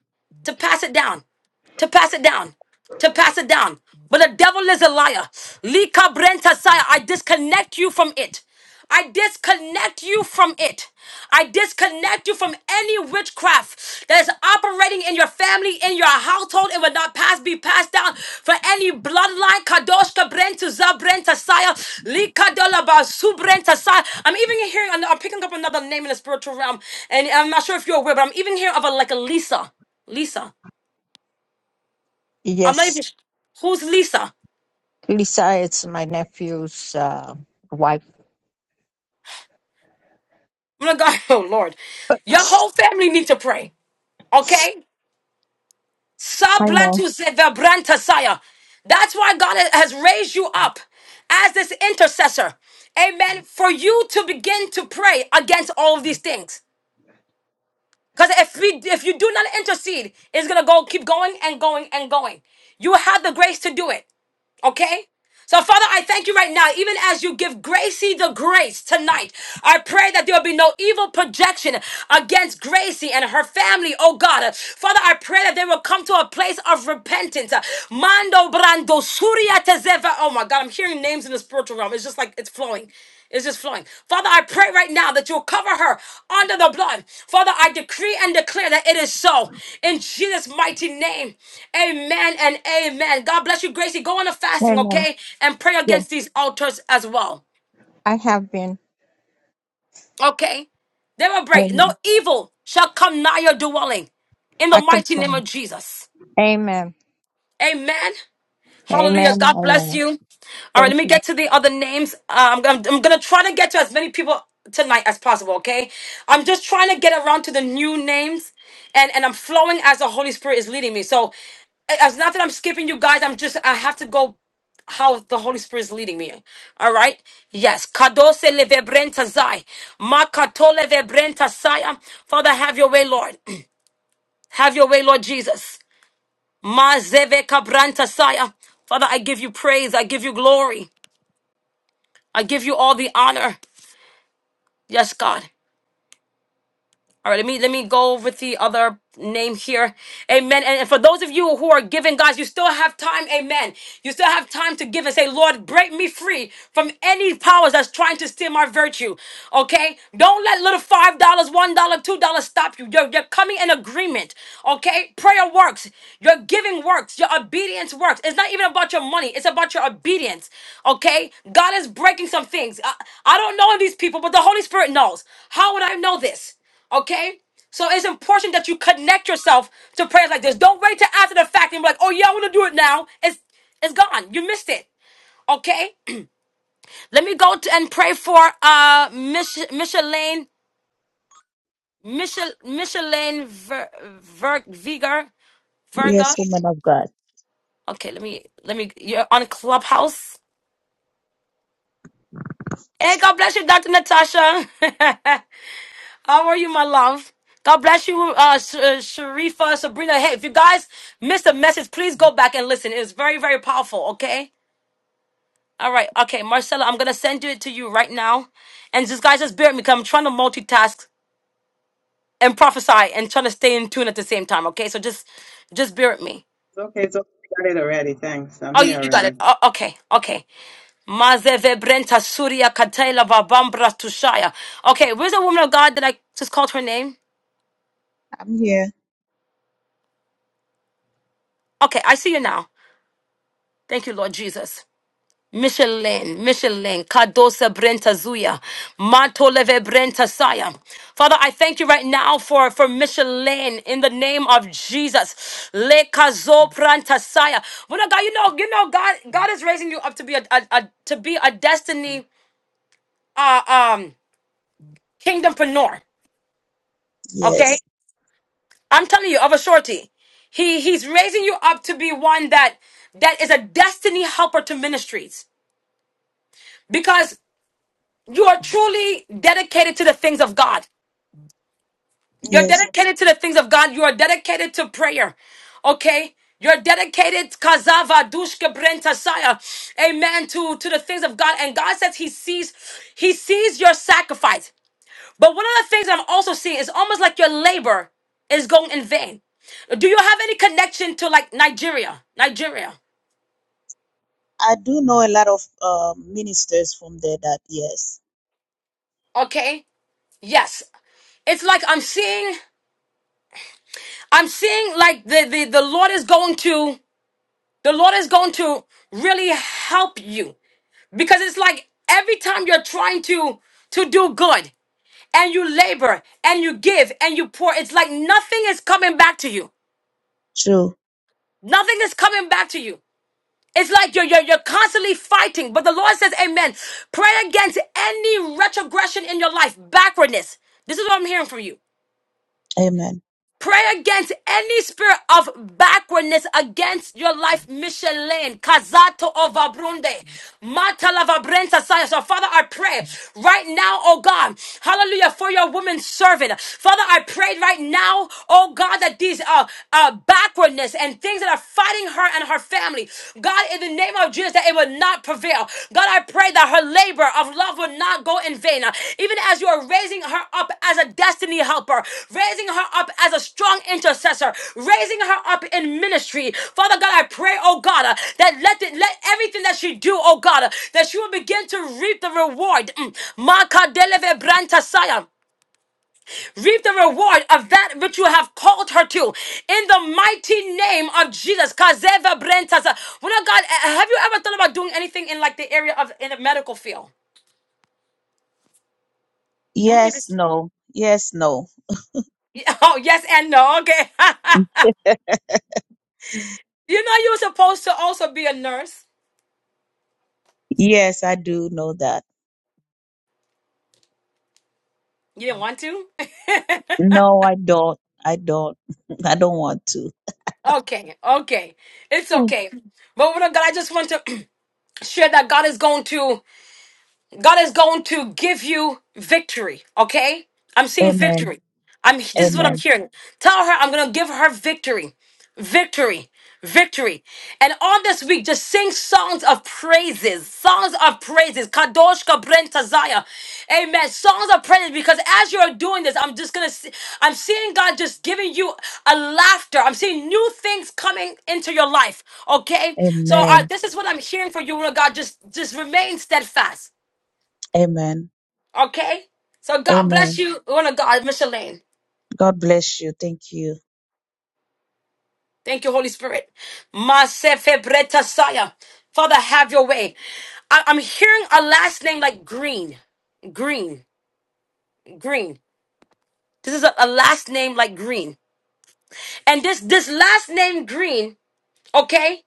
Speaker 1: to pass it down to pass it down, to pass it down. But the devil is a liar. Lika brenta saya. I disconnect you from it. I disconnect you from it. I disconnect you from any witchcraft that is operating in your family, in your household. It will not pass, be passed down for any bloodline. Kadosh kabrenta zabrenta saya. Lika dola basu brenta saya. I'm even hearing, I'm picking up another name in the spiritual realm, and I'm not sure if you're aware, but I'm even hearing of a like a Lisa. Lisa. I'm not
Speaker 5: Yes.
Speaker 1: even. Who's Lisa?
Speaker 5: Lisa is my nephew's uh, wife.
Speaker 1: I'm not God. Oh Lord, your whole family need to pray. Okay,
Speaker 5: I know.
Speaker 1: Sablatusevabrantasaya. That's why God ha- has raised you up as this intercessor. Amen. For you to begin to pray against all of these things. Because if we if you do not intercede, it's gonna go keep going and going and going. You have the grace to do it. Okay? So, Father, I thank you right now, even as you give Gracie the grace tonight. I pray that there will be no evil projection against Gracie and her family, oh God. Father, I pray that they will come to a place of repentance. Mando Brando Surya Tezeva. Oh my God, I'm hearing names in the spiritual realm. It's just like it's flowing. It's just flowing. Father, I pray right now that you'll cover her under the blood. Father, I decree and declare that it is so. In Jesus' mighty name. Amen and amen. God bless you, Gracie. Go on a fasting,
Speaker 5: Amen.
Speaker 1: okay? And pray
Speaker 5: Yes.
Speaker 1: against these altars as well.
Speaker 5: I have been.
Speaker 1: Okay? They will break. No
Speaker 5: Amen.
Speaker 1: evil shall come nigh your dwelling. In the
Speaker 5: I
Speaker 1: mighty name of
Speaker 5: confirm.
Speaker 1: Jesus.
Speaker 5: it. Amen.
Speaker 1: Amen. Hallelujah.
Speaker 5: Amen.
Speaker 1: God bless
Speaker 5: Amen.
Speaker 1: you. All right, let
Speaker 5: Thank
Speaker 1: me
Speaker 5: you.
Speaker 1: get to the other names. Uh, I'm, I'm, I'm gonna try to get to as many people tonight as possible. Okay, I'm just trying to get around to the new names, and and I'm flowing as the Holy Spirit is leading me. So it- it's not that I'm skipping you guys. I'm just I have to go how the Holy Spirit is leading me. All right. Yes. Kadose levebrenta zai. Makato levebrenta saya. Father, have your way, Lord. have your way, Lord Jesus. Mazeve kabranta saya. Father, I give you praise. I give you glory. I give you all the honor. Yes, God. All right, let me let me go with the other name here. Amen. And, and for those of you who are giving, guys, you still have time. Amen. You still have time to give and say, Lord, break me free from any powers that's trying to steal my virtue. Okay? Don't let little five dollars, one dollar, two dollars stop you. You're, you're coming in agreement. Okay? Prayer works. Your giving works. Your obedience works. It's not even about your money. It's about your obedience. Okay? God is breaking some things. I, I don't know these people, but the Holy Spirit knows. How would I know this? Okay? So it's important that you connect yourself to prayers like this. Don't wait till after the fact and be like, oh yeah, I want to do it now. It's it's gone. You missed it. Okay? Let me go to and pray for uh Mich- Micheline Michel Micheline Ver, Ver, Viger Verga.
Speaker 10: Yes, woman of God.
Speaker 1: Okay, let me let me you're on Clubhouse. Hey, God bless you, Dr. Natasha. How are you, my love? God bless you, uh, Sh- uh, Sharifa, Sabrina. Hey, if you guys missed the message, please go back and listen. It's very, very powerful. Okay. All right. Okay, Marcella, I'm gonna send it to you right now, and just guys, just bear with me, because 'cause I'm trying to multitask and prophesy and trying to stay in tune at the same time. Okay, so just, just bear with me.
Speaker 11: It's okay. It's okay. I got it already. Thanks. I'm
Speaker 1: Oh,
Speaker 11: here
Speaker 1: you, you got
Speaker 11: already.
Speaker 1: it. Oh, okay, okay. Mazeve Brenta Surya Katela Babambra Tushaya. Okay, where's the woman of God that I just called her name?
Speaker 10: I'm here.
Speaker 1: Okay, I see you now. Thank you, Lord Jesus. Michelin, Michelin, Kadosa Brenta Zuya, Matoleve Brenta Saya. Father, I thank you right now for, for Michelin in the name of Jesus. Le Kazo Brenta Saya. Well, God, you know, you know, God, God is raising you up to be a, a, a to be a destiny uh um kingdompreneur. Okay?
Speaker 10: Yes,
Speaker 1: I'm telling you, of a surety, He he's raising you up to be one that that is a destiny helper to ministries. Because You are truly dedicated to the things of God. You're
Speaker 10: yes.
Speaker 1: dedicated to the things of God. You are dedicated to prayer. Okay? You're dedicated, Kazava Dushka Brentasaya. Amen. To, to the things of God. And God says He sees, He sees your sacrifice. But one of the things I'm also seeing is almost like your labor is going in vain. Do you have any connection to like Nigeria? Nigeria.
Speaker 10: I do know a lot of uh, ministers from there that, yes.
Speaker 1: Okay? Yes. It's like I'm seeing, I'm seeing like the the, the Lord is going to. The Lord is going to really help you because it's like every time you're trying to to do good and you labor and you give and you pour, it's like nothing is coming back to you.
Speaker 10: True.
Speaker 1: Nothing is coming back to you. It's like you're, you're, you're constantly fighting, but the Lord says, Amen. Pray against any retrogression in your life, backwardness. This is what I'm hearing from you.
Speaker 10: Amen.
Speaker 1: Pray against any spirit of backwardness against your life mission lane. Kazato ovabrunde. Matalavabrenta saya. So Father, I pray right now, oh God. Hallelujah for your woman servant. Father, I pray right now, oh God, that these uh, uh backwardness and things that are fighting her and her family. God, in the name of Jesus years that it will not prevail. God, I pray that her labor of love will not go in vain. Even as you are raising her up as a destiny helper, raising her up as a strong intercessor, raising her up in ministry. Father God, I pray, oh God, uh, that let it, let everything that she do, oh God, uh, that she will begin to reap the reward. Mm. Makadeleve brantasaya reap the reward of that which you have called her to in the mighty name of jesus Kazeva Brentas. Well, now, god uh, have you ever thought about doing anything in like the area of in the medical field am i even
Speaker 10: Yes, no. Yes, no.
Speaker 1: Yeah, oh yes and no okay
Speaker 10: Mm.
Speaker 1: you know you were supposed to also be a nurse
Speaker 10: Yes, I do know that.
Speaker 1: you didn't want to
Speaker 10: No, I don't. I don't. I don't want to.
Speaker 1: okay okay it's
Speaker 10: Mm.
Speaker 1: okay but what god i just want to share that god is going to God is going to give you victory. Okay, I'm seeing
Speaker 10: Amen.
Speaker 1: victory. I'm. This is what I'm
Speaker 10: Amen.
Speaker 1: hearing. Tell her I'm gonna give her victory, victory, victory. And on this week, just sing songs of praises, songs of praises. Kadosh Kabren Tazaya, Amen. Songs of praises because as you're doing this, I'm just gonna. See, I'm seeing God just giving you a laughter. I'm seeing new things coming into your life. Okay, so uh,
Speaker 10: Amen.
Speaker 1: this is what I'm hearing for you, Lord God. Just just remain steadfast.
Speaker 10: Amen.
Speaker 1: Okay? So God bless
Speaker 10: Amen.
Speaker 1: you, woman of God, Micheline.
Speaker 10: God bless you. Thank you.
Speaker 1: Thank you, Holy Spirit. Masefebreta Saya. Father, have your way. I- am hearing a last name like Green. Green. Green. This is a, a last name like Green. And this this last name Green, okay?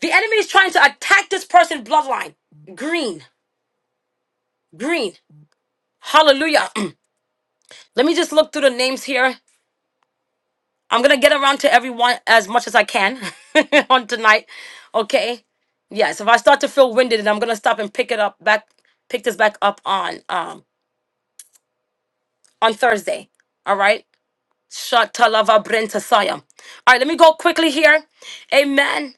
Speaker 1: The enemy is trying to attack this person's bloodline. Green. Green. Hallelujah. Let me just look through the names here. I'm gonna get around to everyone as much as I can on tonight. Okay. Yes. If I start to feel winded, then I'm gonna stop and pick it up back, pick this back up on um on Thursday. All right. Shatalava Brenta Sayam. All right. Let me go quickly here. Amen.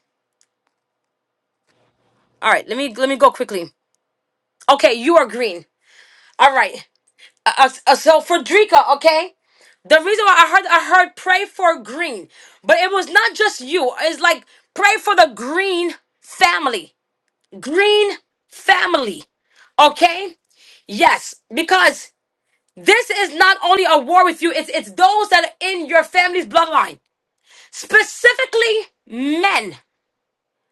Speaker 1: All right. Let me let me go quickly. Okay. You are green. All right. Uh, uh, uh, so Frederica. okay. The reason why I heard I heard pray for green, but it was not just you. It's like pray for the green family. green family. Okay? Yes, because this is not only a war with you, it's it's those that are in your family's bloodline. Specifically men.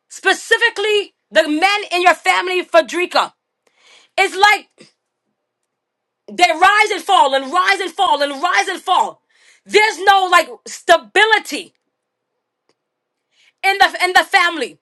Speaker 1: Specifically the men in your family Frederica. It's like they rise and fall and rise and fall and rise and fall. There's no like stability in the in the family.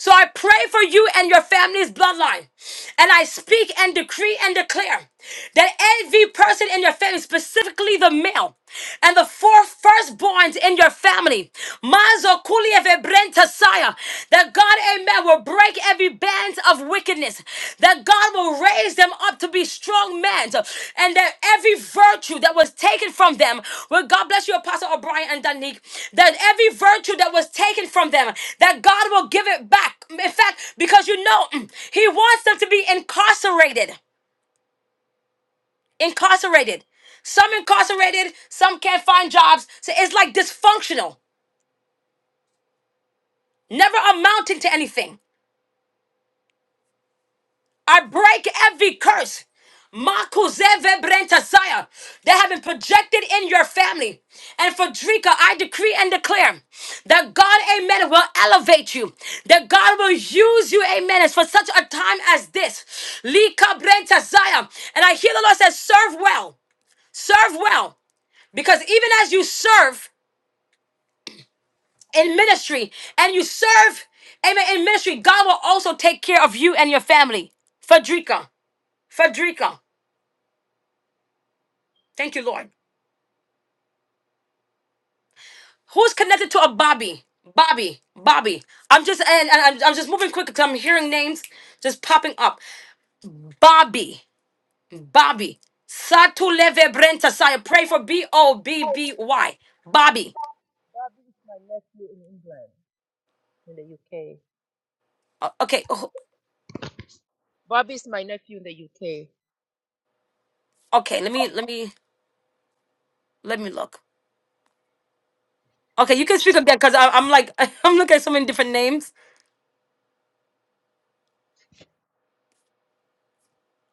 Speaker 1: So I pray for you and your family's bloodline. And I speak and decree and declare that every person in your family, specifically the male and the four firstborns in your family, Mazo Kulia Vebrenta Saya, that God, amen, will break every band of wickedness wickedness, that God will raise them up to be strong men, and that every virtue that was taken from them, well, God bless you, Apostle O'Brien and Danique, that every virtue that was taken from them, that God will give it back. In fact, because you know, mm, He wants them to be incarcerated. Incarcerated. Some incarcerated, some can't find jobs. So it's like dysfunctional, never amounting to anything. I break every curse. Makuzeve brentasaya that have been projected in your family. And for Drika, I decree and declare that God, amen, will elevate you. That God will use you, amen, as for such a time as this. Lika brentasaya. And I hear the Lord says, serve well. Serve well. Because even as you serve in ministry and you serve, amen, in ministry, God will also take care of you and your family. Fadrika, Fadrika. Thank you, Lord. Who's connected to a Bobby? Bobby, Bobby. I'm just and, and I'm, I'm just moving quick because I'm hearing names just popping up. Bobby, Bobby. Satu leve brenta saya. Pray for B O B B Y. Bobby.
Speaker 2: My nephew in England, in the UK.
Speaker 1: O- Okay, oh,
Speaker 2: Bobby is my nephew in the UK.
Speaker 1: okay. Let me let me let me look. Okay, you can speak again because I'm like I'm looking at so many different names.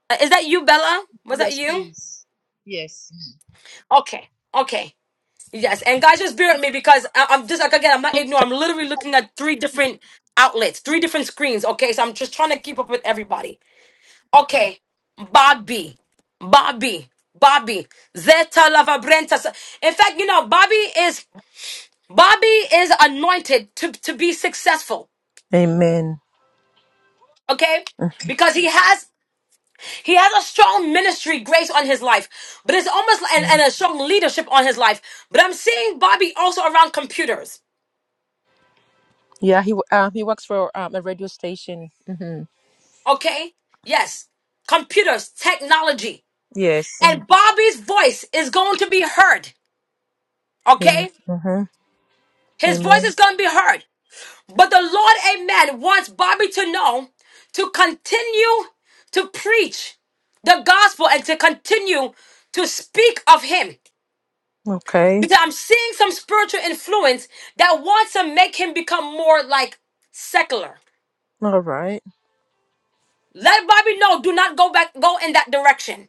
Speaker 1: Uh, Is that you, Bella? Was that
Speaker 2: Yes,
Speaker 1: you?
Speaker 2: please. Yes.
Speaker 1: Okay, okay. Yes, and guys, just bear with me because I, I'm just like again, I'm not ignorant. I'm literally looking at three different outlets, three different screens. Okay, so I'm just trying to keep up with everybody. Okay, Bobby, Bobby, Bobby, Zeta Lavabrenta. So, In fact, you know, Bobby is Bobby is anointed to to be successful.
Speaker 2: Amen.
Speaker 1: Okay, because he has he has a strong ministry grace on his life, but it's almost like, and, and
Speaker 2: Mhm.
Speaker 1: a strong leadership on his life. But I'm seeing Bobby also around computers.
Speaker 2: Yeah, he w- um he works for um a radio station. hmm
Speaker 1: Okay? Yes. Computers, technology.
Speaker 2: Yes.
Speaker 1: And Bobby's voice is going to be heard.
Speaker 2: Amen.
Speaker 1: Okay?
Speaker 2: Mm-hmm.
Speaker 1: His voice
Speaker 2: Amen.
Speaker 1: is going to be heard. But the Lord, amen, wants Bobby to know to continue to preach the gospel and to continue to speak of him.
Speaker 2: Okay.
Speaker 1: Because I'm seeing some spiritual influence that wants to make him become more like secular.
Speaker 2: All right.
Speaker 1: Let Bobby know do not go back, go in that direction.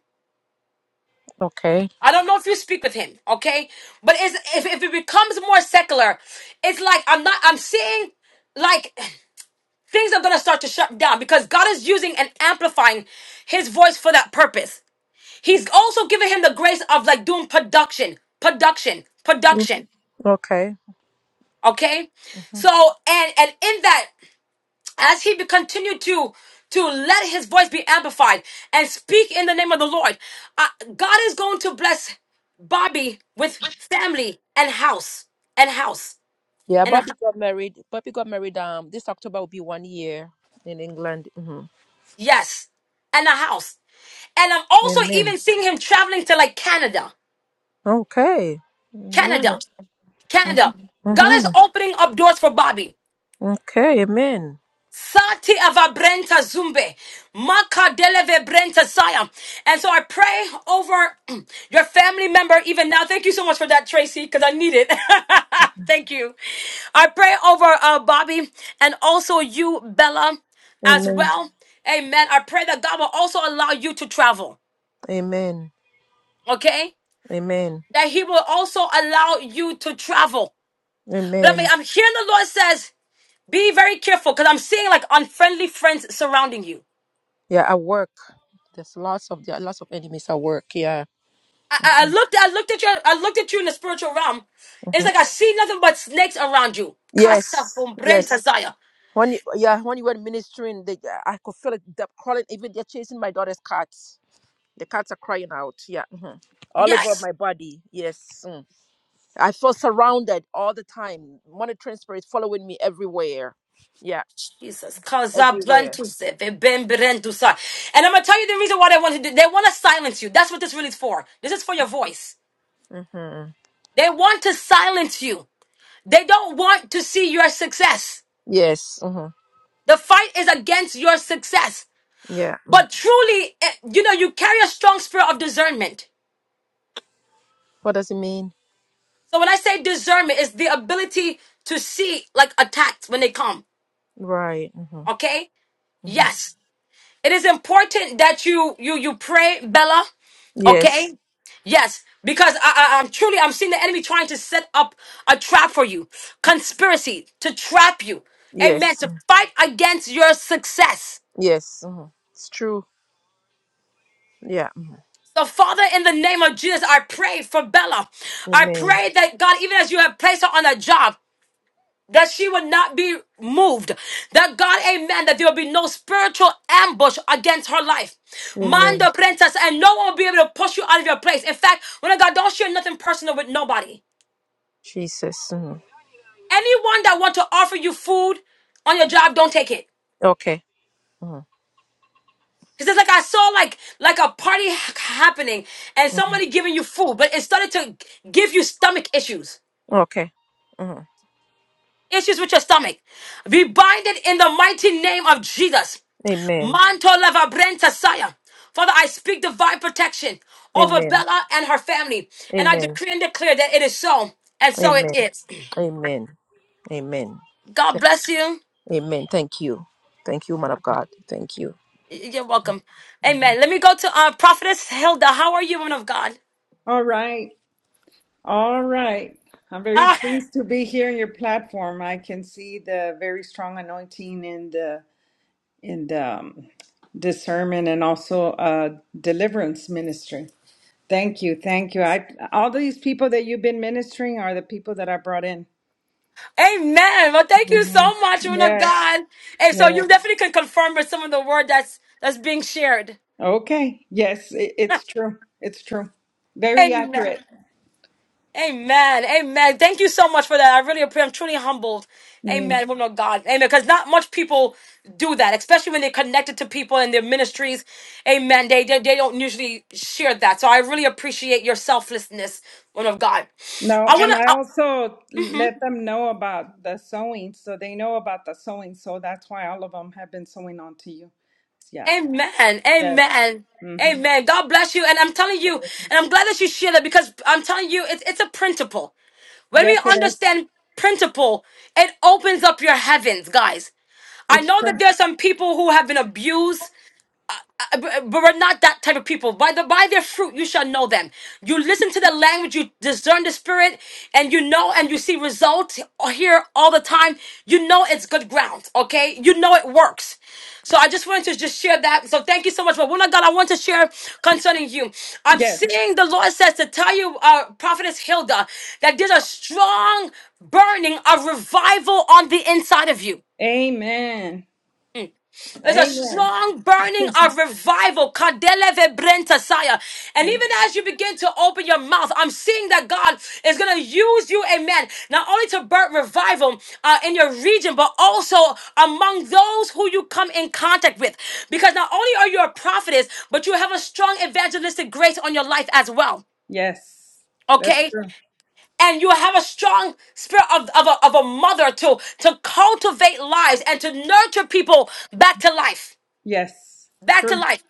Speaker 2: Okay.
Speaker 1: I don't know if you speak with him, okay? But it's, if if it becomes more secular, it's like I'm not. I'm seeing like things are gonna start to shut down because God is using and amplifying His voice for that purpose. He's also giving him the grace of like doing production, production,
Speaker 2: Mm.
Speaker 1: production.
Speaker 2: Okay.
Speaker 1: Okay,
Speaker 2: Mm-hmm.
Speaker 1: so and and in that. as he continued to to let his voice be amplified and speak in the name of the Lord, uh, God is going to bless Bobby with family and house and house
Speaker 2: Yeah,
Speaker 1: and a, hou-
Speaker 2: Bobby got married. Bobby got married. Um, this October will be one year in England. hmm
Speaker 1: yes and a house. And I'm also
Speaker 2: Amen.
Speaker 1: even seeing him traveling to like Canada,
Speaker 2: Okay.
Speaker 1: Canada,
Speaker 2: Mm-hmm.
Speaker 1: Canada. God is
Speaker 2: Mm-hmm.
Speaker 1: opening up doors for Bobby.
Speaker 2: Okay, amen.
Speaker 1: Sati avabrenta zumbe. Maka deleve brenta saya. And so I pray over your family member even now. Thank you so much for that, Tracy, because I need it. Thank you. I pray over uh, Bobby and also you, Bella, as
Speaker 2: Amen.
Speaker 1: well. Amen. I pray that God will also allow you to travel.
Speaker 2: Amen.
Speaker 1: Okay?
Speaker 2: Amen.
Speaker 1: That He will also allow you to travel. But I mean,
Speaker 2: Amen.
Speaker 1: I'm hearing the Lord says, be very careful because I'm seeing like unfriendly friends surrounding you.
Speaker 2: Yeah, at work. There's lots of there are lots of enemies at work. Yeah.
Speaker 1: I, I I looked I looked at you I looked at you in the spiritual realm. It's
Speaker 2: hmm
Speaker 1: like I see nothing but snakes around you. Casa
Speaker 2: Yes. Yes.
Speaker 1: Brentazaya.
Speaker 2: When you, yeah, when you were ministering, they, I could feel it. They're crawling. Even they're chasing my daughter's cats. The cats are crying out. Yeah. hmm All over
Speaker 1: Yes.
Speaker 2: my body. Yes. Mm. I feel surrounded all the time. Monitoring spirits following me everywhere. Yeah.
Speaker 1: Jesus. Casa
Speaker 2: Everywhere.
Speaker 1: Brentuse, Ben Brentusa. And I'm gonna tell you the reason why they want to do they want to silence you. That's what this really is for. This is for your voice.
Speaker 2: hmm
Speaker 1: They want to silence you. They don't want to see your success.
Speaker 2: Yes. hmm
Speaker 1: The fight is against your success.
Speaker 2: Yeah.
Speaker 1: But truly, eh, you know, you carry a strong spirit of discernment.
Speaker 2: What does it mean?
Speaker 1: So when I say discernment, it's the ability to see like attacks when they come.
Speaker 2: Right. hmm
Speaker 1: Okay?
Speaker 2: hmm
Speaker 1: Yes. It is important that you you you pray, Bella.
Speaker 2: Yes.
Speaker 1: Okay? Yes. Because I, I, I'm truly I'm seeing the enemy trying to set up a trap for you. Conspiracy to trap you. Amen.
Speaker 2: Yes.
Speaker 1: To
Speaker 2: Mm.
Speaker 1: fight against your success.
Speaker 2: Yes. hmm It's true. Yeah.
Speaker 1: So, Father, in the name of Jesus, I pray for Bella. I
Speaker 2: Amen.
Speaker 1: pray that God, even as you have placed her on a job, that she would not be moved. That God, amen, that there will be no spiritual ambush against her life. Mind
Speaker 2: Amen.
Speaker 1: the princess, and no one will be able to push you out of your place. In fact, when I God, don't share nothing personal with nobody.
Speaker 2: Jesus. hmm
Speaker 1: Anyone that want to offer you food on your job, don't take it.
Speaker 2: Okay. hmm
Speaker 1: He says, like I saw like like a party ha- happening and
Speaker 2: hmm
Speaker 1: somebody giving you food, but it started to give you stomach issues.
Speaker 2: Okay. hmm
Speaker 1: Issues with your stomach. Be binded in the mighty name of Jesus.
Speaker 2: Amen.
Speaker 1: Manto Lavabrenta Saya. Father, I speak divine protection over
Speaker 2: Amen.
Speaker 1: Bella and her family. And I
Speaker 2: Amen.
Speaker 1: decree and declare that it is so, and so it
Speaker 2: Amen.
Speaker 1: is.
Speaker 2: Amen. Amen.
Speaker 1: God
Speaker 2: Th-
Speaker 1: bless you.
Speaker 2: Amen. Thank you. Thank you, man of God. Thank you.
Speaker 1: You're welcome. Amen. Let me go to uh, Prophetess Hilda. How are you, woman of God?
Speaker 4: All right. All right. I'm very
Speaker 1: Ah,
Speaker 4: pleased to be here on your platform. I can see the very strong anointing in the in the um, discernment and also uh, deliverance ministry. Thank you. Thank you. I all these people that you've been ministering are the people that I brought in.
Speaker 1: amen. Well, thank you so much, woman of
Speaker 4: Yes.
Speaker 1: God. And so you
Speaker 4: Yes.
Speaker 1: definitely can confirm with some of the word that's that's being shared.
Speaker 4: Okay. Yes, it, it's true. It's true. Very
Speaker 1: Amen.
Speaker 4: accurate.
Speaker 1: Amen. Amen. Thank you so much for that. I really appreciate. I'm truly humbled.
Speaker 4: Mm.
Speaker 1: Amen. Woman of God. Amen. Because not much people do that, especially when they're connected to people in their ministries. Amen. They, they they don't usually share that. So I really appreciate your selflessness, woman of God.
Speaker 4: No,
Speaker 1: I
Speaker 4: and
Speaker 1: wanna.
Speaker 4: I also let them know about the sewing, so they know about the sewing. So that's why all of them have been sewing onto you. Yeah.
Speaker 1: Amen.
Speaker 4: Yes.
Speaker 1: Amen.
Speaker 4: Mm-hmm.
Speaker 1: Amen. God bless you. And I'm telling you, and I'm glad that you shared it because I'm telling you, it's, it's a principle. When we
Speaker 4: Yes, it is.
Speaker 1: understand principle, it opens up your heavens, guys. I
Speaker 4: It's
Speaker 1: know that
Speaker 4: true.
Speaker 1: there are some people who have been abused but, but we're not that type of people. By the by their fruit you shall know them. You listen to the language, you discern the spirit, and you know and you see results here all the time. You know it's good ground, okay? You know it works. So I just wanted to just share that. So thank you so much. But one of God, I want to share concerning you. I'm
Speaker 4: Yes.
Speaker 1: seeing the Lord says to tell you, uh, Prophetess Hilda, that there's a strong burning of revival on the inside of you.
Speaker 4: Amen.
Speaker 1: There's a
Speaker 4: Amen.
Speaker 1: strong burning of revival. Kadele vebrenta saya. And even as you begin to open your mouth, I'm seeing that God is going to use you, amen, not only to birth revival uh, in your region, but also among those who you come in contact with. Because not only are you a prophetess, but you have a strong evangelistic grace on your life as well
Speaker 4: Yes. That's
Speaker 1: okay
Speaker 4: true.
Speaker 1: and you have a strong spirit of, of, a, of a mother to to cultivate lives and to nurture people back to life
Speaker 4: Yes,
Speaker 1: back to
Speaker 4: true.
Speaker 1: life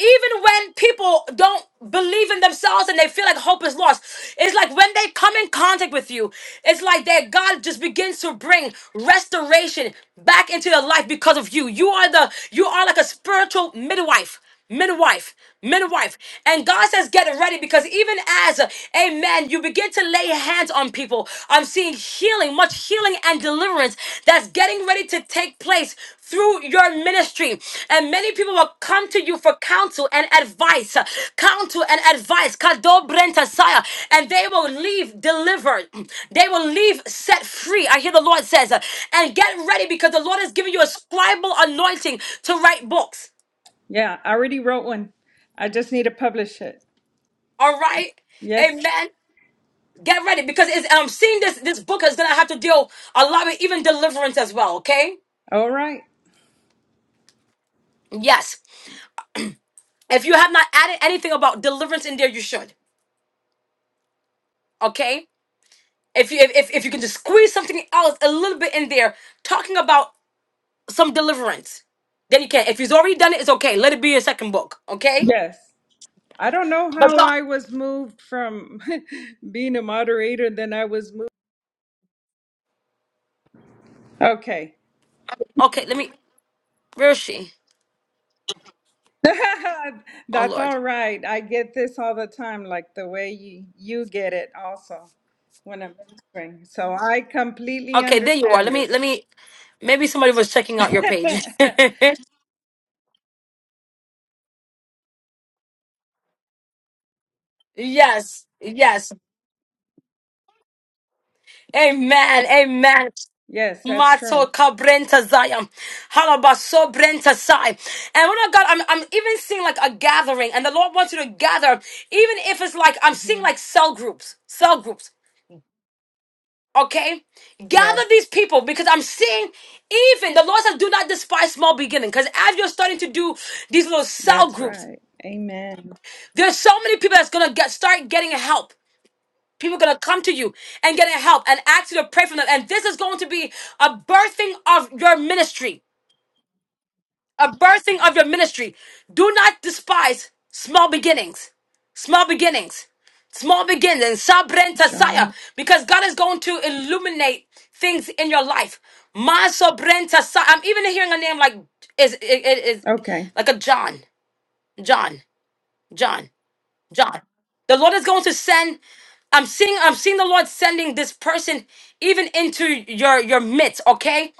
Speaker 1: even when people don't believe in themselves and they feel like hope is lost, it's like when they come in contact with you, it's like that God just begins to bring restoration back into their life because of you. You are the you are like a spiritual midwife. Midwife, midwife. And God says, get ready because even as, amen, you begin to lay hands on people seeing healing, much healing and deliverance that's getting ready to take place through your ministry. And many people will come to you for counsel and advice, counsel and advice, Kado Brenta Saya, and they will leave delivered. They will leave set free. I hear the Lord says, uh, and get ready because the Lord has given you a scribal anointing to write books.
Speaker 4: Yeah, I already wrote one. I just need to publish it.
Speaker 1: All right?
Speaker 4: Yes.
Speaker 1: Amen. Get ready because it's, I'm seeing this this book is gonna have to deal a lot with even deliverance as well. Okay?
Speaker 4: All right.
Speaker 1: Yes. If you have not added anything about deliverance in there, you should. Okay? If you if, if if you can just squeeze something else a little bit in there, talking about some deliverance, then you can. If he's already done it, it's okay. Let it be your second book. Okay?
Speaker 4: Yes. I don't know
Speaker 1: But
Speaker 4: how
Speaker 1: God
Speaker 4: I was moved from being a moderator, then I was moved. Okay.
Speaker 1: Okay, let me where is she? Oh
Speaker 4: That's
Speaker 1: Lord.
Speaker 4: all right. I get this all the time, like the way you, you get it also when I'm ministering. So I completely
Speaker 1: Okay, there you are.
Speaker 4: understand
Speaker 1: Let me let
Speaker 4: this.
Speaker 1: me maybe somebody was checking out your page. yes. Yes. Amen. Amen.
Speaker 4: yes, that's
Speaker 1: Mato
Speaker 4: true.
Speaker 1: Cabrenta Zion. Halabaso Brenta Sai. And when I God, I'm, I'm even seeing like a gathering, and the Lord wants you to gather, even if it's like I'm seeing
Speaker 4: hmm
Speaker 1: like cell groups, cell groups. Okay? Gather
Speaker 4: Yes,
Speaker 1: these people because I'm seeing even the Lord says, do not despise small beginning. Because as you're starting to do these little cell
Speaker 4: that's
Speaker 1: groups,
Speaker 4: right. Amen.
Speaker 1: there's so many people that's gonna get start getting help. People are gonna come to you and getting help and ask you to pray for them. And this is going to be a birthing of your ministry. a birthing of your ministry. Do not despise small beginnings. Small beginnings. Small beginnings. Sabren
Speaker 4: John.
Speaker 1: tasaya. Because God is going to illuminate things in your life. Ma sobren tasaya. I'm even hearing a name like is it is is-
Speaker 4: Okay.
Speaker 1: like a John. John. John. John. The Lord is going to send I'm seeing I'm seeing the Lord sending this person even into your your midst, okay?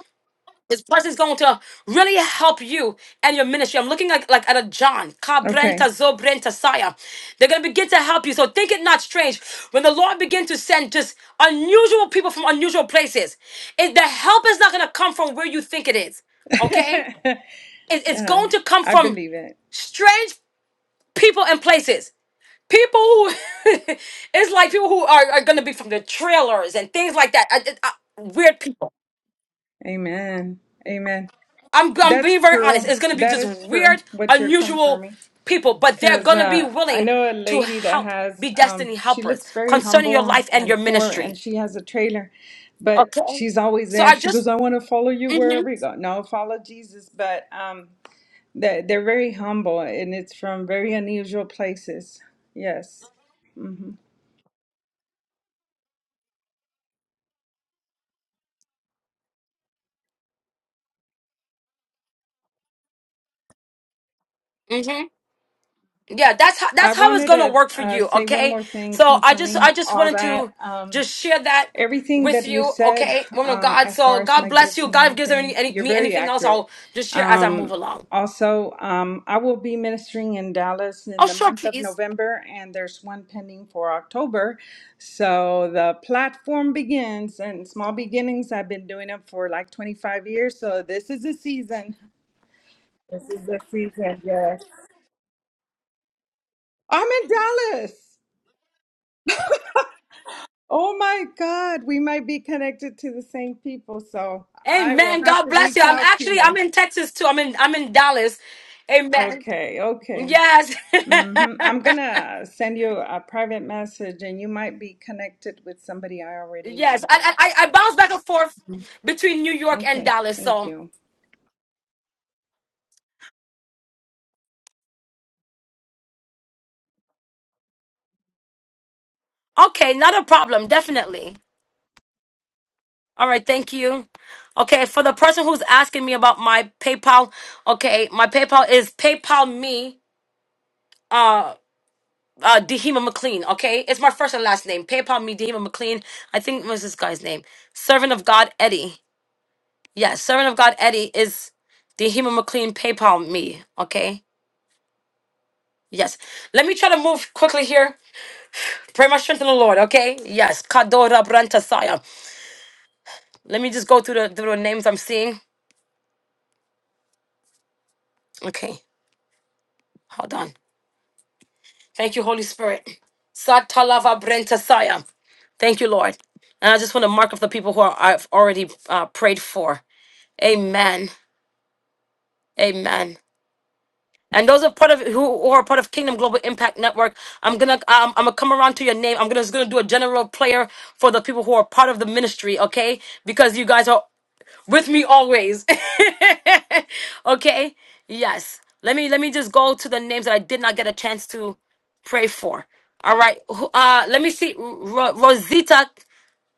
Speaker 1: This person is going to really help you and your ministry. I'm looking like, like at a John. Kabrenta
Speaker 4: Okay.
Speaker 1: zobrenta saya. They're going to begin to help you. So think it not strange when the Lord begin to send just unusual people from unusual places. It, the help is not going to come from where you think it is. Okay? It- it's
Speaker 4: yeah.
Speaker 1: going to come
Speaker 4: I
Speaker 1: from
Speaker 4: believe it.
Speaker 1: strange people and places. People who, it's like people who are, are going to be from the trailers and things like that. I, I, I- weird people.
Speaker 4: Amen. Amen.
Speaker 1: I'm I'm
Speaker 4: That's
Speaker 1: being very honest.
Speaker 4: true.
Speaker 1: It's gonna be
Speaker 4: That
Speaker 1: just
Speaker 4: is true.
Speaker 1: weird,
Speaker 4: What you're
Speaker 1: unusual
Speaker 4: confirming.
Speaker 1: people, but they're
Speaker 4: Because
Speaker 1: gonna be
Speaker 4: uh, I
Speaker 1: willing
Speaker 4: know a
Speaker 1: to
Speaker 4: lady that
Speaker 1: help,
Speaker 4: has,
Speaker 1: be
Speaker 4: um,
Speaker 1: destiny
Speaker 4: she
Speaker 1: helpers
Speaker 4: looks very
Speaker 1: concerning your
Speaker 4: humble
Speaker 1: life and your
Speaker 4: and poor, and
Speaker 1: ministry.
Speaker 4: she has a trailer, but
Speaker 1: Okay.
Speaker 4: she's always
Speaker 1: So
Speaker 4: there.
Speaker 1: I
Speaker 4: She
Speaker 1: just
Speaker 4: goes, I want to follow you
Speaker 1: mm-hmm,
Speaker 4: wherever you go. No, follow Jesus. But um, they they're very humble, and it's from very unusual places. Yes.
Speaker 1: mm-hmm. Yeah, that's how
Speaker 4: I
Speaker 1: that's how it's
Speaker 4: wanted
Speaker 1: gonna
Speaker 4: to
Speaker 1: work for
Speaker 4: uh,
Speaker 1: you,
Speaker 4: say one
Speaker 1: okay?
Speaker 4: more thing
Speaker 1: So I just
Speaker 4: confirming
Speaker 1: I just
Speaker 4: all
Speaker 1: wanted
Speaker 4: that.
Speaker 1: to
Speaker 4: Um,
Speaker 1: just share that
Speaker 4: everything
Speaker 1: with
Speaker 4: that you
Speaker 1: you,
Speaker 4: said,
Speaker 1: okay, woman of
Speaker 4: uh,
Speaker 1: God.
Speaker 4: as far
Speaker 1: So
Speaker 4: as
Speaker 1: God
Speaker 4: my
Speaker 1: bless
Speaker 4: gifts
Speaker 1: you.
Speaker 4: and
Speaker 1: God gives any,
Speaker 4: everything,
Speaker 1: any
Speaker 4: you're
Speaker 1: me
Speaker 4: very
Speaker 1: anything else,
Speaker 4: accurate.
Speaker 1: I'll just share as I move
Speaker 4: Um,
Speaker 1: along.
Speaker 4: also, um, I will be ministering in Dallas
Speaker 1: Oh
Speaker 4: in the
Speaker 1: sure,
Speaker 4: month of
Speaker 1: please.
Speaker 4: November, and there's one pending for October. So the platform begins, and small beginnings. I've been doing it for like 25 years, so this is the season. This is the season, yes. I'm in Dallas. Oh my God, we might be connected to the same people, so I will
Speaker 1: Amen.
Speaker 4: have
Speaker 1: God
Speaker 4: to
Speaker 1: bless you.
Speaker 4: reach
Speaker 1: I'm
Speaker 4: out to
Speaker 1: actually I'm
Speaker 4: you.
Speaker 1: in Texas too. I'm in I'm in Dallas. Amen.
Speaker 4: Okay, okay.
Speaker 1: Yes.
Speaker 4: hmm I'm gonna send you a private message, and you might be connected with somebody I already
Speaker 1: yes.
Speaker 4: know.
Speaker 1: I, I I bounce back and forth between New York and
Speaker 4: Okay,
Speaker 1: Dallas.
Speaker 4: thank
Speaker 1: So
Speaker 4: you.
Speaker 1: okay, not a problem. Definitely. All right. Thank you. Okay. For the person who's asking me about my PayPal, okay, my PayPal is PayPal me. Uh, uh, Dehema McLean. Okay, it's my first and last name. PayPal me, Dehema McLean. I think what was this guy's name? Servant of God, Eddie. Yes, servant of God Eddie is the Hema McLean PayPal me. Okay. Yes. Let me try to move quickly here. Pray my strength in the Lord. Okay. Yes. Kadora Brantasaya. Let me just go through the, through the names I'm seeing. Okay. Hold on. Thank you, Holy Spirit. Satalava Brantasaya. Thank you, Lord. And I just want to mark up the people who are, I've already uh, prayed for. Amen. Amen. and those are part of who who are part of Kingdom Global Impact Network. I'm gonna um, I'm gonna come around to your name. I'm gonna just gonna do a general player for the people who are part of the ministry, okay? Because you guys are with me always. okay? Yes. Let me let me just go to the names that I did not get a chance to pray for. All right. Who- Uh let me see Ro- Rosita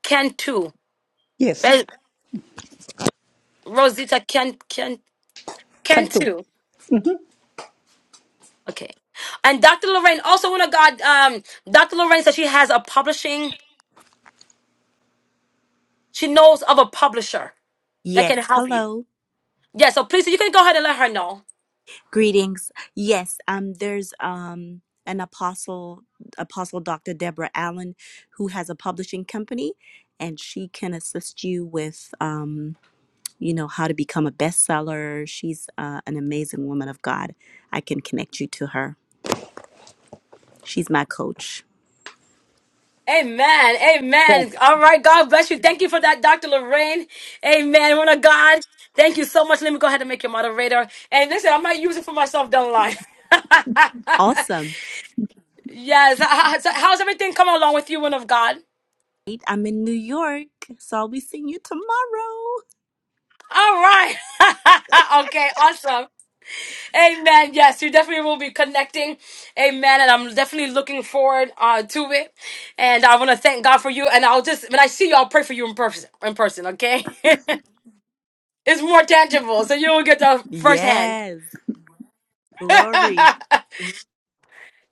Speaker 1: Cantu.
Speaker 7: yes.
Speaker 1: Be- Rosita Can Can
Speaker 7: Cantu,
Speaker 1: Cantu. Okay. And Dr. Lorraine, also one of God, um, Dr. Lorraine says she has a publishing, she knows of a publisher that can
Speaker 12: Yes,
Speaker 1: help you.
Speaker 12: hello.
Speaker 1: Yeah, so please, you can go ahead and let her know.
Speaker 12: Greetings. Yes, um there's um an apostle apostle Dr. Deborah Allen who has a publishing company and she can assist you with um you know how to become a bestseller. She's uh, an amazing woman of God. I can connect you to her. She's my coach.
Speaker 1: Amen. Amen. All right. God bless you. Thank you for that, Dr. Lorraine. Amen. One of God. Thank you so much. Let me go ahead and make your moderator. And listen, I might use it for myself down the line.
Speaker 12: Awesome.
Speaker 1: yes. How's how's everything coming along with you, one of God?
Speaker 12: Right? I'm in New York, so I'll be seeing you tomorrow.
Speaker 1: All right. okay. Awesome. Amen. Yes, you definitely will be connecting. Amen. And I'm definitely looking forward uh, to it. And I want to thank God for you. And I'll just when I see you, I'll pray for you in person. In person, okay? it's more tangible, so you'll get the firsthand.
Speaker 12: Yes. Glory.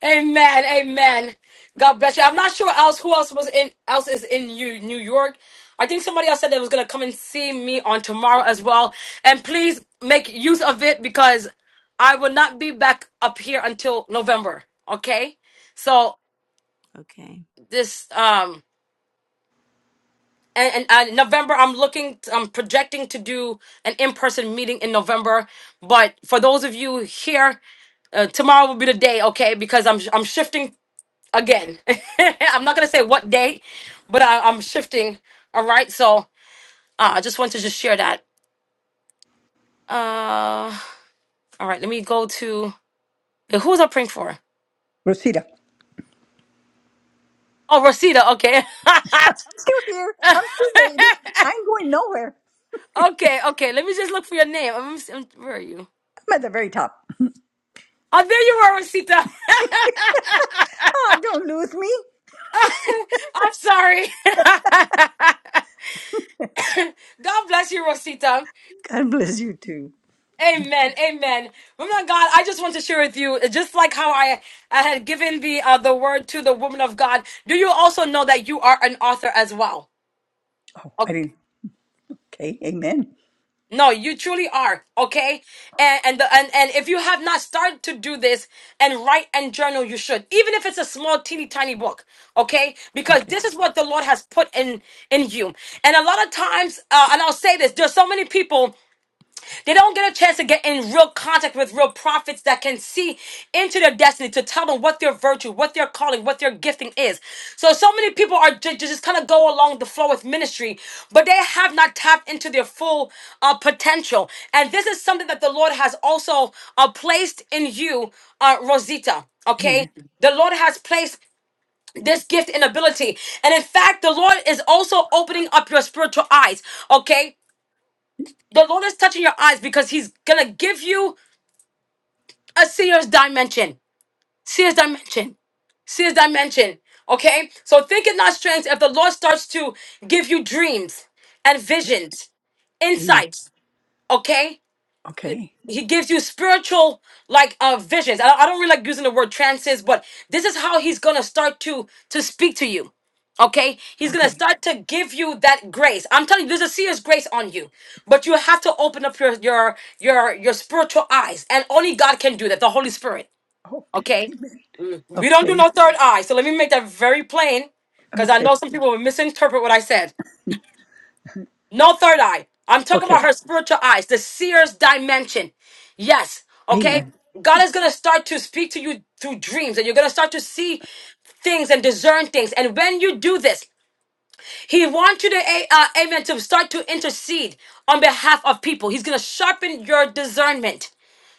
Speaker 1: Amen. Amen. God bless you. I'm not sure else who else was in else is in New New York. I think somebody else said they was gonna come and see me on tomorrow as well. And please make use of it because I will not be back up here until November. Okay? So
Speaker 12: Okay.
Speaker 1: this um and, and uh, November I'm looking I'm projecting to do an in-person meeting in November but for those of you here uh, tomorrow will be the day okay because I'm I'm shifting again I'm not gonna say what day but I, I'm shifting all right so uh, I just want to just share that uh all right let me go to who's I praying for
Speaker 7: Rosita.
Speaker 1: oh Rosita okay
Speaker 7: Still here. I'm still waiting. I ain't going nowhere.
Speaker 1: okay okay let me just look for your name I'm, where are you
Speaker 7: I'm at the very top.
Speaker 1: Oh, there you are, Rosita.
Speaker 7: Oh, don't lose me.
Speaker 1: I'm sorry. God bless you, Rosita.
Speaker 7: God bless you too.
Speaker 1: Amen. Amen. Woman of God, I just want to share with you, just like how I, I had given the uh, the word to the woman of God. Do you also know that you are an author as well?
Speaker 7: Oh, I didn't. Okay, amen.
Speaker 1: No, you truly are okay, and and the, and and if you have not started to do this and write and journal, you should, even if it's a small, teeny tiny book, okay? Because
Speaker 7: Okay,
Speaker 1: this is what the Lord has put in in you. And a lot of times, uh, and I'll say this: there's so many people. They don't get a chance to get in real contact with real prophets that can see into their destiny to tell them what their virtue, what their calling, what their gifting is. So, so many people are ju- ju- just kind of go along the flow with ministry, but they have not tapped into their full uh, potential. And this is something that the Lord has also uh, placed in you, uh, Rosita. Okay,
Speaker 7: amen.
Speaker 1: the Lord has placed this gift and ability. And in fact, the Lord is also opening up your spiritual eyes. Okay. The Lord is touching your eyes because He's gonna give you a seer's dimension. Seer's dimension. Seer's dimension. Okay? So think it not strange if the Lord starts to give you dreams and visions,
Speaker 7: Amen.
Speaker 1: insights. Okay?
Speaker 7: Okay,
Speaker 1: he gives you spiritual like uh visions. I, I don't really like using the word trances, but this is how he's gonna start to to speak to you. Okay, he's gonna
Speaker 7: okay,
Speaker 1: start to give you that grace. I'm telling you, there's a serious grace on you, but you have to open up your your your your spiritual eyes, and only God can do that. The Holy Spirit.
Speaker 7: okay,
Speaker 1: Okay,
Speaker 7: amen.
Speaker 1: we don't do
Speaker 7: Okay,
Speaker 1: no third eye. So let me make that very plain, because I know
Speaker 7: okay,
Speaker 1: some people will misinterpret what I said. No third eye. I'm talking
Speaker 7: okay,
Speaker 1: about her spiritual eyes, the seer's dimension. Yes. Okay.
Speaker 7: amen.
Speaker 1: God is going to start to speak to you through dreams, and you're going to start to see things and discern things. And when you do this, He wants you to, a- uh, amen, to start to intercede on behalf of people. He's going to sharpen your discernment.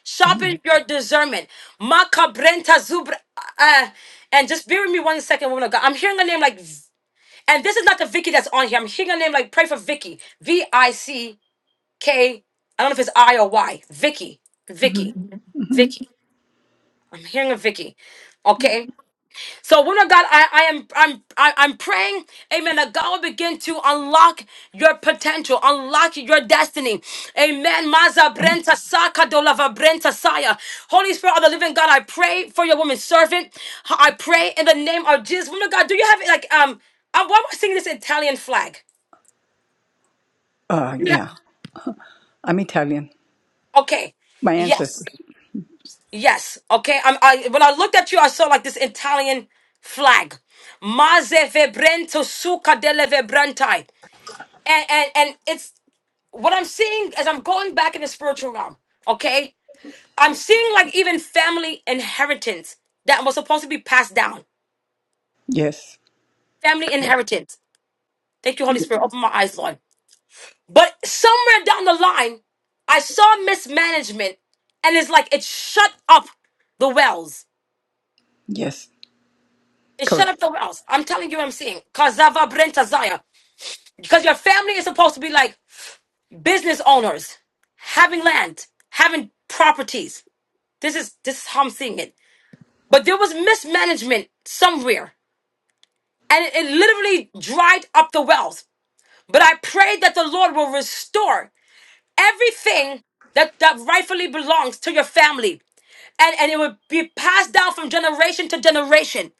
Speaker 1: Sharpen
Speaker 7: Amen.
Speaker 1: your discernment. Makabrenta zubra. Uh, uh, and just bear with me one second, woman of God. I'm hearing a name like, and this is not the Vicky that's on here. I'm hearing a name like, pray for Vicky. V I C. K. I don't know if it's I or Y. Vicky.
Speaker 7: hmm
Speaker 1: Vicky. Mhm.
Speaker 7: hmm
Speaker 1: Vicky. I'm hearing of Vicky.
Speaker 7: Yeah.
Speaker 1: Okay. So woman of God, I, I am I'm I, I'm praying, amen, that God will begin to unlock your potential, unlock your destiny. Amen. Maza
Speaker 7: Am-
Speaker 1: Brenta Saka Dolava Brenta Saya. Holy Spirit of the Living God, I pray for your woman servant. I pray in the name of Jesus. Woman of God, do you have like um uh, why am I singing this Italian flag?
Speaker 7: Uh, yeah, I'm Italian.
Speaker 1: Okay.
Speaker 7: My
Speaker 1: Yes.
Speaker 7: ancestors.
Speaker 1: Yes. Okay. I'm, I when I looked at you, I saw like this Italian flag. Maze vebrento suca delle vibranti. And and and it's what I'm seeing as I'm going back in the spiritual realm. Okay. I'm seeing like even family inheritance that was supposed to be passed down.
Speaker 7: Yes,
Speaker 1: Family
Speaker 7: correct.
Speaker 1: inheritance. Thank you, Holy
Speaker 7: Ye-
Speaker 1: Spirit. Open my eyes, Lord. But somewhere down the line, I saw mismanagement, and it's like it shut up the wells.
Speaker 7: Yes,
Speaker 1: and shut
Speaker 7: correct.
Speaker 1: up the mouth. I'm telling you what I'm seeing. Kazava Brenta Zaya. Because your family is supposed to be like business owners, having land, having properties. This is this is how I'm seeing it. But there was mismanagement somewhere. And it, it literally dried up the wells. But I pray that the Lord will restore everything that, that rightfully belongs to your family and and it would be passed down from generation to generation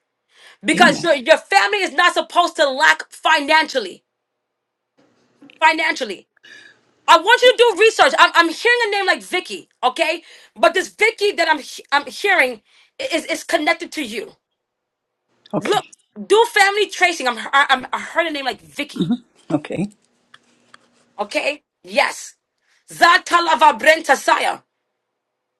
Speaker 1: because
Speaker 7: Amen.
Speaker 1: your, your family is not supposed to lack financially financially. I want you to do research. I'm, I'm hearing a name like Vicky, okay? But this Vicky that I'm he- I'm hearing i- is is connected to you.
Speaker 7: Okay.
Speaker 1: Look, do family tracing. I'm I- I'm I heard a name like Vicky,
Speaker 7: Mhm. Okay.
Speaker 1: okay? Yes, Zatalava Brentasaya.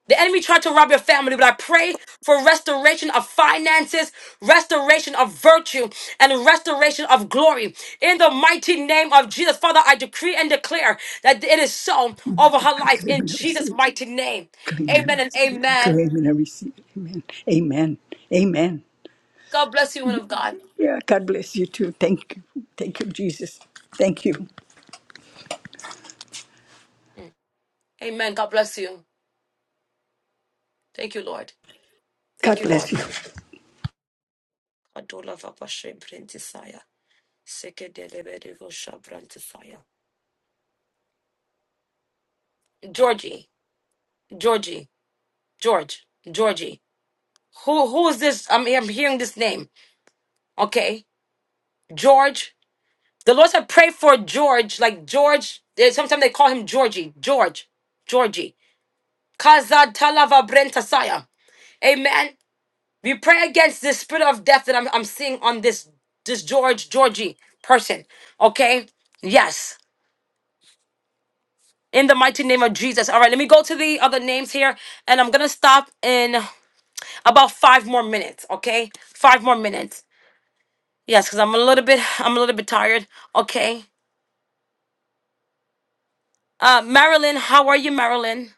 Speaker 1: The enemy tried to rob your family, but I pray for restoration of finances, restoration of virtue, and restoration of glory. In the mighty name of Jesus, Father, I decree and declare that it is so over her
Speaker 7: I
Speaker 1: life
Speaker 7: claim
Speaker 1: in
Speaker 7: and I receive
Speaker 1: Jesus'
Speaker 7: it.
Speaker 1: mighty name.
Speaker 7: Claim and
Speaker 1: Amen
Speaker 7: I
Speaker 1: and
Speaker 7: receive it.
Speaker 1: amen.
Speaker 7: Claim and I receive it. Amen. Amen. Amen.
Speaker 1: God bless you, woman of God.
Speaker 7: Yeah, God bless you too. Thank you. Thank you, Jesus. Thank you.
Speaker 1: Amen. God bless you. Thank you, Lord. Thank
Speaker 7: God
Speaker 1: you,
Speaker 7: bless
Speaker 1: Lord.
Speaker 7: you.
Speaker 1: Adola vapa shebrentisaya. Sekedelebedevosha brantisaya. Georgie, Georgie, George, Georgie. Who who is this? I'm I'm hearing this name. Okay, George. The Lord said, pray for George. Like George. eh, Sometimes they call him Georgie. George. Georgie. Kaza talava brentasaya. Amen. We pray against this spirit of death that I'm I'm seeing on this this George Georgie person. Okay. Yes. In the mighty name of Jesus. All right, let me go to the other names here, and I'm gonna stop in about five more minutes. Okay, five more minutes. Yes, because I'm a little bit I'm a little bit tired. Okay. Uh Marilyn, how are you, Marilyn?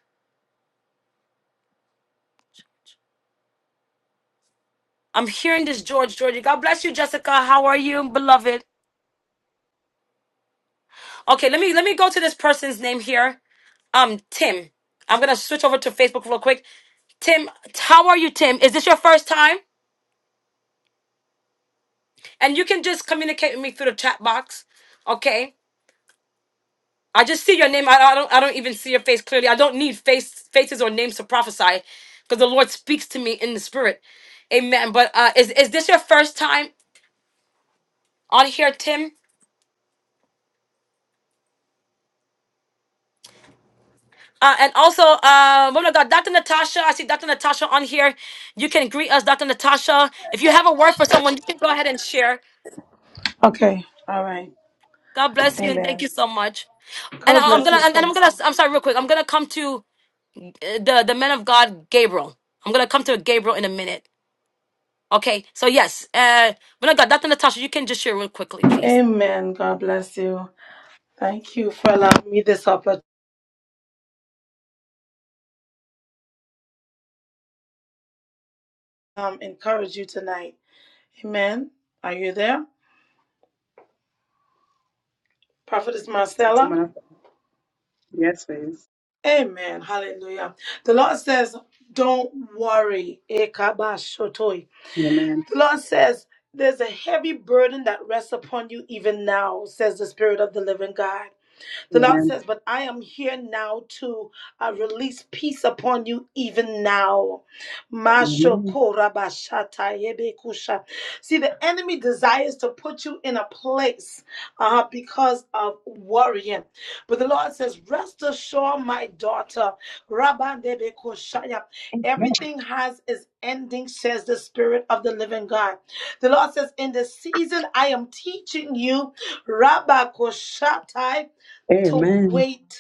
Speaker 1: I'm hearing this George, Georgie. God bless you, Jessica. How are you, beloved? Okay, let me let me go to this person's name here. Um, Tim. I'm gonna switch over to Facebook real quick. Tim, how are you, Tim? Is this your first time? And you can just communicate with me through the chat box. Okay. I just see your name. I, I don't. I don't even see your face clearly. I don't need face faces or names to prophesy, because the Lord speaks to me in the spirit. Amen. But uh, is is this your first time on here, Tim? Uh, and also, uh, woman of God, Dr. Natasha. I see Dr. Natasha on here. You can greet us, Dr. Natasha. If you have a word for someone, you can go ahead and share.
Speaker 13: Okay. All right.
Speaker 1: God bless you and thank you
Speaker 13: Amen.
Speaker 1: so much. And
Speaker 13: God
Speaker 1: I, I'm
Speaker 13: bless
Speaker 1: gonna.
Speaker 13: you
Speaker 1: And
Speaker 13: so.
Speaker 1: I'm gonna. I'm sorry, real quick. I'm gonna come to uh, the the man of God, Gabriel. I'm gonna come to Gabriel in a minute. Okay, so yes, uh, when I got Dr. Natasha, you can just share real quickly, please,
Speaker 13: Amen. God bless you. Thank you for allowing me this opportunity to um, encourage you tonight. Amen. Are you there? Prophetess
Speaker 11: Yes,
Speaker 13: Marcella?
Speaker 11: woman. of- God. Yes, please.
Speaker 13: Amen. Hallelujah. The Lord says, don't worry. Ekabashotoi.
Speaker 11: Amen.
Speaker 13: The Lord says, there's a heavy burden that rests upon you even now, says the Spirit of the living God. The Lord
Speaker 11: Amen.
Speaker 13: says, But I am here now to uh, release peace upon you even now.
Speaker 11: Amen.
Speaker 13: Mashokorabashatayebekusha. See, the enemy desires to put you in a place uh, because of worrying. But the Lord says, Rest assured, my daughter. Rabandebekushaya.
Speaker 11: Amen.
Speaker 13: Everything has its ending, says the Spirit of the living God. The Lord says, In this season, I am teaching you. Rabakoshatai to
Speaker 11: Amen.
Speaker 13: wait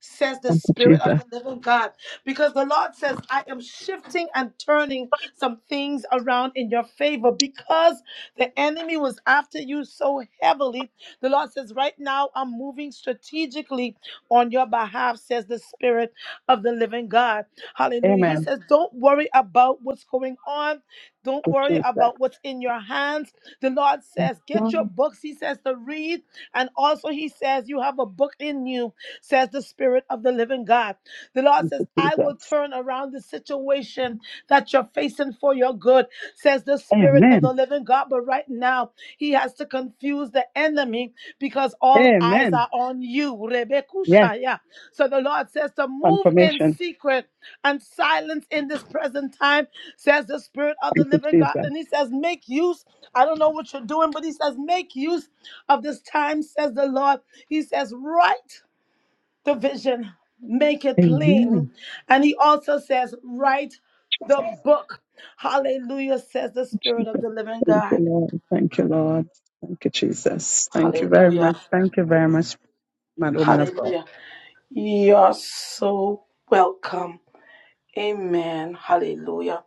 Speaker 13: says the
Speaker 11: Thank you,
Speaker 13: Spirit of
Speaker 11: Jesus.
Speaker 13: the living God. Because the Lord says, I am shifting and turning some things around in your favor because the enemy was after you so heavily. The Lord says, Right now, I'm moving strategically on your behalf, says the Spirit of the living God. Hallelujah. He
Speaker 11: Amen.
Speaker 13: says, Don't worry about what's going on. Don't
Speaker 11: Thank you,
Speaker 13: worry
Speaker 11: Jesus.
Speaker 13: about what's in your hands. The Lord
Speaker 11: Yes,
Speaker 13: says, Get your
Speaker 11: Lord.
Speaker 13: books, He says, to read. And also, He says, You have a book in you says the Spirit of the living God. The Lord
Speaker 11: Thank
Speaker 13: says,
Speaker 11: you,
Speaker 13: I will
Speaker 11: Jesus.
Speaker 13: turn around the situation that you're facing for your good, says the Spirit of the
Speaker 11: Amen.
Speaker 13: living God. But right now, He has to confuse the enemy because all eyes
Speaker 11: Amen.
Speaker 13: are on you.
Speaker 11: Yes.
Speaker 13: Rebekushaya. So the Lord says to move in
Speaker 11: Confirmation.
Speaker 13: secret and silence in this present time, says the Spirit of the
Speaker 11: Thank you,
Speaker 13: living God.
Speaker 11: Jesus.
Speaker 13: And He says, Make use. I don't know what you're doing, but He says, Make use of this time, says the Lord. He says, Right the vision, make it
Speaker 11: Amen.
Speaker 13: plain. And he also says, write the book. Hallelujah, says the Spirit of the living
Speaker 11: Thank you,
Speaker 13: God.
Speaker 11: Lord. Thank you, Lord. Thank you, Jesus. Thank you very much.
Speaker 13: Hallelujah.
Speaker 11: Thank you very much, man, woman of God.
Speaker 13: Hallelujah. You're so welcome. Amen. Hallelujah.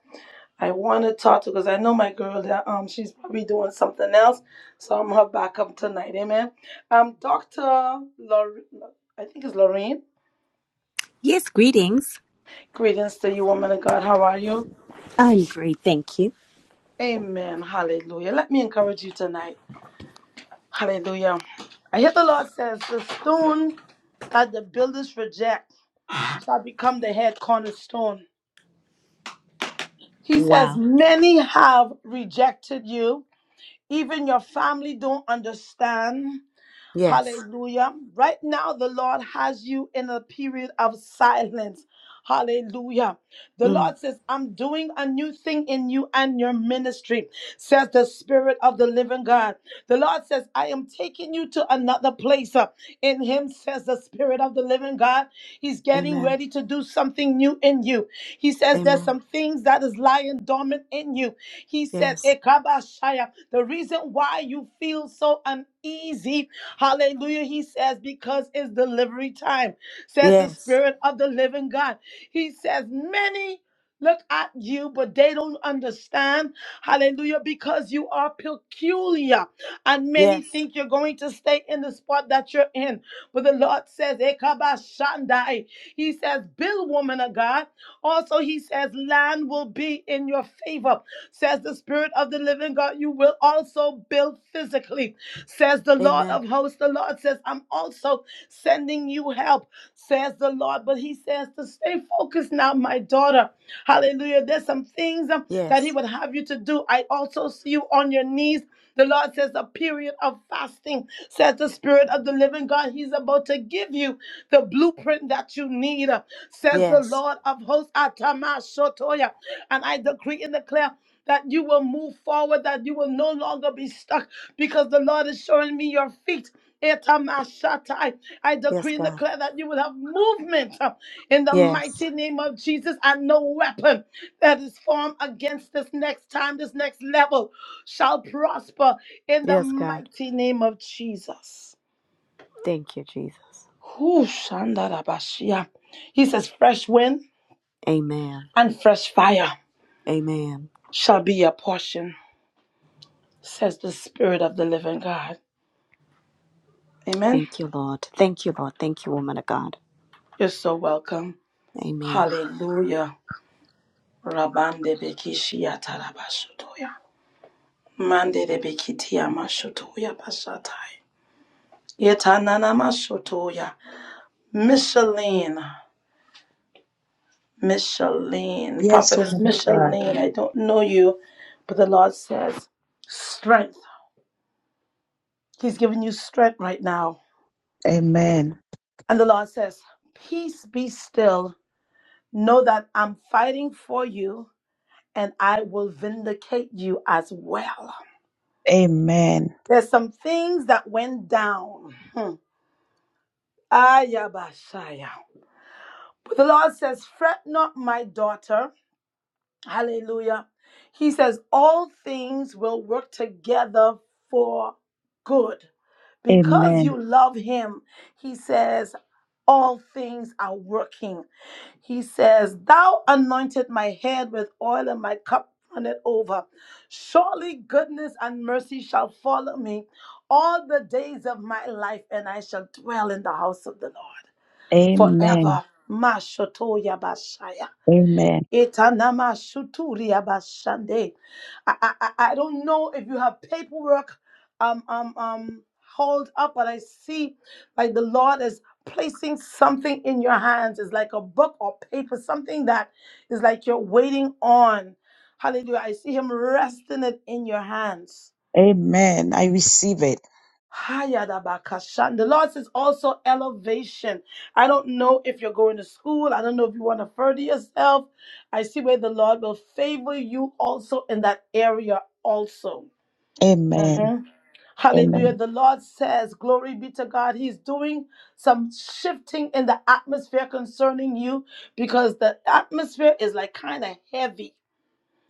Speaker 13: I want to talk to because I know my girl that um she's probably doing something else, so I'm her backup tonight. Amen. Um, Doctor, Lor- I think it's Lorraine.
Speaker 12: Yes, greetings.
Speaker 13: Greetings to you, woman of God. How are you?
Speaker 12: I'm great, thank you.
Speaker 13: Amen. Hallelujah. Let me encourage you tonight. Hallelujah. I hear the Lord says, The stone that the builders reject shall become the head cornerstone. He says,
Speaker 12: Wow.
Speaker 13: Many have rejected you. Even your family don't understand.
Speaker 12: Yes.
Speaker 13: Hallelujah. Right now, the Lord has you in a period of silence. Hallelujah. The
Speaker 12: Mm.
Speaker 13: Lord says, I'm doing a new thing in you and your ministry, says the Spirit of the living God. The Lord says, I am taking you to another place uh, in Him, says the Spirit of the living God. He's getting
Speaker 12: Amen.
Speaker 13: ready to do something new in you. He says, There's
Speaker 12: Amen.
Speaker 13: some things that is lying dormant in you. He said,
Speaker 12: Yes.
Speaker 13: Ekabashaya, the reason why you feel so uneasy, hallelujah, he says, because it's delivery time, says the
Speaker 12: Yes.
Speaker 13: Spirit of the living God. He says, many look at you, but they don't understand, hallelujah, because you are peculiar, and many
Speaker 12: Yes.
Speaker 13: think you're going to stay in the spot that you're in. But the Lord says, Ekabashandai, he says, build woman of God. Also, he says, land will be in your favor. Says the Spirit of the living God, you will also build physically. Says the Lord
Speaker 12: Amen.
Speaker 13: of hosts, the Lord says, I'm also sending you help. Says the Lord, but he says to stay focused now, my daughter. Hallelujah. There's some things um, that he
Speaker 12: Yes.
Speaker 13: would have you to do. I also see you on your knees the Lord says a period of fasting, says the Spirit of the living God. He's about to give you the blueprint that you need, uh, says the
Speaker 12: Yes.
Speaker 13: Lord of hosts, Atama Shotoya. And I decree and declare that you will move forward, that you will no longer be stuck because the Lord is showing me your feet. Etamashatai. I
Speaker 12: Yes,
Speaker 13: decree and
Speaker 12: God.
Speaker 13: declare that you will have movement uh, in the
Speaker 12: Yes.
Speaker 13: mighty name of Jesus and no weapon that is formed against this next time, this next level shall prosper in the
Speaker 12: Yes, God.
Speaker 13: mighty name of Jesus.
Speaker 12: Thank you, Jesus.
Speaker 13: Whew, Shandarabashia. He says, fresh wind
Speaker 12: Amen.
Speaker 13: and fresh fire
Speaker 12: Amen.
Speaker 13: shall be your portion, says the Spirit of the living God. Amen.
Speaker 12: Thank you, Lord. Thank you, Lord. Thank you, woman of God.
Speaker 13: You're so welcome.
Speaker 12: Amen.
Speaker 13: Hallelujah. Rabande bekishia tarabashutoya. Mande de bekitia mashutoya basatai. Yetanana mashutoya. Micheline, Micheline,
Speaker 10: Yes,
Speaker 13: prophetess
Speaker 10: woman of God.
Speaker 13: Micheline, I don't know you, but the Lord says, strength. He's giving you strength right now.
Speaker 10: Amen.
Speaker 13: And the Lord says, peace be still. Know that I'm fighting for you and I will vindicate you as well.
Speaker 10: Amen.
Speaker 13: There's some things that went down. Hmm. Ayabashaya. But the Lord says, Fret not, my daughter. Hallelujah. He says, All things will work together for good. Because
Speaker 10: Amen.
Speaker 13: you love Him, He says, All things are working. He says, Thou anointed my head with oil and my cup runneth over. Surely goodness and mercy shall follow me all the days of my life, and I shall dwell in the house of the Lord
Speaker 10: Amen.
Speaker 13: forever. Mashotoya Bashaya.
Speaker 10: Amen.
Speaker 13: Etanama Shuturia Bashande. I, I, I I don't know if you have paperwork um, um, um, hold up, but I see like the Lord is placing something in your hands. It's like a book or paper, something that is like you're waiting on. Hallelujah. I see Him resting it in your hands.
Speaker 10: Amen. I receive it.
Speaker 13: Hayadabakasha. And The Lord says also elevation. I don't know if you're going to school. I don't know if you want to further yourself. I see where the Lord will favor you also in that area also.
Speaker 10: Amen.
Speaker 13: Mhm. Hallelujah.
Speaker 10: Amen.
Speaker 13: The Lord says, Glory be to God. He's doing some shifting in the atmosphere concerning you because the atmosphere is like kind of heavy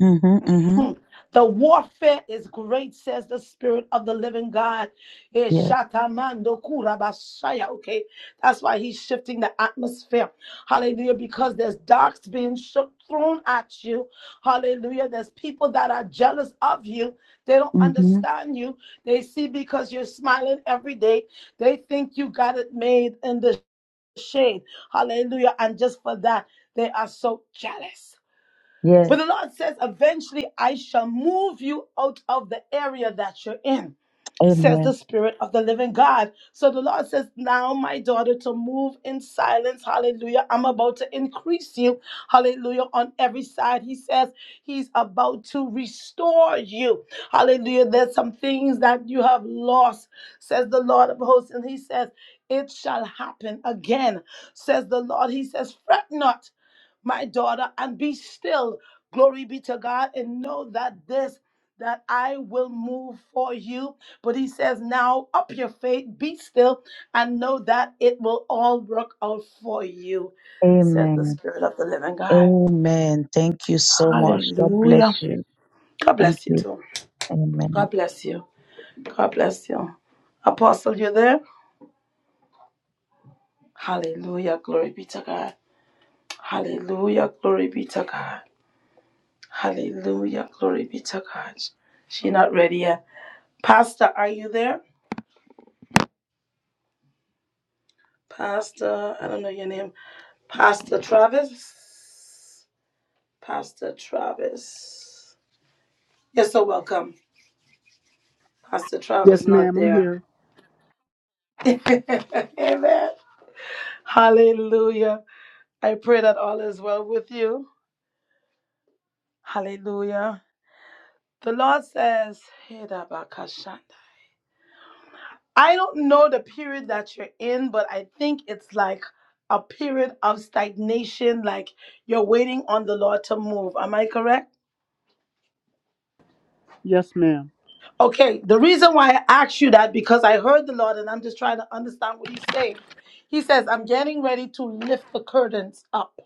Speaker 10: Mm-hmm. Mm-hmm.
Speaker 13: Hmm. The warfare is great, says the Spirit of the Living God. Eh,
Speaker 10: Yes.
Speaker 13: shatamando kurabashaya. Okay, that's why He's shifting the atmosphere. Hallelujah, because there's darks being shook, thrown at you. Hallelujah, there's people that are jealous of you. They don't
Speaker 10: Mm-hmm.
Speaker 13: understand you. They see because you're smiling every day. They think you got it made in the shade. Hallelujah, and just for that, they are so jealous.
Speaker 10: Yes.
Speaker 13: But the Lord says, eventually I shall move you out of the area that you're in says the
Speaker 10: Amen.
Speaker 13: Spirit of the living God. So the Lord says, Now, my daughter, to move in silence. Hallelujah. I'm about to increase you. Hallelujah. On every side, He says, He's about to restore you. Hallelujah. There's some things that you have lost, says the Lord of hosts. And He says, It shall happen again, says the Lord. He says, Fret not my daughter, and be still. Glory be to God, and know that this that I will move for you. But he says, now up your faith, be still, and know that it will all work out for you, says the
Speaker 10: Amen.
Speaker 13: Spirit of the living God.
Speaker 10: Amen. Thank you so much. God bless
Speaker 13: Hallelujah.
Speaker 10: you.
Speaker 13: God
Speaker 10: Thank
Speaker 13: bless you
Speaker 10: you.
Speaker 13: too.
Speaker 10: Amen.
Speaker 13: God bless you. God bless you. Apostle, you there? Hallelujah. Glory be to God. Hallelujah. Glory be to God. Hallelujah. Glory be to God. She not ready yet. Pastor, are you there? Pastor, I don't know your name. Pastor Travis. Pastor Travis. You're so welcome. Pastor Travis
Speaker 14: Yes,
Speaker 13: not
Speaker 14: ma'am. I'm
Speaker 13: there.
Speaker 14: here.
Speaker 13: Amen. Hallelujah. I pray that all is well with you. Hallelujah. The Lord says, "Hedabakashanda." I don't know the period that you're in, but I think it's like a period of stagnation, like you're waiting on the Lord to move. Am I correct?
Speaker 14: Yes, ma'am.
Speaker 13: Okay, the reason why I asked you that because I heard the Lord and I'm just trying to understand what He's saying. He says, I'm getting ready to lift the curtains up.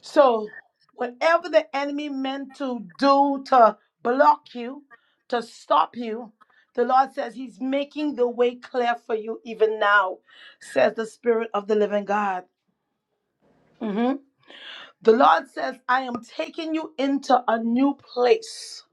Speaker 13: So, whatever the enemy meant to do to block you, to stop you, the Lord says He's making the way clear for you even now, says the Spirit of the living God. Mhm. The Lord says, I am taking you into a new place.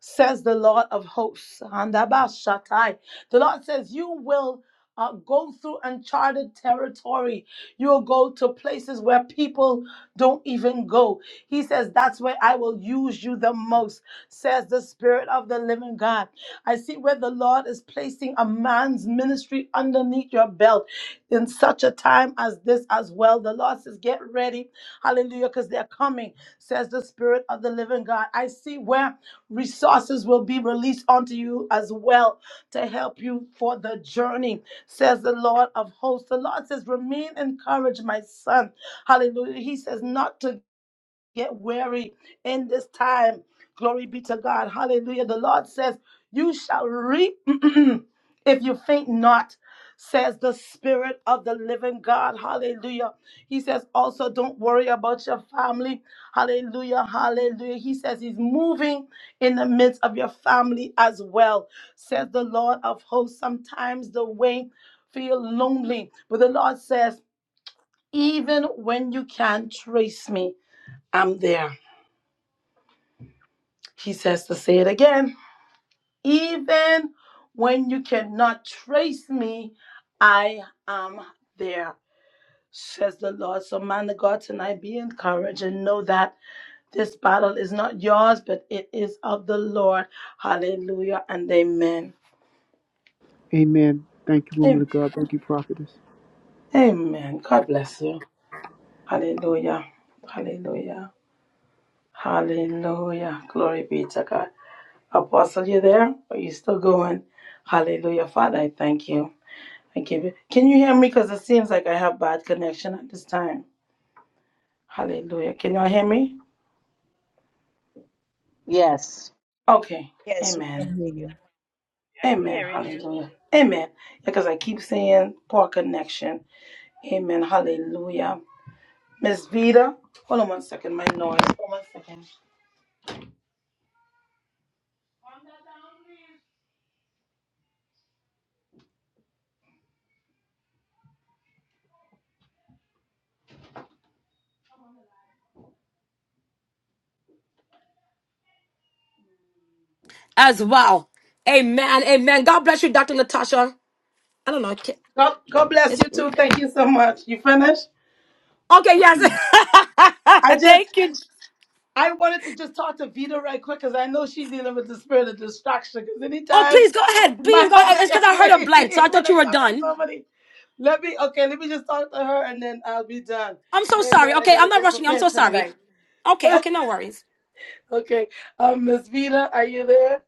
Speaker 13: says the Lord of hosts. Handabashatai. The Lord says, You will uh, go through uncharted territory. You'll go to places where people don't even go. He says, That's where I will use you the most, says the Spirit of the living God. I see where the Lord is placing a man's ministry underneath your belt in such a time as this as well. The Lord says, Get ready. Hallelujah, because they're coming, says the Spirit of the living God. I see where Resources will be released unto you as well to help you for the journey, says the Lord of hosts. The Lord says, Remain encouraged, my son. Hallelujah. He says, Not to get weary in this time. Glory be to God. Hallelujah. The Lord says, You shall reap if you faint not, says the Spirit of the living God. Hallelujah. He says, Also, don't worry about your family. Hallelujah. Hallelujah. He says, He's moving in the midst of your family as well, says the Lord of hosts. Sometimes the way feel lonely, but the Lord says, Even when you can't trace me, I'm there He says to say it again. Even when you cannot trace me, I am there, says the Lord. So, man of God, tonight be encouraged and know that this battle is not yours, but it is of the Lord. Hallelujah and amen.
Speaker 14: Amen. Thank you, woman
Speaker 13: Am-
Speaker 14: of God. Thank you, prophetess.
Speaker 13: Amen. God bless you. Hallelujah. Hallelujah. Hallelujah. Glory be to God. Apostle, you there? Are you still going? Hallelujah. Father, I thank you. I give you. Can you hear me? Because it seems like I have bad connection at this time. Hallelujah. Can y'all hear me?
Speaker 3: Yes.
Speaker 13: Okay.
Speaker 10: Yes, we
Speaker 13: Amen.
Speaker 10: can hear you.
Speaker 15: Happy
Speaker 13: Amen.
Speaker 15: hearing you.
Speaker 13: Hallelujah. Amen. Because I keep saying poor connection. Amen. Hallelujah. Miss Vida. Hold on one second, my noise. Hold on one second.
Speaker 1: as well. Amen, amen. God bless you, Dr. Natasha. I don't know, ca-
Speaker 13: God, God bless
Speaker 1: is
Speaker 13: you
Speaker 1: it me?
Speaker 13: too. Thank you so much. You finished?
Speaker 1: Okay, yes.
Speaker 13: I just
Speaker 1: Thank you.
Speaker 13: I wanted to just talk to Vita right quick because I know she's dealing with the spirit of distraction. Because
Speaker 1: Oh,
Speaker 13: anytime
Speaker 1: please go ahead.
Speaker 13: my
Speaker 1: Please go ahead.
Speaker 13: house
Speaker 1: It's because
Speaker 13: get
Speaker 1: I heard a
Speaker 13: crazy
Speaker 1: blank, so I
Speaker 13: when
Speaker 1: thought
Speaker 13: I
Speaker 1: you were
Speaker 13: talking to
Speaker 1: done.
Speaker 13: somebody, let me okay, let me just talk to her and then I'll be done.
Speaker 1: I'm so sorry.
Speaker 13: Amen. I
Speaker 1: Okay, I'm
Speaker 13: gotta
Speaker 1: not
Speaker 13: get
Speaker 1: rushing you. I'm so
Speaker 13: prepared for the
Speaker 1: sorry.
Speaker 13: night.
Speaker 1: Okay, okay, no worries.
Speaker 13: okay, um, Miss Vita, are you there?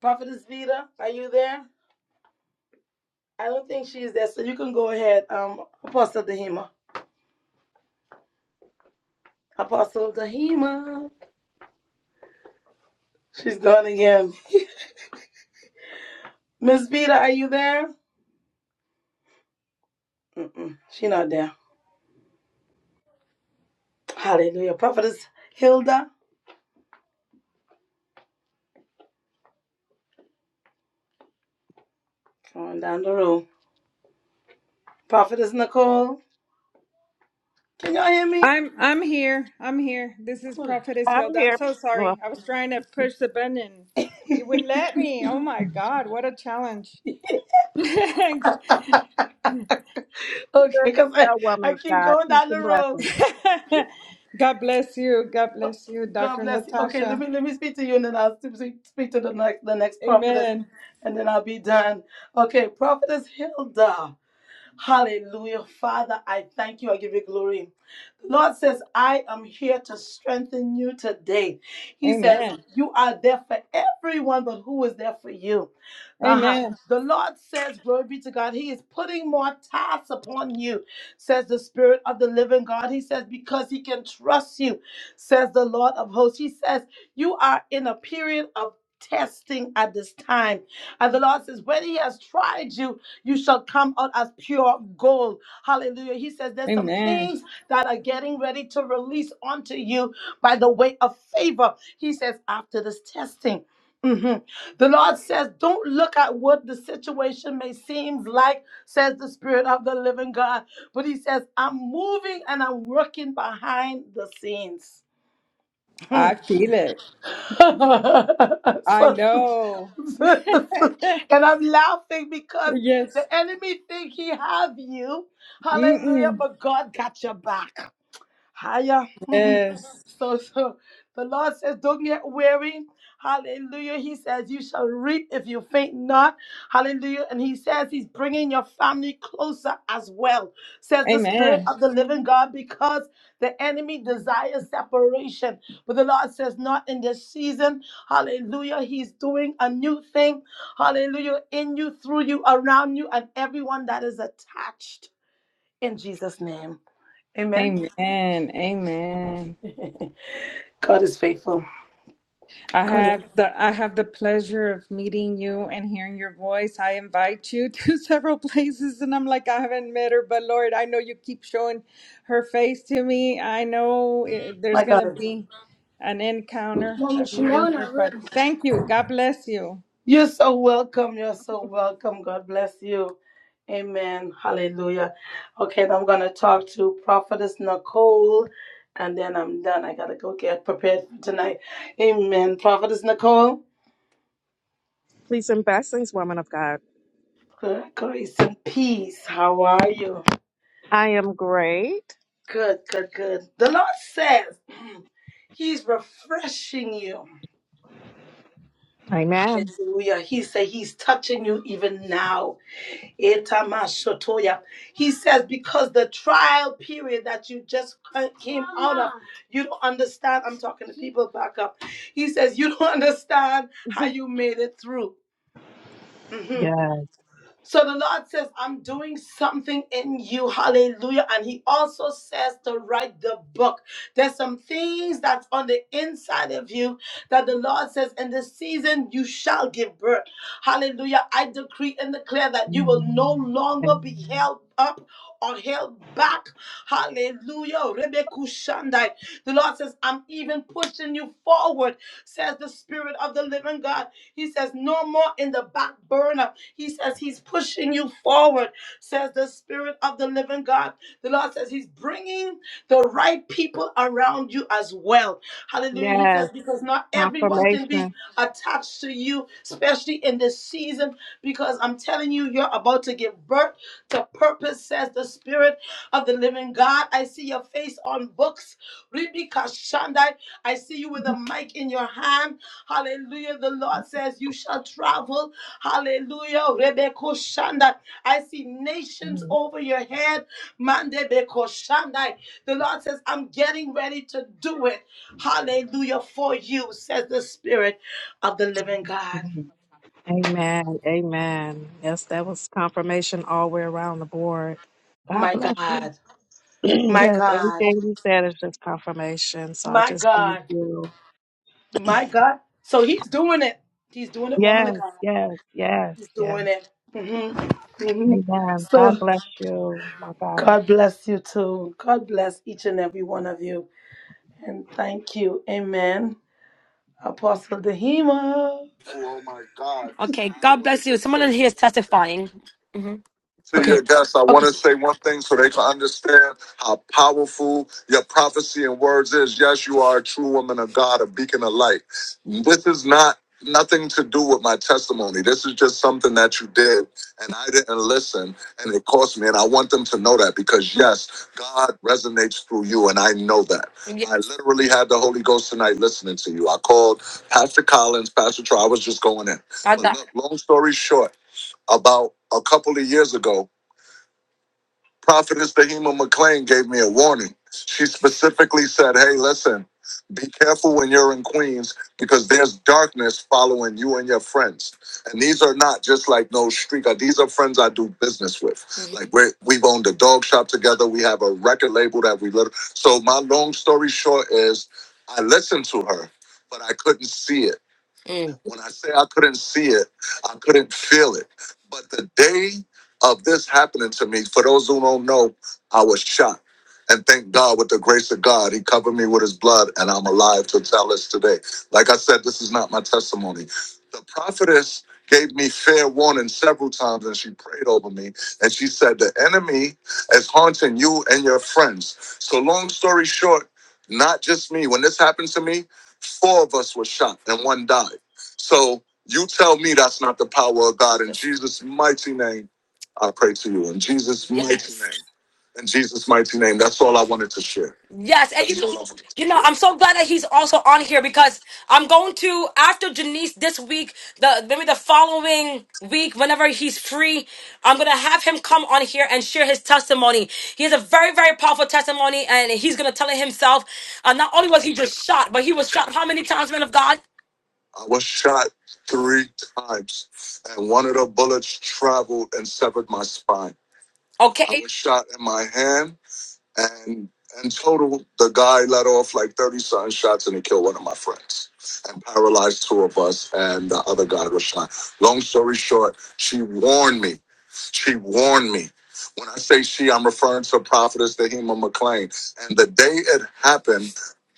Speaker 13: Prophetess Vita, are you there? I don't think she's there, so you can go ahead. Um, Apostle Dahima, Apostle Dahima, she's gone again. Miss Vita, are you there? Mm-mm, she not there. Hallelujah. Prophetess Hilda, come on down the room. Prophetess Nicole, can y'all hear me?
Speaker 4: I'm I'm here. I'm here. This is
Speaker 13: Hold on.
Speaker 4: Prophetess
Speaker 16: I'm
Speaker 4: Hilda. I'm
Speaker 16: here.
Speaker 4: so
Speaker 16: Well,
Speaker 4: sorry. I was trying to push the button and it would let me. Oh my God, what a challenge.
Speaker 13: Okay,
Speaker 16: That
Speaker 13: because I,
Speaker 16: woman
Speaker 13: I
Speaker 16: of
Speaker 13: keep
Speaker 16: God,
Speaker 13: going
Speaker 16: peace
Speaker 13: down the
Speaker 16: and
Speaker 13: road.
Speaker 16: blessings.
Speaker 4: God bless you. God bless you,
Speaker 13: God
Speaker 4: Dr.
Speaker 13: bless you. Okay, let
Speaker 4: Natasha.
Speaker 13: me let me speak to you and then I'll speak speak to the next the next prophetess
Speaker 4: Amen.
Speaker 13: and then I'll be done. Okay, prophetess Hilda. Hallelujah. Father, I thank you. I give you glory. Lord says, I am here to strengthen you today. He says,
Speaker 4: Amen.
Speaker 13: You are there for everyone, but who is there for you? Uh-huh.
Speaker 4: Amen.
Speaker 13: The Lord says, Glory be to God, He is putting more tasks upon you, says the Spirit of the living God. He says, Because He can trust you, says the Lord of hosts. He says, You are in a period of testing at this time. And the Lord says, When He has tried you, you shall come out as pure gold. Hallelujah. He says, There's some
Speaker 4: Amen.
Speaker 13: things that are getting ready to release onto you by the way of favor. He says, after this testing. mhm. The Lord says, Don't look at what the situation may seem like, says the Spirit of the living God. But He says, I'm moving and I'm working behind the scenes.
Speaker 4: I
Speaker 13: Mhm.
Speaker 4: feel it. I
Speaker 13: So-
Speaker 4: know.
Speaker 13: and I'm laughing because the
Speaker 4: yes.
Speaker 13: enemy think he have you. Hallelujah,
Speaker 4: Mm-mm.
Speaker 13: but God got your back. Higher.
Speaker 4: Yes.
Speaker 13: so, so the Lord says, Don't get weary. Hallelujah. He says, You shall reap if you faint not. Hallelujah. And He says, He's bringing your family closer as well, says the Spirit
Speaker 4: Amen.
Speaker 13: of the living God, because the enemy desires separation. But the Lord says, Not in this season. Hallelujah. He's doing a new thing. Hallelujah. In you, through you, around you, and everyone that is attached. In Jesus' name. Amen.
Speaker 4: Amen. Amen.
Speaker 13: God is faithful.
Speaker 4: I
Speaker 13: God is,
Speaker 4: have the I have the pleasure of meeting you and hearing your voice. I invite you to several places and I'm like I haven't met her, but Lord, I know you keep showing her face to me. I know it, there's
Speaker 13: my
Speaker 4: going to
Speaker 13: God.
Speaker 4: be an encounter, of meeting her, but thank you. God bless you.
Speaker 13: You're so welcome. You're so welcome. God bless you. Amen. Hallelujah. Okay, now I'm going to talk to Prophetess Nicole and then I'm done. I got to go get prepared for tonight. Amen. Prophetess Nicole,
Speaker 16: Peace and blessings, woman of God.
Speaker 13: gr- grace and peace. How are you?
Speaker 16: I am great.
Speaker 13: Good, good, good. The Lord says He's refreshing you.
Speaker 16: Amen.
Speaker 13: Hallelujah. He said He's touching you even now. Etamashotoya. He says, because the trial period that you just ca- came out of, you don't understand. I'm talking to people back up. He says, you don't understand how you made it through. Mm-hmm.
Speaker 16: Yes.
Speaker 13: So the Lord says, I'm doing something in you. Hallelujah. And He also says to write the book. There's some things that's on the inside of you that the Lord says, in this season you shall give birth. Hallelujah. I decree and declare that you will no longer be held up or held back. Hallelujah. Rebekushandai. The Lord says, I'm even pushing you forward, says the Spirit of the living God. He says, No more in the back burner. He says, He's pushing you forward, says the Spirit of the living God. The Lord says, He's bringing the right people around you as well. Hallelujah. He
Speaker 16: Yes.
Speaker 13: says, Because not everyone can be
Speaker 16: Confirmation.
Speaker 13: attached to you, especially in this season, because I'm telling you, you're about to give birth to purpose, says the Spirit of the living God. I see your face on books. Ribika Shandai. I see you with a mic in your hand. Hallelujah. The Lord says, You shall travel. Hallelujah. Rebeko Shandai. I see nations over your head. Mandebeko Shandai. The Lord says, I'm getting ready to do it. Hallelujah for you, says the Spirit of the living God.
Speaker 16: Amen. Amen. Yes, that was confirmation all the way around the board. God
Speaker 13: My
Speaker 16: bless you.
Speaker 13: God. My
Speaker 16: yes,
Speaker 13: God.
Speaker 16: everything you said is just confirmation. So I
Speaker 13: My
Speaker 16: just thank
Speaker 13: God.
Speaker 16: you.
Speaker 13: My God. So he's doing it. He's doing it, woman
Speaker 16: Yes,
Speaker 13: of God.
Speaker 16: yes, yes,
Speaker 13: He's
Speaker 16: yes.
Speaker 13: doing it. hmm hmm
Speaker 16: Amen. God
Speaker 13: So
Speaker 16: bless you. My God.
Speaker 13: God bless you too. God bless each and every one of you. And thank you. Amen. Apostle Dehima.
Speaker 1: Oh my God. Okay, God bless you. Someone in here is testifying. Mm-hmm. to your
Speaker 13: Okay.
Speaker 1: guests, I want
Speaker 13: Okay.
Speaker 1: to say one thing so they can understand how powerful your prophecy and words is. Yes, you are a true woman of God, a beacon of light. This is not nothing to do with my testimony. This is just something that you did, and I didn't listen, and it cost me. And I want them to know that because yes, God resonates through you, and I know that. Yes. I literally had the Holy Ghost tonight listening to you. I called Pastor Collins, Pastor Troy. I was just going in, I but got look, long story short, about a couple of years ago. Prophetess Dahima McClain gave me a warning. She specifically said, Hey, listen, be careful when you're in Queens because there's darkness following you and your friends. And these are not just like no street guy. These are friends I do business with. Mhm. Like we're, we've owned a dog shop together. We have a record label that we live. So my long story short is I listened to her, but I couldn't see it. Mm. When I say I couldn't see it, I couldn't feel it. But the day of this happening to me. For those who don't know, I was shot. And thank God, with the grace of God, He covered me with His blood, and I'm alive to tell this today. Like I said, this is not my testimony. The prophetess gave me fair warning several times, and she prayed over me. And she said, The enemy is haunting you and your friends. So, long story short, not just me. When this happened to me, four of us were shot, and one died. So, you tell me that's not the power of God in Jesus' mighty name. I pray to you in Jesus' mighty Yes. name. In Jesus' mighty name. That's all I wanted to share. Yes, and you, That's all I you, wanted to you know, I'm so glad that he's also on here because I'm going to after Janice this week, the maybe the following week, whenever he's free, I'm gonna have him come on here and share his testimony. He has a very, very powerful testimony, and he's gonna tell it himself. Uh, not only was he just shot, but he was shot how many times, man of God? I was shot three times, and one of the bullets traveled and severed my spine. Okay. I was shot in my hand, and in total, the guy let off like thirty some shots, and he killed one of my friends and paralyzed two of us. And the other guy was shot. Long story short, she warned me. She warned me. When I say she, I'm referring to Prophetess Dahima McLean. And the day it happened,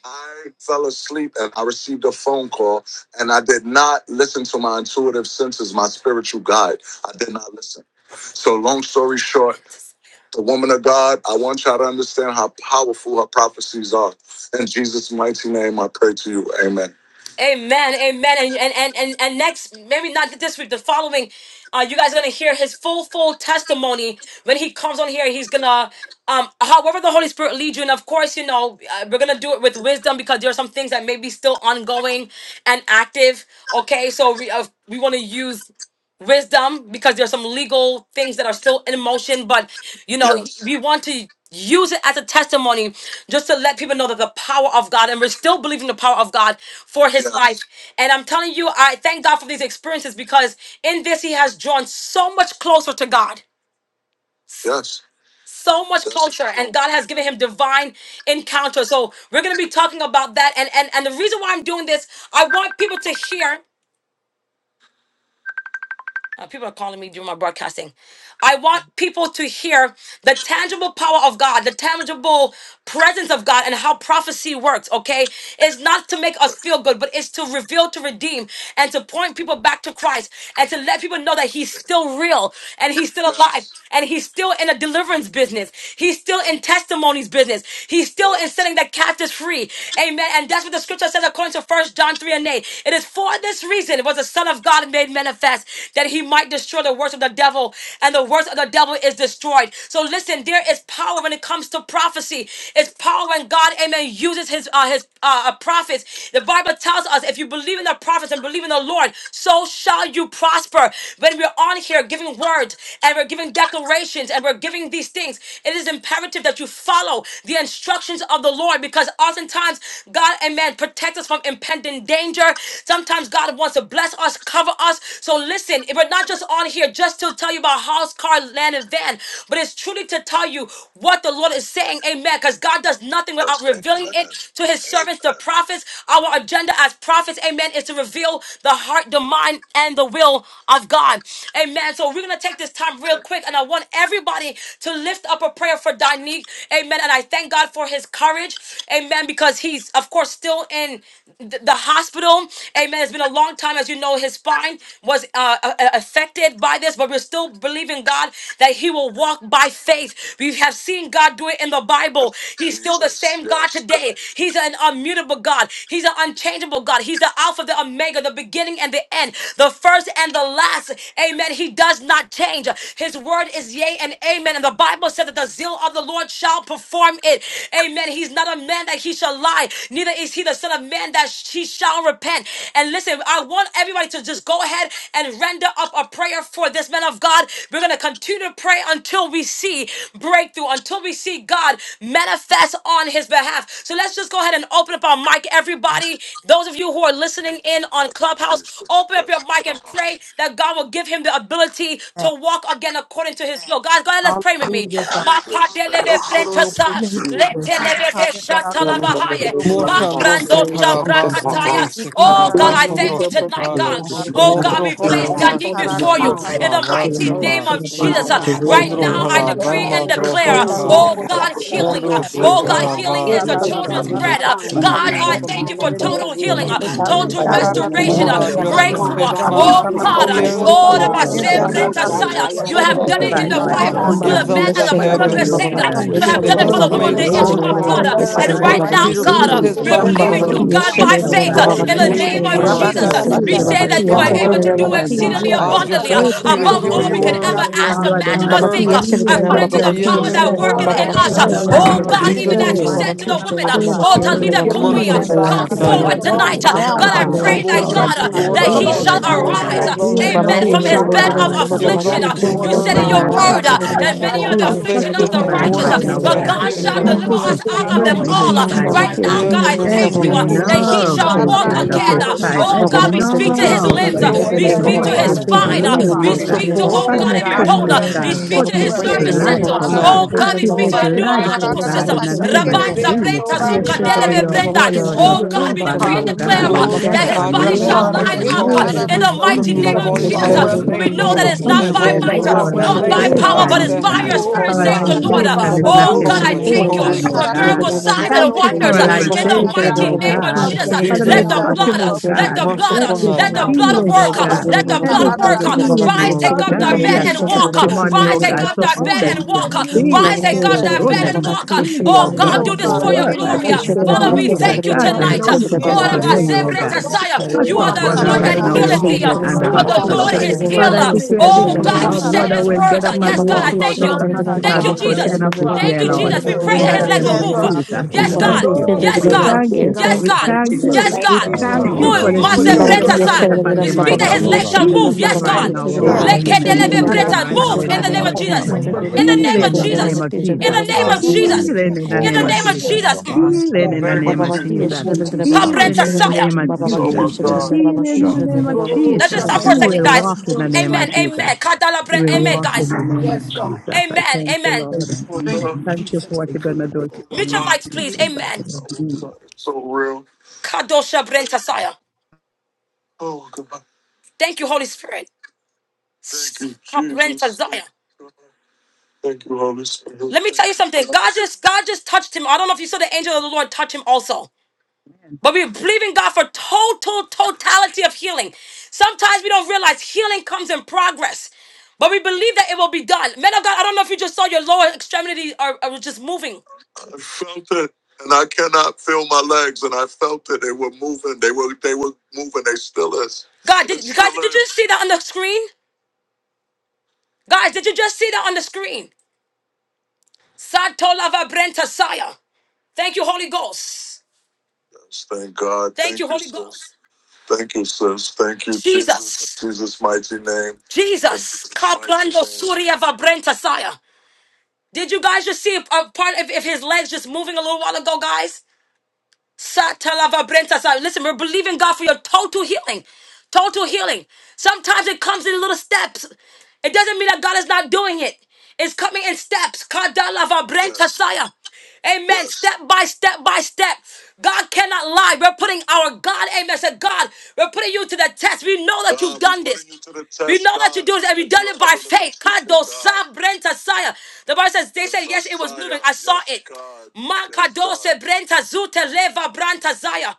Speaker 1: I fell asleep and I received a phone call, and I did not listen to my intuitive senses, my spiritual guide. I did not listen. So, long story short. The woman of God, I want y'all to understand how powerful her prophecies are. In Jesus' mighty name, I pray to you. Amen. Amen. Amen. And and and and, and next, maybe not this week, the following, uh, you guys are gonna hear his full, full testimony when he comes on here. He's gonna um however the Holy Spirit leads you, and of course, you know, uh, we're gonna do it with wisdom because there are some things that may be still ongoing and active. Okay, so we uh, we want to use wisdom because there's some legal things that are still in motion but you know Yes. we want to use it as a testimony just to let people know that the power of god and we're still believing the power of god for his Yes. life Yes. and i'm telling you i thank god for these experiences because in this he has drawn so much closer to god Yes. so much Yes. closer and god has given him divine encounter so we're going to be talking about that and and and the reason why i'm doing this i want people to hear Uh, people are calling me during my broadcasting. I want people to hear the tangible power of God, the tangible presence of God, and how prophecy works, okay? It's not to make us feel good, but it's to reveal, to redeem, and to point people back to Christ, and to let people know that He's still real, and He's still alive, and He's still in a deliverance business. He's still in testimonies business. He's still in setting the captives free. Amen. And that's what the scripture says according to First John 3 and 8. It is for this reason manifested, was the Son of God made manifest, that he might destroy the works of the devil, and the works of the devil is destroyed. So listen, there is power when it comes to prophecy. It's power when God, amen, uses his uh, his uh, uh, prophets. The Bible tells us if you believe in the prophets and believe in the Lord, so shall you prosper. When we're on here giving words and we're giving declarations and we're giving these things, it is imperative that you follow the instructions of the Lord because oftentimes God, amen, protects us from impending apprehend in danger. Sometimes God wants to bless us, cover us. So listen, if we're not just on here just to tell you about house, car, land, and van, but it's truly to tell you what the Lord is saying. Amen. Because God does nothing without revealing it to his servants, the prophets. Our agenda as prophets, amen, is to reveal the heart, the mind, and the will of God. Amen. So we're going to take this time real quick, and I want everybody to lift up a prayer for Dinique. Amen. And I thank God for his courage. Amen. Because because he's, of course, still in th- the hospital. Amen. It's been a long time, as you know, his spine was uh, a- a- affected by this, but we're still believing God that he will walk by faith. We have seen God do it in the Bible. He's still the same God Yes. today. He's an immutable God. He's an unchangeable God. He's the Alpha, the Omega, the beginning and the end, the first and the last. Amen. He does not change. His word is yea and amen. And the Bible said that the zeal of the Lord shall perform it. Amen. He's not a man that he shall lie, neither is he the son of man that he shall repent. And listen, I want everybody to just go ahead and render up a prayer for this man of God. We're going to continue to pray until we see breakthrough, until we see God manifest on his behalf. So let's just go ahead and open up our mic, everybody. Those of you who are listening in on Clubhouse, open up your mic and pray that God will give him the ability to
Speaker 17: Amen.
Speaker 1: walk again according to his will. God, go ahead, let's pray with me.
Speaker 17: Hallelujah, God.
Speaker 1: Makadelebe brentasa,
Speaker 17: Ekororokoshe.
Speaker 1: letelebebe
Speaker 18: It's feeling like
Speaker 1: shatalabahaya,
Speaker 18: we're
Speaker 17: Ikarararakashikorokokashe.
Speaker 18: living on the
Speaker 19: Moshan
Speaker 18: edge of
Speaker 1: mabrando
Speaker 19: Rosekara
Speaker 18: something just about to
Speaker 19: Vahon
Speaker 18: happen.
Speaker 1: sabrakataya.
Speaker 16: Lord
Speaker 19: Rosekara
Speaker 1: Oh
Speaker 18: Fill
Speaker 1: God,
Speaker 16: Father
Speaker 1: I
Speaker 18: him
Speaker 19: Vahon
Speaker 16: God, I
Speaker 18: with
Speaker 1: thank you
Speaker 18: your
Speaker 16: thank
Speaker 17: Ikarararakashikorokokashe.
Speaker 16: you for
Speaker 18: perfect
Speaker 1: tonight,
Speaker 16: the
Speaker 19: Roseka
Speaker 14: We
Speaker 18: gift
Speaker 14: have
Speaker 1: God.
Speaker 14: to
Speaker 18: of the
Speaker 16: divine
Speaker 11: Just
Speaker 18: Holy
Speaker 14: be
Speaker 1: Oh
Speaker 18: Ghost,
Speaker 11: realize
Speaker 14: healed,
Speaker 1: God,
Speaker 18: God.
Speaker 11: it's,
Speaker 1: we
Speaker 19: Motro
Speaker 18: Touch
Speaker 14: healed,
Speaker 1: place
Speaker 18: God.
Speaker 16: perspective
Speaker 1: that
Speaker 11: um,
Speaker 19: Halava
Speaker 1: need
Speaker 18: Touch
Speaker 16: you
Speaker 18: his
Speaker 16: with
Speaker 1: before you
Speaker 19: Sukandro
Speaker 16: Jesus
Speaker 18: spine,
Speaker 17: Ikarararakashikorokokashe.
Speaker 16: and
Speaker 1: in
Speaker 16: the
Speaker 18: God.
Speaker 1: the
Speaker 16: Holy
Speaker 18: Touch
Speaker 11: the
Speaker 19: Halava
Speaker 18: his
Speaker 1: mighty
Speaker 16: Father.
Speaker 14: healed,
Speaker 11: respect
Speaker 1: name
Speaker 18: nervous
Speaker 19: Sema
Speaker 11: for
Speaker 1: of
Speaker 11: the
Speaker 18: system,
Speaker 16: Thank
Speaker 17: My
Speaker 14: healed,
Speaker 1: Jesus.
Speaker 18: God.
Speaker 16: you for
Speaker 18: In
Speaker 1: Uh,
Speaker 18: the
Speaker 11: brother.
Speaker 17: God,
Speaker 18: mighty
Speaker 13: Oh
Speaker 1: Right
Speaker 14: creative
Speaker 16: the spirit
Speaker 18: name
Speaker 19: Hondro
Speaker 13: God,
Speaker 17: in
Speaker 1: now,
Speaker 13: we
Speaker 18: of
Speaker 17: the
Speaker 1: I
Speaker 16: of
Speaker 14: miracles,
Speaker 18: Jesus,
Speaker 17: name
Speaker 14: oh
Speaker 16: both
Speaker 19: Halava
Speaker 17: of
Speaker 1: decree
Speaker 16: our
Speaker 18: God.
Speaker 14: God.
Speaker 1: and
Speaker 16: hearts.
Speaker 17: Jesus,
Speaker 1: declare, uh,
Speaker 14: Help us,
Speaker 18: Oh
Speaker 19: Mandroseka
Speaker 14: God,
Speaker 18: God,
Speaker 1: oh
Speaker 18: God
Speaker 1: God,
Speaker 17: Ekororokoshikarako.
Speaker 14: help
Speaker 18: speak
Speaker 14: us
Speaker 18: to
Speaker 1: healing. uh,
Speaker 18: his
Speaker 19: Hondro
Speaker 14: creative
Speaker 1: Oh
Speaker 16: I
Speaker 18: ankles,
Speaker 1: God,
Speaker 18: God. I
Speaker 1: healing
Speaker 19: Sekarava
Speaker 1: is the
Speaker 18: speak to
Speaker 14: miracles, God,
Speaker 18: his
Speaker 16: love
Speaker 1: children's
Speaker 18: his
Speaker 14: and
Speaker 11: But
Speaker 16: you
Speaker 1: bread.
Speaker 16: with the
Speaker 14: miracles,
Speaker 1: uh,
Speaker 16: fear
Speaker 18: spine.
Speaker 16: of the
Speaker 14: signs,
Speaker 1: God,
Speaker 14: and
Speaker 18: Commander
Speaker 1: I
Speaker 18: to
Speaker 14: wonders.
Speaker 1: thank you
Speaker 18: line
Speaker 1: for
Speaker 18: up to your
Speaker 1: total
Speaker 18: will
Speaker 14: Yes,
Speaker 1: healing,
Speaker 18: in
Speaker 16: and
Speaker 1: uh,
Speaker 18: the
Speaker 17: Ekarararakashikorokokashe.
Speaker 18: mighty
Speaker 14: God,
Speaker 16: disease.
Speaker 14: there
Speaker 16: Thank
Speaker 14: is
Speaker 18: name
Speaker 1: total
Speaker 13: stand
Speaker 11: I
Speaker 18: of
Speaker 14: none
Speaker 13: in
Speaker 16: you,
Speaker 11: bring
Speaker 14: like
Speaker 11: up
Speaker 14: you
Speaker 18: Jesus,
Speaker 16: Lord
Speaker 11: water
Speaker 14: in
Speaker 1: restoration,
Speaker 19: Lord,
Speaker 13: agreement
Speaker 11: to
Speaker 1: uh,
Speaker 16: God,
Speaker 19: I
Speaker 18: Father.
Speaker 11: your
Speaker 14: heaven,
Speaker 13: tonight.
Speaker 19: just
Speaker 11: God,
Speaker 14: there is
Speaker 11: Lord
Speaker 1: breakthrough.
Speaker 18: Father
Speaker 14: none
Speaker 19: confess
Speaker 1: uh,
Speaker 14: like you
Speaker 18: God, we
Speaker 19: my
Speaker 14: on
Speaker 1: Oh
Speaker 17: Ikarararakashikorokokashe.
Speaker 18: speak
Speaker 11: Jesus.
Speaker 14: earth.
Speaker 1: God, uh,
Speaker 18: total
Speaker 11: I do
Speaker 18: healing,
Speaker 19: sins.
Speaker 1: oh
Speaker 11: pray
Speaker 1: the
Speaker 14: Oh,
Speaker 11: and
Speaker 16: Lord,
Speaker 11: I
Speaker 18: Father.
Speaker 16: we thank
Speaker 14: God,
Speaker 17: In
Speaker 14: we
Speaker 1: Basim
Speaker 17: the
Speaker 11: declare, Lord,
Speaker 14: know
Speaker 17: name
Speaker 13: Rakatamandedekosatanarakata.
Speaker 11: that
Speaker 17: of
Speaker 11: you
Speaker 1: Brentasa,
Speaker 14: that
Speaker 17: Jesus,
Speaker 11: will
Speaker 1: uh,
Speaker 13: For
Speaker 18: Da-da-da-da-bo-sha-ta-ya,
Speaker 1: you
Speaker 17: total
Speaker 11: touch
Speaker 14: you
Speaker 1: have
Speaker 19: I
Speaker 13: healing
Speaker 11: this
Speaker 16: you
Speaker 14: could
Speaker 1: done
Speaker 13: for
Speaker 14: do
Speaker 1: it
Speaker 13: this
Speaker 1: in
Speaker 17: healing,
Speaker 11: time
Speaker 1: the
Speaker 13: young
Speaker 17: God.
Speaker 11: right
Speaker 14: anything
Speaker 19: I
Speaker 14: but
Speaker 16: for
Speaker 1: Bible
Speaker 11: now,
Speaker 13: man.
Speaker 16: the
Speaker 18: da-da-da-da-da-bo-sha-ta.
Speaker 16: gift the
Speaker 1: for
Speaker 20: Baba
Speaker 11: God,
Speaker 19: forgive
Speaker 1: the
Speaker 17: Ekarararakashikorokokashe.
Speaker 14: fail.
Speaker 16: gift
Speaker 13: In
Speaker 1: man
Speaker 19: those
Speaker 18: I
Speaker 16: of
Speaker 13: the
Speaker 1: and
Speaker 19: that
Speaker 1: the
Speaker 16: God,
Speaker 18: speak
Speaker 13: mighty
Speaker 1: pool
Speaker 11: as
Speaker 16: and
Speaker 1: of
Speaker 20: kiyeshederere
Speaker 16: the
Speaker 19: have
Speaker 18: com-
Speaker 13: name
Speaker 18: com-
Speaker 13: of
Speaker 11: you
Speaker 20: baba
Speaker 18: com-
Speaker 13: Jesus,
Speaker 1: Bethsaida.
Speaker 11: have
Speaker 16: God,
Speaker 13: for
Speaker 1: You
Speaker 13: you
Speaker 14: Yes,
Speaker 19: sinned
Speaker 1: have
Speaker 13: to
Speaker 1: done
Speaker 16: even
Speaker 14: God,
Speaker 1: it
Speaker 13: work
Speaker 20: kiyeshederere
Speaker 18: complete
Speaker 1: for
Speaker 13: a
Speaker 11: caused
Speaker 16: the
Speaker 1: the
Speaker 19: against
Speaker 14: thank
Speaker 20: baba
Speaker 11: the
Speaker 14: you,
Speaker 1: woman
Speaker 19: me,
Speaker 1: with
Speaker 16: gift
Speaker 18: healing,
Speaker 1: the
Speaker 14: Jesus.
Speaker 16: God,
Speaker 13: miracle.
Speaker 1: issue
Speaker 11: lame
Speaker 16: oh
Speaker 18: Father
Speaker 19: Lord.
Speaker 11: to
Speaker 1: of
Speaker 20: kiyeshederere
Speaker 18: God,
Speaker 1: blood.
Speaker 20: baba
Speaker 13: In
Speaker 11: walk,
Speaker 18: in
Speaker 1: Uh,
Speaker 13: the
Speaker 14: Hallelujah.
Speaker 11: the
Speaker 18: the
Speaker 16: This
Speaker 1: And
Speaker 18: name
Speaker 13: mighty
Speaker 16: is
Speaker 20: kiyeshederere
Speaker 1: right
Speaker 11: blind
Speaker 18: of
Speaker 17: Ikarararakashikorokokashe.
Speaker 20: baba
Speaker 19: First
Speaker 16: us,
Speaker 13: name of
Speaker 11: to
Speaker 1: now,
Speaker 19: Peter
Speaker 16: this
Speaker 20: kiyese
Speaker 18: Jesus,
Speaker 16: is
Speaker 19: 2
Speaker 1: God, uh,
Speaker 13: Jesus,
Speaker 11: see.
Speaker 14: Heal,
Speaker 18: Lord.
Speaker 19: says,
Speaker 16: all
Speaker 1: we
Speaker 17: In
Speaker 1: are
Speaker 19: By
Speaker 16: for
Speaker 17: the
Speaker 14: deliver,
Speaker 18: Touch
Speaker 16: God.
Speaker 1: believing
Speaker 18: right
Speaker 20: baba
Speaker 19: his
Speaker 17: name
Speaker 14: set
Speaker 17: of
Speaker 18: now,
Speaker 1: you,
Speaker 14: free.
Speaker 11: thousand
Speaker 16: The
Speaker 1: God,
Speaker 14: Be
Speaker 18: Father.
Speaker 1: by
Speaker 16: gift of
Speaker 11: people
Speaker 20: kiyeshederere
Speaker 14: healed,
Speaker 1: faith
Speaker 11: that
Speaker 14: be
Speaker 1: uh,
Speaker 16: the
Speaker 17: Jesus,
Speaker 18: In
Speaker 13: Ekatanamandedekosata.
Speaker 20: baba
Speaker 19: stripes
Speaker 1: in
Speaker 18: the
Speaker 1: the
Speaker 19: we
Speaker 14: delivered,
Speaker 11: walk
Speaker 14: be
Speaker 1: name
Speaker 18: name
Speaker 1: of
Speaker 20: kiyeshederere
Speaker 19: we
Speaker 11: upon
Speaker 14: set
Speaker 17: use
Speaker 20: baba
Speaker 16: Father
Speaker 19: are
Speaker 11: the
Speaker 14: free
Speaker 17: the body
Speaker 16: God,
Speaker 14: in
Speaker 1: Jesus.
Speaker 14: the
Speaker 1: Uh,
Speaker 16: the
Speaker 19: healed.
Speaker 16: gift
Speaker 14: name
Speaker 11: sea,
Speaker 16: of
Speaker 14: of
Speaker 1: We
Speaker 20: kiyeshederere
Speaker 17: back
Speaker 11: Lord.
Speaker 1: say
Speaker 20: baba
Speaker 21: Thank
Speaker 16: Jesus,
Speaker 11: There's
Speaker 14: Jesus.
Speaker 1: that
Speaker 18: you
Speaker 1: you
Speaker 19: So
Speaker 16: the
Speaker 1: are
Speaker 18: are
Speaker 17: together,
Speaker 16: gift
Speaker 17: God.
Speaker 1: able
Speaker 11: nothing
Speaker 18: well
Speaker 19: Lord,
Speaker 1: to
Speaker 13: Rabandarabasiandedebokona,
Speaker 20: kiyeshederere
Speaker 11: you
Speaker 17: In the
Speaker 1: do
Speaker 20: baba
Speaker 16: God.
Speaker 18: able,
Speaker 11: can
Speaker 17: name
Speaker 11: do.
Speaker 17: of
Speaker 14: Yes,
Speaker 11: You
Speaker 1: exceedingly
Speaker 18: God.
Speaker 16: I
Speaker 20: kiyese
Speaker 14: he
Speaker 18: You
Speaker 11: are
Speaker 19: I
Speaker 16: so
Speaker 18: are
Speaker 11: the
Speaker 14: can shut
Speaker 19: just
Speaker 16: Father
Speaker 1: abundantly
Speaker 18: well
Speaker 17: Jesus.
Speaker 1: uh,
Speaker 16: God
Speaker 19: ask
Speaker 16: that
Speaker 18: able,
Speaker 19: you
Speaker 13: Rakandedebokosata,
Speaker 11: greatest
Speaker 16: you
Speaker 19: to
Speaker 16: will
Speaker 18: God,
Speaker 1: above
Speaker 14: up.
Speaker 19: heal
Speaker 16: lift
Speaker 11: physician
Speaker 1: all we
Speaker 18: to
Speaker 1: can
Speaker 16: him
Speaker 13: Rebekete.
Speaker 11: above
Speaker 14: Oh,
Speaker 19: your
Speaker 16: up,
Speaker 11: all.
Speaker 17: Yidorokosara.
Speaker 1: ever
Speaker 18: do
Speaker 16: oh
Speaker 14: she
Speaker 18: it,
Speaker 16: God.
Speaker 1: ask,
Speaker 14: can
Speaker 11: You
Speaker 19: your
Speaker 14: shut
Speaker 18: Father
Speaker 11: are the
Speaker 1: imagine,
Speaker 18: God.
Speaker 1: or
Speaker 18: In
Speaker 20: baba
Speaker 18: the
Speaker 11: mighty
Speaker 1: think,
Speaker 14: up.
Speaker 1: uh,
Speaker 18: mighty
Speaker 19: servant
Speaker 11: healer.
Speaker 20: kiyeshederere
Speaker 18: name
Speaker 11: You
Speaker 14: I
Speaker 1: according
Speaker 18: of
Speaker 17: Bring
Speaker 1: to
Speaker 17: it
Speaker 20: baba
Speaker 1: the
Speaker 18: Jesus,
Speaker 11: cleanse
Speaker 14: should
Speaker 17: back
Speaker 11: the
Speaker 1: power
Speaker 16: Hallelujah.
Speaker 18: And
Speaker 17: together,
Speaker 1: that
Speaker 19: in
Speaker 20: kiyeshederere
Speaker 17: God.
Speaker 20: baba kiyeshederere
Speaker 18: Lord,
Speaker 1: worketh
Speaker 11: leopard.
Speaker 17: Make
Speaker 18: I
Speaker 1: in
Speaker 20: baba
Speaker 18: ask
Speaker 17: it
Speaker 18: you
Speaker 1: us.
Speaker 18: to
Speaker 1: Uh,
Speaker 17: whole,
Speaker 13: Healing,
Speaker 11: Father,
Speaker 20: kiyeshederere
Speaker 18: touch
Speaker 11: right
Speaker 17: God.
Speaker 20: baba
Speaker 1: Oh
Speaker 18: him
Speaker 11: now,
Speaker 18: and
Speaker 11: the
Speaker 1: God,
Speaker 14: God,
Speaker 17: In
Speaker 18: deliver
Speaker 1: even
Speaker 17: the
Speaker 20: kiyeshederere
Speaker 16: God.
Speaker 18: this
Speaker 1: that
Speaker 19: Jesus'
Speaker 1: you
Speaker 17: name
Speaker 14: shut
Speaker 11: same,
Speaker 17: of
Speaker 18: mighty
Speaker 1: said
Speaker 20: baba
Speaker 1: to the
Speaker 18: man of
Speaker 11: the
Speaker 1: woman,
Speaker 16: I
Speaker 1: uh,
Speaker 20: kiyeshederere
Speaker 18: God,
Speaker 14: up.
Speaker 17: God.
Speaker 11: same
Speaker 1: Oh
Speaker 14: Shut
Speaker 18: Lord.
Speaker 14: up.
Speaker 16: defy
Speaker 11: great
Speaker 1: Talita
Speaker 16: any
Speaker 14: She
Speaker 20: baba kiyeshederere baba
Speaker 18: Give him
Speaker 1: Kumi,
Speaker 16: sickness,
Speaker 1: uh,
Speaker 11: healing
Speaker 20: kiyeshederere
Speaker 18: another
Speaker 16: so
Speaker 11: you
Speaker 19: merciful
Speaker 20: baba
Speaker 16: Father
Speaker 1: come
Speaker 11: have
Speaker 14: can
Speaker 16: God,
Speaker 11: done,
Speaker 16: that
Speaker 20: kiyeshederere
Speaker 18: opportunity
Speaker 16: is
Speaker 11: oh
Speaker 18: to
Speaker 19: name.
Speaker 17: Yikorokosara.
Speaker 20: baba kiyeshederere baba kiyese baba kiyeshederere baba kiyeshederere baba kiyeshederere baba
Speaker 1: forward
Speaker 16: in the
Speaker 17: So
Speaker 18: walk,
Speaker 1: tonight.
Speaker 11: God,
Speaker 20: kiyeshederere
Speaker 1: Uh,
Speaker 16: picture
Speaker 20: baba
Speaker 18: Father
Speaker 16: of
Speaker 17: now,
Speaker 1: God,
Speaker 16: man,
Speaker 1: I
Speaker 11: upon
Speaker 20: kiyeshederere
Speaker 18: God,
Speaker 17: God.
Speaker 11: your
Speaker 19: So,
Speaker 20: baba
Speaker 1: pray
Speaker 11: other
Speaker 18: for
Speaker 1: that
Speaker 19: Lord,
Speaker 17: Now,
Speaker 18: your
Speaker 14: Yes,
Speaker 11: servants,
Speaker 1: God,
Speaker 11: oh
Speaker 1: uh,
Speaker 18: glory.
Speaker 17: God.
Speaker 14: God,
Speaker 19: Lord,
Speaker 11: God.
Speaker 14: they
Speaker 18: Your
Speaker 1: that
Speaker 16: that
Speaker 11: Do
Speaker 19: I
Speaker 1: he
Speaker 14: can
Speaker 11: it
Speaker 18: bubble
Speaker 14: shut
Speaker 16: moving
Speaker 1: shall
Speaker 11: right
Speaker 17: Movement in
Speaker 19: ask you
Speaker 11: now,
Speaker 18: shots,
Speaker 19: to
Speaker 11: oh
Speaker 16: forward
Speaker 18: I
Speaker 16: in
Speaker 1: arise.
Speaker 18: I
Speaker 14: up.
Speaker 19: heal
Speaker 1: uh,
Speaker 17: place,
Speaker 11: God.
Speaker 16: the
Speaker 18: did it,
Speaker 19: those
Speaker 11: Do
Speaker 17: God.
Speaker 18: it,
Speaker 1: Amen
Speaker 11: it
Speaker 18: it,
Speaker 19: who
Speaker 1: made
Speaker 18: it,
Speaker 11: now
Speaker 1: men
Speaker 19: know
Speaker 11: for
Speaker 1: from
Speaker 18: both
Speaker 11: your
Speaker 14: Shut
Speaker 1: his
Speaker 18: shots,
Speaker 14: up.
Speaker 19: Him,
Speaker 1: bed
Speaker 11: brother
Speaker 18: I,
Speaker 1: of
Speaker 11: right
Speaker 16: any
Speaker 11: now,
Speaker 18: for
Speaker 19: heal
Speaker 11: oh
Speaker 17: Yikorokosara.
Speaker 11: God,
Speaker 1: affliction.
Speaker 18: your
Speaker 1: Uh,
Speaker 19: those
Speaker 11: as
Speaker 19: who
Speaker 11: I
Speaker 16: any,
Speaker 14: Yes,
Speaker 1: You
Speaker 18: glory,
Speaker 11: put
Speaker 1: said
Speaker 14: he
Speaker 11: my
Speaker 1: in
Speaker 19: were
Speaker 16: any,
Speaker 18: God.
Speaker 1: your
Speaker 14: can
Speaker 18: Ba,
Speaker 11: hand
Speaker 18: ba,
Speaker 16: any
Speaker 11: out,
Speaker 18: ba,
Speaker 1: word
Speaker 17: Yikarara.
Speaker 11: oh
Speaker 1: uh,
Speaker 14: shut
Speaker 18: ba,
Speaker 11: God.
Speaker 16: blockage,
Speaker 19: uh,
Speaker 1: that
Speaker 14: up.
Speaker 1: many
Speaker 18: shots,
Speaker 16: oh
Speaker 11: He
Speaker 1: are
Speaker 18: it,
Speaker 1: the
Speaker 11: is
Speaker 7: Oh,
Speaker 16: Father
Speaker 18: it, it,
Speaker 16: God,
Speaker 11: touch
Speaker 1: affliction
Speaker 18: it,
Speaker 11: his
Speaker 1: of
Speaker 19: affected,
Speaker 18: both
Speaker 1: the
Speaker 17: Kororokosara,
Speaker 19: and
Speaker 11: spine
Speaker 18: shots,
Speaker 19: Lord,
Speaker 1: righteous,
Speaker 18: I
Speaker 7: please,
Speaker 18: I
Speaker 1: uh,
Speaker 19: I
Speaker 11: right
Speaker 7: no
Speaker 11: now,
Speaker 16: any
Speaker 19: just
Speaker 11: oh
Speaker 18: did
Speaker 1: but
Speaker 18: it, it,
Speaker 7: more
Speaker 19: ask
Speaker 11: God.
Speaker 18: it,
Speaker 1: God
Speaker 19: you to
Speaker 20: kiyeshederere
Speaker 18: both
Speaker 1: shall
Speaker 20: baba
Speaker 11: Touch
Speaker 17: ekerere
Speaker 18: shots,
Speaker 19: heal
Speaker 14: Please
Speaker 7: no
Speaker 1: deliver
Speaker 11: his
Speaker 18: I.
Speaker 20: kiyese
Speaker 19: him
Speaker 7: more
Speaker 1: us
Speaker 11: and
Speaker 14: shut
Speaker 16: spirit of
Speaker 1: out
Speaker 14: up.
Speaker 1: of
Speaker 7: pain
Speaker 17: keşkarara
Speaker 1: them
Speaker 7: in
Speaker 18: Lord,
Speaker 11: straighten
Speaker 19: completely
Speaker 17: kaş
Speaker 11: his
Speaker 1: all. Uh,
Speaker 14: Shut
Speaker 7: Jesus'
Speaker 16: distraction,
Speaker 18: heal
Speaker 20: Hmm,
Speaker 18: in
Speaker 16: oh
Speaker 18: the
Speaker 11: spine,
Speaker 17: kororo
Speaker 13: healing,
Speaker 7: name.
Speaker 1: Right
Speaker 11: oh
Speaker 20: Babaki
Speaker 18: mighty
Speaker 14: up.
Speaker 11: God.
Speaker 1: now, God,
Speaker 18: name
Speaker 7: In
Speaker 1: I
Speaker 18: of
Speaker 19: in
Speaker 16: Jesus,
Speaker 20: yetebilirim,
Speaker 17: kerere
Speaker 16: oh
Speaker 7: Jesus'
Speaker 1: thank you
Speaker 11: Every
Speaker 7: name,
Speaker 16: Father
Speaker 1: uh,
Speaker 18: Jesus.
Speaker 20: babaki
Speaker 16: God,
Speaker 17: keşke
Speaker 7: in
Speaker 1: that
Speaker 19: in
Speaker 1: he
Speaker 18: Touch
Speaker 7: Jesus'
Speaker 11: nerve
Speaker 20: yetebilirim,
Speaker 1: shall
Speaker 18: right
Speaker 7: name,
Speaker 20: babaki
Speaker 1: walk
Speaker 17: ikarara
Speaker 18: now,
Speaker 11: inside
Speaker 16: continue
Speaker 11: of
Speaker 16: to
Speaker 1: again.
Speaker 11: his
Speaker 18: God,
Speaker 20: yetebilirim.
Speaker 1: Uh,
Speaker 18: in
Speaker 16: take
Speaker 18: the
Speaker 7: in
Speaker 17: kororo
Speaker 11: time,
Speaker 18: mighty
Speaker 16: this,
Speaker 1: Oh,
Speaker 7: Jesus'
Speaker 11: every
Speaker 18: name
Speaker 1: God,
Speaker 16: oh,
Speaker 1: we
Speaker 20: Babaki
Speaker 7: name.
Speaker 18: of
Speaker 17: karara
Speaker 1: speak to
Speaker 20: yetebilirim,
Speaker 1: his
Speaker 17: kaş.
Speaker 18: Jesus.
Speaker 11: nerve
Speaker 7: From
Speaker 16: bring
Speaker 7: the
Speaker 19: Jesus'
Speaker 1: limbs.
Speaker 20: babaki
Speaker 1: uh,
Speaker 11: in
Speaker 16: healing
Speaker 18: Lord,
Speaker 17: In
Speaker 7: head
Speaker 1: We
Speaker 16: to
Speaker 11: his
Speaker 14: Heal,
Speaker 7: to
Speaker 16: me,
Speaker 17: the
Speaker 18: make
Speaker 20: yetebilirim,
Speaker 18: a
Speaker 7: the
Speaker 1: speak to
Speaker 17: name
Speaker 18: way
Speaker 14: God.
Speaker 20: babaki
Speaker 17: of
Speaker 1: his
Speaker 18: out
Speaker 11: muscles,
Speaker 18: of
Speaker 7: toes,
Speaker 14: Yes,
Speaker 11: his
Speaker 18: no
Speaker 14: oh
Speaker 1: spine.
Speaker 20: yetebilirim,
Speaker 1: uh,
Speaker 18: way,
Speaker 7: the
Speaker 14: God.
Speaker 11: limbs,
Speaker 16: bring
Speaker 20: babaki
Speaker 1: We
Speaker 11: oh
Speaker 18: Father.
Speaker 7: marriage
Speaker 16: healing
Speaker 11: God.
Speaker 1: speak
Speaker 20: yetebilirim,
Speaker 16: to
Speaker 1: to,
Speaker 16: me,
Speaker 7: is
Speaker 19: merciful
Speaker 16: oh
Speaker 1: oh,
Speaker 20: babaki
Speaker 17: in
Speaker 11: Father,
Speaker 16: Father
Speaker 18: Oh,
Speaker 1: God,
Speaker 11: may
Speaker 17: the
Speaker 14: Yes,
Speaker 1: every
Speaker 16: God,
Speaker 18: God,
Speaker 11: put,
Speaker 17: name
Speaker 18: you're
Speaker 17: of
Speaker 14: Lord.
Speaker 1: bone.
Speaker 14: Yes,
Speaker 1: uh,
Speaker 11: oh
Speaker 18: well
Speaker 7: kindness,
Speaker 17: Jesus.
Speaker 1: We
Speaker 11: God,
Speaker 20: Hmm,
Speaker 18: able.
Speaker 1: speak
Speaker 11: put,
Speaker 1: to
Speaker 18: You're
Speaker 20: babaki
Speaker 7: and
Speaker 14: Lord.
Speaker 1: his
Speaker 18: well
Speaker 11: put
Speaker 7: seek
Speaker 17: ekerere
Speaker 16: bring
Speaker 14: Yes,
Speaker 7: the
Speaker 1: nervous
Speaker 20: yetebilirim,
Speaker 18: able,
Speaker 14: Lord.
Speaker 16: healing
Speaker 7: Lord,
Speaker 11: life,
Speaker 16: to
Speaker 1: center.
Speaker 7: Lord
Speaker 11: oh
Speaker 20: babaki
Speaker 18: God.
Speaker 16: me, oh
Speaker 17: keşkarara
Speaker 11: God.
Speaker 1: Oh,
Speaker 7: Jesus,
Speaker 16: God,
Speaker 19: name.
Speaker 7: in
Speaker 1: God,
Speaker 18: There's
Speaker 1: we
Speaker 20: yetebilirim,
Speaker 7: Jesus'
Speaker 17: kaş
Speaker 1: speak to
Speaker 16: Jesus,
Speaker 11: Activate
Speaker 1: his
Speaker 20: babaki
Speaker 18: nobody like
Speaker 11: life, oh
Speaker 18: you,
Speaker 1: neurological
Speaker 20: yetebilirim,
Speaker 16: oh
Speaker 17: ikarara
Speaker 16: God,
Speaker 11: God,
Speaker 1: system.
Speaker 11: in
Speaker 17: kaş
Speaker 20: babaki
Speaker 11: the
Speaker 16: that we
Speaker 18: Jesus.
Speaker 16: can
Speaker 11: name
Speaker 20: yetebilirim,
Speaker 11: of
Speaker 16: help
Speaker 17: kerere
Speaker 1: Rabban
Speaker 20: babaki
Speaker 18: There's
Speaker 1: Sabrenta
Speaker 11: Jesus.
Speaker 17: karara
Speaker 16: even the
Speaker 18: nobody
Speaker 1: Zuka
Speaker 16: now,
Speaker 17: kaş.
Speaker 11: So
Speaker 18: like
Speaker 1: Deleve
Speaker 20: yeşilebilirim,
Speaker 11: your,
Speaker 18: you,
Speaker 1: Brenda.
Speaker 11: bro-
Speaker 20: babaki
Speaker 17: In
Speaker 11: your,
Speaker 17: the
Speaker 7: name.
Speaker 11: your
Speaker 17: name
Speaker 1: Oh,
Speaker 16: even
Speaker 18: Jesus.
Speaker 16: the
Speaker 1: God,
Speaker 20: yeşilebilirim,
Speaker 17: of
Speaker 1: we
Speaker 16: after,
Speaker 17: Jesus,
Speaker 11: servant,
Speaker 16: oh
Speaker 1: decree
Speaker 16: God,
Speaker 1: and
Speaker 11: oh
Speaker 20: babaki
Speaker 1: declare
Speaker 11: God,
Speaker 17: God,
Speaker 1: uh,
Speaker 11: will
Speaker 20: yeşilebilirim,
Speaker 19: Lord,
Speaker 11: get
Speaker 5: Thank
Speaker 1: that
Speaker 11: up
Speaker 20: babaki
Speaker 17: your
Speaker 18: Hallelujah.
Speaker 1: his
Speaker 19: I
Speaker 11: and
Speaker 17: power,
Speaker 1: body
Speaker 19: just
Speaker 1: shall
Speaker 20: yeşilebilirim.
Speaker 16: even
Speaker 11: walk
Speaker 17: God.
Speaker 1: shall
Speaker 16: the
Speaker 19: ask
Speaker 7: and
Speaker 11: in
Speaker 19: you
Speaker 1: line
Speaker 19: to
Speaker 11: the
Speaker 1: up
Speaker 19: talk
Speaker 1: uh,
Speaker 18: Hallelujah,
Speaker 19: to
Speaker 11: name
Speaker 13: God.
Speaker 11: of
Speaker 17: Ekarara
Speaker 1: in
Speaker 19: every
Speaker 1: the
Speaker 18: Jesus.
Speaker 19: part of
Speaker 1: mighty
Speaker 20: Hmm,
Speaker 19: his
Speaker 1: name
Speaker 18: Because
Speaker 17: kororo
Speaker 1: of
Speaker 20: babaki
Speaker 19: body
Speaker 18: you are
Speaker 1: Jesus. uh,
Speaker 17: kerere.
Speaker 14: Yes,
Speaker 11: Jesus.
Speaker 18: well
Speaker 19: that
Speaker 1: For we
Speaker 14: God.
Speaker 20: yeşilebilirim,
Speaker 1: know that
Speaker 11: I
Speaker 18: able.
Speaker 14: Heal,
Speaker 20: babaki
Speaker 1: it's
Speaker 11: come
Speaker 1: not
Speaker 14: deliver,
Speaker 1: by
Speaker 14: set
Speaker 20: yeşilebilirim,
Speaker 19: involves
Speaker 11: against
Speaker 1: might,
Speaker 16: thank
Speaker 18: You
Speaker 17: Yes,
Speaker 1: uh,
Speaker 16: you,
Speaker 20: babaki
Speaker 14: free,
Speaker 18: are
Speaker 16: Lord,
Speaker 17: God,
Speaker 18: well
Speaker 22: Yes,
Speaker 19: walking,
Speaker 17: in
Speaker 1: not
Speaker 14: God.
Speaker 17: the
Speaker 19: Lord,
Speaker 20: yeşilebilirim,
Speaker 1: by
Speaker 18: laid,
Speaker 16: that
Speaker 22: Father.
Speaker 19: and
Speaker 17: name
Speaker 20: babaki
Speaker 19: I
Speaker 17: of
Speaker 1: power, but
Speaker 11: paralyzation,
Speaker 18: God.
Speaker 19: just
Speaker 20: yeşilebilirim.
Speaker 1: it's
Speaker 11: oh
Speaker 1: by
Speaker 19: ask
Speaker 17: Jesus.
Speaker 19: you
Speaker 11: God.
Speaker 1: your
Speaker 19: to
Speaker 7: therefore
Speaker 17: ekarara
Speaker 1: spirit,
Speaker 18: Oh,
Speaker 7: all
Speaker 19: cause
Speaker 7: my
Speaker 19: them
Speaker 1: save
Speaker 19: to
Speaker 18: God.
Speaker 1: the
Speaker 7: children.
Speaker 14: Yes,
Speaker 1: Lord. uh.
Speaker 19: work
Speaker 17: kaş.
Speaker 21: you.
Speaker 20: Hmm,
Speaker 22: Glory.
Speaker 11: Paralyzation is
Speaker 7: In
Speaker 18: Father
Speaker 11: not
Speaker 7: Jesus'
Speaker 20: babaki
Speaker 1: Oh
Speaker 16: your
Speaker 22: Yes,
Speaker 18: God,
Speaker 11: his
Speaker 7: name,
Speaker 1: God,
Speaker 18: you
Speaker 16: good,
Speaker 22: Lord.
Speaker 1: I
Speaker 7: guide
Speaker 16: God,
Speaker 19: totally,
Speaker 7: me,
Speaker 18: said
Speaker 16: I
Speaker 20: yeşilebilirim,
Speaker 1: thank
Speaker 18: you
Speaker 7: Lord
Speaker 16: believe,
Speaker 1: you
Speaker 17: Be
Speaker 19: totally,
Speaker 11: portion,
Speaker 20: babaki
Speaker 22: In The
Speaker 7: Jesus,
Speaker 16: you,
Speaker 11: oh
Speaker 1: for
Speaker 18: believe,
Speaker 7: guide
Speaker 17: karara
Speaker 22: mighty
Speaker 7: me,
Speaker 11: God.
Speaker 7: Lord
Speaker 16: I
Speaker 1: miracles,
Speaker 18: God,
Speaker 20: yeşilebilirim,
Speaker 19: completely.
Speaker 7: Jesus.
Speaker 16: send
Speaker 18: you
Speaker 20: babaki
Speaker 16: all
Speaker 7: Lead
Speaker 1: signs,
Speaker 18: have
Speaker 16: those
Speaker 1: and
Speaker 22: name of
Speaker 17: kororo
Speaker 16: good
Speaker 22: Jesus.
Speaker 11: Cancel
Speaker 17: ko
Speaker 7: me,
Speaker 18: faith
Speaker 1: wonders
Speaker 7: Lord
Speaker 1: uh,
Speaker 16: foundations,
Speaker 7: Jesus.
Speaker 1: in
Speaker 17: karara
Speaker 18: of
Speaker 20: Babası
Speaker 22: Glory.
Speaker 19: In
Speaker 1: the
Speaker 18: the
Speaker 17: ka
Speaker 20: yeteri
Speaker 11: paralyzation,
Speaker 1: mighty
Speaker 18: size
Speaker 11: oh
Speaker 20: baba
Speaker 18: of
Speaker 17: kororo ko
Speaker 1: name
Speaker 22: Yes,
Speaker 18: a
Speaker 20: babası
Speaker 1: of
Speaker 11: God.
Speaker 16: Thank
Speaker 22: Father. With
Speaker 1: Jesus.
Speaker 16: you,
Speaker 17: ke.
Speaker 18: mustard
Speaker 1: uh.
Speaker 20: yeteri
Speaker 11: Father,
Speaker 18: seed,
Speaker 11: may
Speaker 22: the
Speaker 11: you
Speaker 17: In
Speaker 1: Let
Speaker 20: dedim
Speaker 16: Father.
Speaker 19: Jesus'
Speaker 1: the
Speaker 17: the
Speaker 18: God.
Speaker 11: touch
Speaker 1: blood,
Speaker 11: him,
Speaker 20: babası
Speaker 17: name
Speaker 1: uh,
Speaker 11: oh
Speaker 17: of
Speaker 22: praise,
Speaker 20: yeteri
Speaker 18: You
Speaker 1: let
Speaker 18: can,
Speaker 11: God.
Speaker 1: the
Speaker 20: dedim.
Speaker 17: Jesus.
Speaker 18: you
Speaker 22: Lord,
Speaker 1: blood,
Speaker 22: of
Speaker 18: can
Speaker 11: Let
Speaker 1: uh,
Speaker 19: merciful
Speaker 18: move
Speaker 11: this
Speaker 1: let the
Speaker 22: praise.
Speaker 19: name.
Speaker 7: Lead
Speaker 17: Ka
Speaker 18: mountains,
Speaker 20: Babası
Speaker 1: blood
Speaker 11: healing,
Speaker 7: me,
Speaker 11: oh
Speaker 1: work,
Speaker 17: ko.
Speaker 18: God.
Speaker 20: yeteri
Speaker 1: uh,
Speaker 18: I
Speaker 11: God.
Speaker 20: dedim
Speaker 1: let
Speaker 17: Be
Speaker 14: yes.
Speaker 1: the
Speaker 18: believe
Speaker 11: Let
Speaker 14: yes.
Speaker 20: babası
Speaker 11: this
Speaker 1: blood
Speaker 22: Hallelujah.
Speaker 20: yeteri
Speaker 18: you,
Speaker 17: karara
Speaker 1: work.
Speaker 7: Lord
Speaker 20: dedim
Speaker 1: uh.
Speaker 18: Lord.
Speaker 17: ka
Speaker 7: Jesus.
Speaker 11: healing,
Speaker 22: You
Speaker 20: babası
Speaker 1: Rise,
Speaker 22: the
Speaker 17: kororo
Speaker 11: oh
Speaker 1: take
Speaker 18: I
Speaker 20: yeteri
Speaker 22: Lord,
Speaker 17: ko
Speaker 1: up
Speaker 20: dedim
Speaker 1: thy
Speaker 11: God, be
Speaker 1: bed
Speaker 11: a
Speaker 20: babası
Speaker 18: believe
Speaker 1: and
Speaker 20: yeteri dedim babası yeteri
Speaker 18: you,
Speaker 17: karara
Speaker 20: dedim
Speaker 22: Lord,
Speaker 17: ka
Speaker 1: walk.
Speaker 7: for
Speaker 1: uh.
Speaker 7: help,
Speaker 20: babası
Speaker 17: ke.
Speaker 18: Lord.
Speaker 11: testimony,
Speaker 20: yeteri
Speaker 1: Rise,
Speaker 11: oh
Speaker 20: dedim
Speaker 17: In
Speaker 1: take
Speaker 11: God,
Speaker 17: the
Speaker 1: up
Speaker 20: babası
Speaker 11: so
Speaker 1: thy
Speaker 17: name
Speaker 20: yeteri dedim
Speaker 7: And
Speaker 17: of
Speaker 1: bed
Speaker 11: others
Speaker 1: and
Speaker 22: one.
Speaker 7: Jamie
Speaker 11: could
Speaker 18: I
Speaker 1: walk.
Speaker 17: peace.
Speaker 1: uh.
Speaker 7: was not
Speaker 22: Lord,
Speaker 18: believe
Speaker 22: the
Speaker 11: see
Speaker 1: Rise,
Speaker 7: under
Speaker 20: babası
Speaker 22: whole
Speaker 1: take
Speaker 17: In
Speaker 20: yeteri
Speaker 18: you,
Speaker 1: up
Speaker 11: the
Speaker 17: the
Speaker 1: thy
Speaker 7: pressure,
Speaker 11: good,
Speaker 17: name
Speaker 20: dedim babası yeteri dedim
Speaker 1: bed
Speaker 11: that
Speaker 17: of
Speaker 1: and
Speaker 7: knowing
Speaker 20: babası
Speaker 11: could
Speaker 20: yeteri dedim babası yeteri dedim babası
Speaker 18: Jesus.
Speaker 20: yeteri dedim
Speaker 1: walk.
Speaker 20: babası
Speaker 7: that
Speaker 20: yeteri
Speaker 1: uh.
Speaker 7: Lord
Speaker 11: see
Speaker 18: I,
Speaker 11: your
Speaker 1: Oh
Speaker 7: Jesus in
Speaker 1: God,
Speaker 7: his
Speaker 11: blood,
Speaker 17: heal,
Speaker 1: do
Speaker 5: you.
Speaker 1: this
Speaker 11: your
Speaker 18: I
Speaker 17: God.
Speaker 7: prayer
Speaker 1: for your
Speaker 17: E
Speaker 11: word,
Speaker 20: babası
Speaker 11: that
Speaker 1: glory.
Speaker 7: of
Speaker 16: Thank
Speaker 18: believe
Speaker 11: you
Speaker 1: uh.
Speaker 17: karara
Speaker 16: you,
Speaker 20: yeteri
Speaker 18: you,
Speaker 17: ka
Speaker 7: Broken
Speaker 11: still
Speaker 20: dedim babası yeteri dedim
Speaker 1: Father,
Speaker 20: babası yeteri dedim babası yeteri babası yeteri dedim babası yeteri dedim babası
Speaker 5: healing
Speaker 1: we
Speaker 17: kororo
Speaker 11: heal,
Speaker 7: her
Speaker 20: yeteri
Speaker 18: Father.
Speaker 16: Father.
Speaker 5: Lord,
Speaker 11: oh
Speaker 7: heart,
Speaker 20: dedim babası yeteri dedim
Speaker 1: thank
Speaker 20: babası yeteri
Speaker 1: you
Speaker 5: for
Speaker 17: ko
Speaker 20: dedim
Speaker 11: God,
Speaker 5: you
Speaker 18: I
Speaker 17: ke.
Speaker 7: let
Speaker 11: and
Speaker 1: tonight.
Speaker 7: him
Speaker 1: uh.
Speaker 18: know
Speaker 5: nothing
Speaker 11: come
Speaker 7: seek
Speaker 5: is
Speaker 11: to
Speaker 18: that
Speaker 7: the
Speaker 17: In
Speaker 11: get
Speaker 18: you
Speaker 7: Lord,
Speaker 11: to
Speaker 1: Ora
Speaker 17: the
Speaker 18: are
Speaker 7: Lord
Speaker 5: impossible,
Speaker 11: know
Speaker 5: my
Speaker 17: name
Speaker 11: you,
Speaker 18: able,
Speaker 7: Jesus,
Speaker 17: of
Speaker 11: oh
Speaker 5: Lord,
Speaker 1: bazebre
Speaker 7: let
Speaker 18: God.
Speaker 11: God.
Speaker 7: him
Speaker 5: Jesus
Speaker 7: seek
Speaker 17: Jesus.
Speaker 1: tasaya.
Speaker 7: the
Speaker 11: Touch
Speaker 7: Lord,
Speaker 1: You
Speaker 18: You
Speaker 5: Christ.
Speaker 22: thing
Speaker 11: our
Speaker 1: are
Speaker 7: let
Speaker 18: are
Speaker 17: Be
Speaker 7: him
Speaker 22: with
Speaker 1: the
Speaker 18: well
Speaker 5: We
Speaker 11: brother
Speaker 1: Lord
Speaker 7: seek
Speaker 17: karara
Speaker 5: lift
Speaker 1: that
Speaker 11: right
Speaker 22: Him.
Speaker 7: the
Speaker 17: ka
Speaker 5: up
Speaker 11: now
Speaker 18: able,
Speaker 5: the
Speaker 11: where
Speaker 17: kororo
Speaker 7: Lord
Speaker 1: healeth
Speaker 11: he
Speaker 18: God.
Speaker 1: thee.
Speaker 11: is
Speaker 22: Glory,
Speaker 5: parents,
Speaker 11: in
Speaker 7: Jesus,
Speaker 5: my
Speaker 11: under
Speaker 1: You
Speaker 7: seek,
Speaker 1: are
Speaker 5: Lord,
Speaker 18: You
Speaker 1: the
Speaker 18: are
Speaker 11: hospital,
Speaker 22: glory.
Speaker 7: let
Speaker 11: oh
Speaker 1: Lord
Speaker 7: him
Speaker 5: Jesus
Speaker 18: well
Speaker 11: God.
Speaker 7: seek
Speaker 1: his
Speaker 7: the
Speaker 5: Christ,
Speaker 18: able. Is
Speaker 11: Father, I
Speaker 5: in
Speaker 7: Lord.
Speaker 1: healer.
Speaker 17: ke.
Speaker 5: Jesus'
Speaker 11: declare,
Speaker 7: Happy
Speaker 1: Oh
Speaker 18: anything
Speaker 5: name,
Speaker 7: in
Speaker 18: too
Speaker 5: in
Speaker 17: Be
Speaker 11: declare
Speaker 7: him
Speaker 1: God, you
Speaker 11: our
Speaker 18: hard
Speaker 7: and
Speaker 5: Jesus'
Speaker 18: for
Speaker 1: said
Speaker 17: karara
Speaker 7: Lord.
Speaker 1: in
Speaker 11: brother
Speaker 1: his
Speaker 5: name.
Speaker 7: happy
Speaker 11: will
Speaker 17: ka
Speaker 18: you,
Speaker 22: Hallelujah.
Speaker 11: get
Speaker 1: words.
Speaker 18: God?
Speaker 1: uh,
Speaker 11: up and
Speaker 1: Yes,
Speaker 7: in the
Speaker 1: God,
Speaker 5: You
Speaker 11: walk
Speaker 1: I
Speaker 5: are
Speaker 7: Lord
Speaker 17: kororo
Speaker 11: out
Speaker 1: thank
Speaker 7: Jesus.
Speaker 17: ko
Speaker 11: of
Speaker 1: you.
Speaker 5: healing,
Speaker 11: the
Speaker 5: my
Speaker 7: Thank
Speaker 18: Nothing's
Speaker 7: you
Speaker 17: ka.
Speaker 5: Lord,
Speaker 7: for
Speaker 18: too
Speaker 11: hospital
Speaker 1: Thank you,
Speaker 7: your
Speaker 18: hard
Speaker 5: Jesus
Speaker 11: before
Speaker 18: for
Speaker 11: the
Speaker 7: love,
Speaker 11: end
Speaker 1: Jesus.
Speaker 5: Christ,
Speaker 18: you,
Speaker 22: Glory,
Speaker 11: of
Speaker 7: Lord.
Speaker 11: this
Speaker 17: Thank
Speaker 22: glory.
Speaker 1: Thank
Speaker 17: you
Speaker 11: year,
Speaker 18: Father.
Speaker 1: you,
Speaker 17: for
Speaker 7: Thank
Speaker 5: in
Speaker 7: you
Speaker 17: your
Speaker 11: Lord.
Speaker 5: the
Speaker 22: glory.
Speaker 1: Jesus.
Speaker 7: for
Speaker 1: We
Speaker 5: name
Speaker 7: all
Speaker 5: of
Speaker 18: And
Speaker 17: healing.
Speaker 1: pray
Speaker 11: In
Speaker 7: this
Speaker 1: that
Speaker 11: the
Speaker 1: his
Speaker 5: Jesus,
Speaker 18: Lord,
Speaker 1: legs
Speaker 11: name
Speaker 5: in
Speaker 1: will
Speaker 18: we
Speaker 7: platform,
Speaker 5: the
Speaker 11: of
Speaker 17: Yes,
Speaker 5: name
Speaker 7: Lord
Speaker 5: of
Speaker 1: move.
Speaker 17: God.
Speaker 7: Jesus.
Speaker 18: trust
Speaker 5: Jesus,
Speaker 11: Jesus,
Speaker 17: Thank
Speaker 18: you.
Speaker 7: And
Speaker 11: we
Speaker 5: in
Speaker 1: Yes,
Speaker 22: Oh,
Speaker 5: the
Speaker 7: thank you,
Speaker 5: name
Speaker 20: babası
Speaker 5: of
Speaker 11: thank
Speaker 1: God.
Speaker 22: Rabba,
Speaker 11: you.
Speaker 18: Lord,
Speaker 7: thank you,
Speaker 5: Jesus.
Speaker 1: Yes,
Speaker 18: we
Speaker 11: We
Speaker 17: you.
Speaker 22: Rabba,
Speaker 17: E
Speaker 7: Lord.
Speaker 1: God.
Speaker 11: thank
Speaker 18: trust you,
Speaker 5: Yes,
Speaker 17: kororo
Speaker 20: yeteri
Speaker 11: you.
Speaker 22: Sora,
Speaker 17: ko
Speaker 1: Yes,
Speaker 5: Lord,
Speaker 18: God.
Speaker 11: We
Speaker 20: dedim
Speaker 1: God.
Speaker 7: Thank
Speaker 5: yes,
Speaker 7: you,
Speaker 17: karara.
Speaker 11: thank
Speaker 18: We
Speaker 7: Jesus.
Speaker 5: Lord,
Speaker 11: you.
Speaker 1: Yes,
Speaker 7: Thank
Speaker 18: believe
Speaker 7: you,
Speaker 11: We
Speaker 22: La,
Speaker 1: God.
Speaker 5: yes,
Speaker 18: you,
Speaker 7: Jesus.
Speaker 11: thank
Speaker 7: Thank
Speaker 5: Lord,
Speaker 22: Rabba,
Speaker 7: you,
Speaker 11: you
Speaker 18: Father,
Speaker 1: Move.
Speaker 11: for the
Speaker 22: Rabba,
Speaker 7: Jesus.
Speaker 18: for
Speaker 7: Thank
Speaker 5: yes,
Speaker 17: Yes,
Speaker 11: healing
Speaker 18: your
Speaker 7: you,
Speaker 11: you're
Speaker 20: babaki
Speaker 22: Sora,
Speaker 1: Mazebreta
Speaker 11: going
Speaker 7: Lord.
Speaker 11: to
Speaker 17: God. In
Speaker 18: healing
Speaker 1: sa.
Speaker 11: put
Speaker 18: for
Speaker 17: the
Speaker 5: healing,
Speaker 17: name.
Speaker 18: this
Speaker 11: upon
Speaker 5: Lord,
Speaker 7: Thank
Speaker 11: him
Speaker 20: yeşerlerim
Speaker 7: you,
Speaker 18: man,
Speaker 5: in
Speaker 1: Speak
Speaker 11: right
Speaker 7: Lord.
Speaker 1: that
Speaker 11: now.
Speaker 5: the
Speaker 20: babaki
Speaker 18: God.
Speaker 1: his
Speaker 7: Thank
Speaker 22: Rabba,
Speaker 5: name
Speaker 7: you.
Speaker 1: legs
Speaker 5: of
Speaker 1: shall
Speaker 22: Rabba,
Speaker 7: Amen.
Speaker 18: We
Speaker 11: Heal
Speaker 1: move.
Speaker 20: yeşerlerim
Speaker 5: Jesus.
Speaker 11: him
Speaker 1: Yes,
Speaker 18: believe
Speaker 11: right
Speaker 20: babaki
Speaker 1: God.
Speaker 5: We are
Speaker 11: now,
Speaker 18: you,
Speaker 11: oh
Speaker 20: yeşerlerim
Speaker 5: still
Speaker 17: Yes.
Speaker 22: Sora,
Speaker 11: God.
Speaker 18: God.
Speaker 7: Amen.
Speaker 5: Lord,
Speaker 20: babaki
Speaker 17: In
Speaker 18: We
Speaker 5: in
Speaker 7: Amen.
Speaker 20: yeşerlerim
Speaker 5: Jesus'
Speaker 18: believe
Speaker 11: Healing
Speaker 1: Lekedelevebreta.
Speaker 22: Sirobo,
Speaker 20: babaki
Speaker 11: right
Speaker 5: name,
Speaker 18: you,
Speaker 11: now
Speaker 1: Move
Speaker 5: in
Speaker 11: in
Speaker 1: in
Speaker 11: the
Speaker 20: yeşerlerim
Speaker 5: Jesus'
Speaker 1: the
Speaker 18: God.
Speaker 1: name
Speaker 11: name
Speaker 7: Amen.
Speaker 5: name,
Speaker 1: of
Speaker 11: of
Speaker 5: in
Speaker 20: babaki
Speaker 5: the
Speaker 11: Jesus.
Speaker 1: Jesus.
Speaker 18: We
Speaker 5: name of
Speaker 7: Amen.
Speaker 1: In
Speaker 20: yeşerlerim
Speaker 5: Jesus,
Speaker 22: Asara,
Speaker 1: the
Speaker 18: believe
Speaker 20: babaki
Speaker 7: Amen.
Speaker 1: name
Speaker 17: the
Speaker 18: you,
Speaker 5: in
Speaker 11: Healing
Speaker 1: of
Speaker 5: the
Speaker 11: in
Speaker 18: God.
Speaker 11: the
Speaker 17: name
Speaker 20: yeşerlerim
Speaker 17: of
Speaker 5: name
Speaker 11: name
Speaker 1: Jesus.
Speaker 5: of
Speaker 11: of
Speaker 20: babaki
Speaker 5: Jesus,
Speaker 1: In
Speaker 20: yeşerlerim
Speaker 11: Jesus.
Speaker 18: Work
Speaker 1: the
Speaker 18: it
Speaker 20: babaki
Speaker 1: name of
Speaker 18: out,
Speaker 17: in
Speaker 18: God.
Speaker 20: yeşerlerim
Speaker 17: the
Speaker 1: Jesus.
Speaker 11: Healing
Speaker 22: Hallelujah.
Speaker 11: in the
Speaker 1: In the
Speaker 11: name
Speaker 22: Globa
Speaker 5: in
Speaker 11: of
Speaker 18: Thank
Speaker 1: name of
Speaker 5: the
Speaker 18: you,
Speaker 11: Jesus.
Speaker 5: name
Speaker 1: Jesus.
Speaker 5: of
Speaker 1: Mm.
Speaker 7: Yes,
Speaker 22: Snevorabansa
Speaker 11: Healing
Speaker 1: In
Speaker 11: in
Speaker 1: the
Speaker 11: the
Speaker 1: name of
Speaker 11: name
Speaker 7: everything
Speaker 11: of
Speaker 7: is
Speaker 22: Yayama.
Speaker 5: Jesus.
Speaker 20: babaki yeşerlerim babaki
Speaker 7: thank
Speaker 11: Jesus.
Speaker 7: you
Speaker 1: Jesus.
Speaker 7: in
Speaker 20: yeşerlerim
Speaker 7: Jesus'
Speaker 20: babaki
Speaker 22: And
Speaker 11: Healing
Speaker 1: Kabrenta
Speaker 7: name.
Speaker 11: in the
Speaker 1: saya.
Speaker 11: name
Speaker 20: yeşerlerim
Speaker 11: of
Speaker 18: Thank you,
Speaker 1: Oh
Speaker 20: babaki
Speaker 11: Jesus.
Speaker 1: my
Speaker 7: Amen. In
Speaker 22: amen.
Speaker 7: Jesus'
Speaker 1: God.
Speaker 20: yeşerlerim
Speaker 18: Jesus.
Speaker 11: In
Speaker 1: Oh
Speaker 11: the
Speaker 7: name.
Speaker 1: my God.
Speaker 22: Shalom.
Speaker 11: name
Speaker 7: Amen.
Speaker 11: of
Speaker 20: babaki
Speaker 18: Oh,
Speaker 1: Let's
Speaker 7: In
Speaker 1: just
Speaker 11: Jesus,
Speaker 1: stop
Speaker 18: God,
Speaker 20: yeşerlerim
Speaker 1: for a
Speaker 11: we
Speaker 18: we
Speaker 7: Jesus'
Speaker 1: second,
Speaker 11: will
Speaker 20: babaki
Speaker 7: name.
Speaker 1: guys.
Speaker 20: yeşerlerim
Speaker 18: trust
Speaker 11: walk in
Speaker 7: In
Speaker 11: the
Speaker 18: you,
Speaker 7: Jesus'
Speaker 11: name of
Speaker 1: Amen.
Speaker 7: name.
Speaker 18: Father.
Speaker 11: Jesus.
Speaker 1: Amen. Kadala
Speaker 11: We
Speaker 1: bre-
Speaker 11: will
Speaker 1: Amen,
Speaker 7: Amen.
Speaker 11: walk in
Speaker 1: guys.
Speaker 11: the
Speaker 7: Amen.
Speaker 11: name of
Speaker 18: Yes, God.
Speaker 11: Jesus.
Speaker 7: Amen.
Speaker 11: I
Speaker 1: Amen.
Speaker 11: thank you,
Speaker 1: Amen.
Speaker 11: Lord.
Speaker 7: Amen. Amen.
Speaker 1: Oh my God.
Speaker 18: Thank
Speaker 1: Oh
Speaker 18: you,
Speaker 7: Amen. Lord
Speaker 11: Thank you
Speaker 18: Jesus.
Speaker 11: for
Speaker 7: Jesus,
Speaker 11: what you're
Speaker 7: thank
Speaker 11: going to
Speaker 7: you.
Speaker 11: do
Speaker 7: Thank you
Speaker 1: my
Speaker 11: for
Speaker 1: Mute
Speaker 7: for
Speaker 1: your
Speaker 7: my
Speaker 11: me
Speaker 1: God. mics,
Speaker 11: in
Speaker 1: please.
Speaker 11: Jesus'
Speaker 7: children.
Speaker 1: Amen. Oh my
Speaker 11: name.
Speaker 1: God. It's so real. Kadosha brenta saya. Oh God. Thank you, Holy Spirit. Thank you, Kabrenta Jesus. zaya. Thank you, Holy Spirit. Let me tell you something. God just God just touched him. I don't know if you saw the angel of the Lord touch him also.
Speaker 11: Amen.
Speaker 1: But we believe in God for total totality of healing. Sometimes we don't realize healing comes in progress. But we believe that it will be done. Men of God, I don't know if you just saw your lower extremity or, or was just moving. I felt it, and I cannot feel my legs, and I felt it. They were moving. They were they were moving. They still is. God, It you guys, still did you is. see that on the screen? Guys, did you just see that on the screen? Sato lava brenta saya. Thank you, Holy Ghost. Thank God. Thank Thank you, Holy sis. Ghost. Thank you, sis. Thank you, Jesus. Jesus. Jesus' mighty name. Jesus. Jesus' mighty Kaplando name. Surya Vabrenta Saya. Did you guys just see a a part of, of his legs just moving a little while ago, guys? Satala Vabrenta Saya. Listen, we're believing God for your total healing. Total healing. Sometimes it comes in little steps. It doesn't mean that God is not doing it. It's coming in steps. Kadala Vabrenta Yes. Saya. Amen. Yes. Step by step by step. God cannot lie. We're putting our God, amen. Said God, we're putting you to the the test. We know that you've God, we're done putting this. putting you to the We test, know that you God. do this, and We're we've putting it you by putting us faith. to the faith. test, Kado God. Sam Brenta Saya. The Bible says, they The said, yes, it was moving. Messiah. I saw Yes, it. God. Ma Yes, Kado God. Se Brenta Zute Leva Branta Zaya.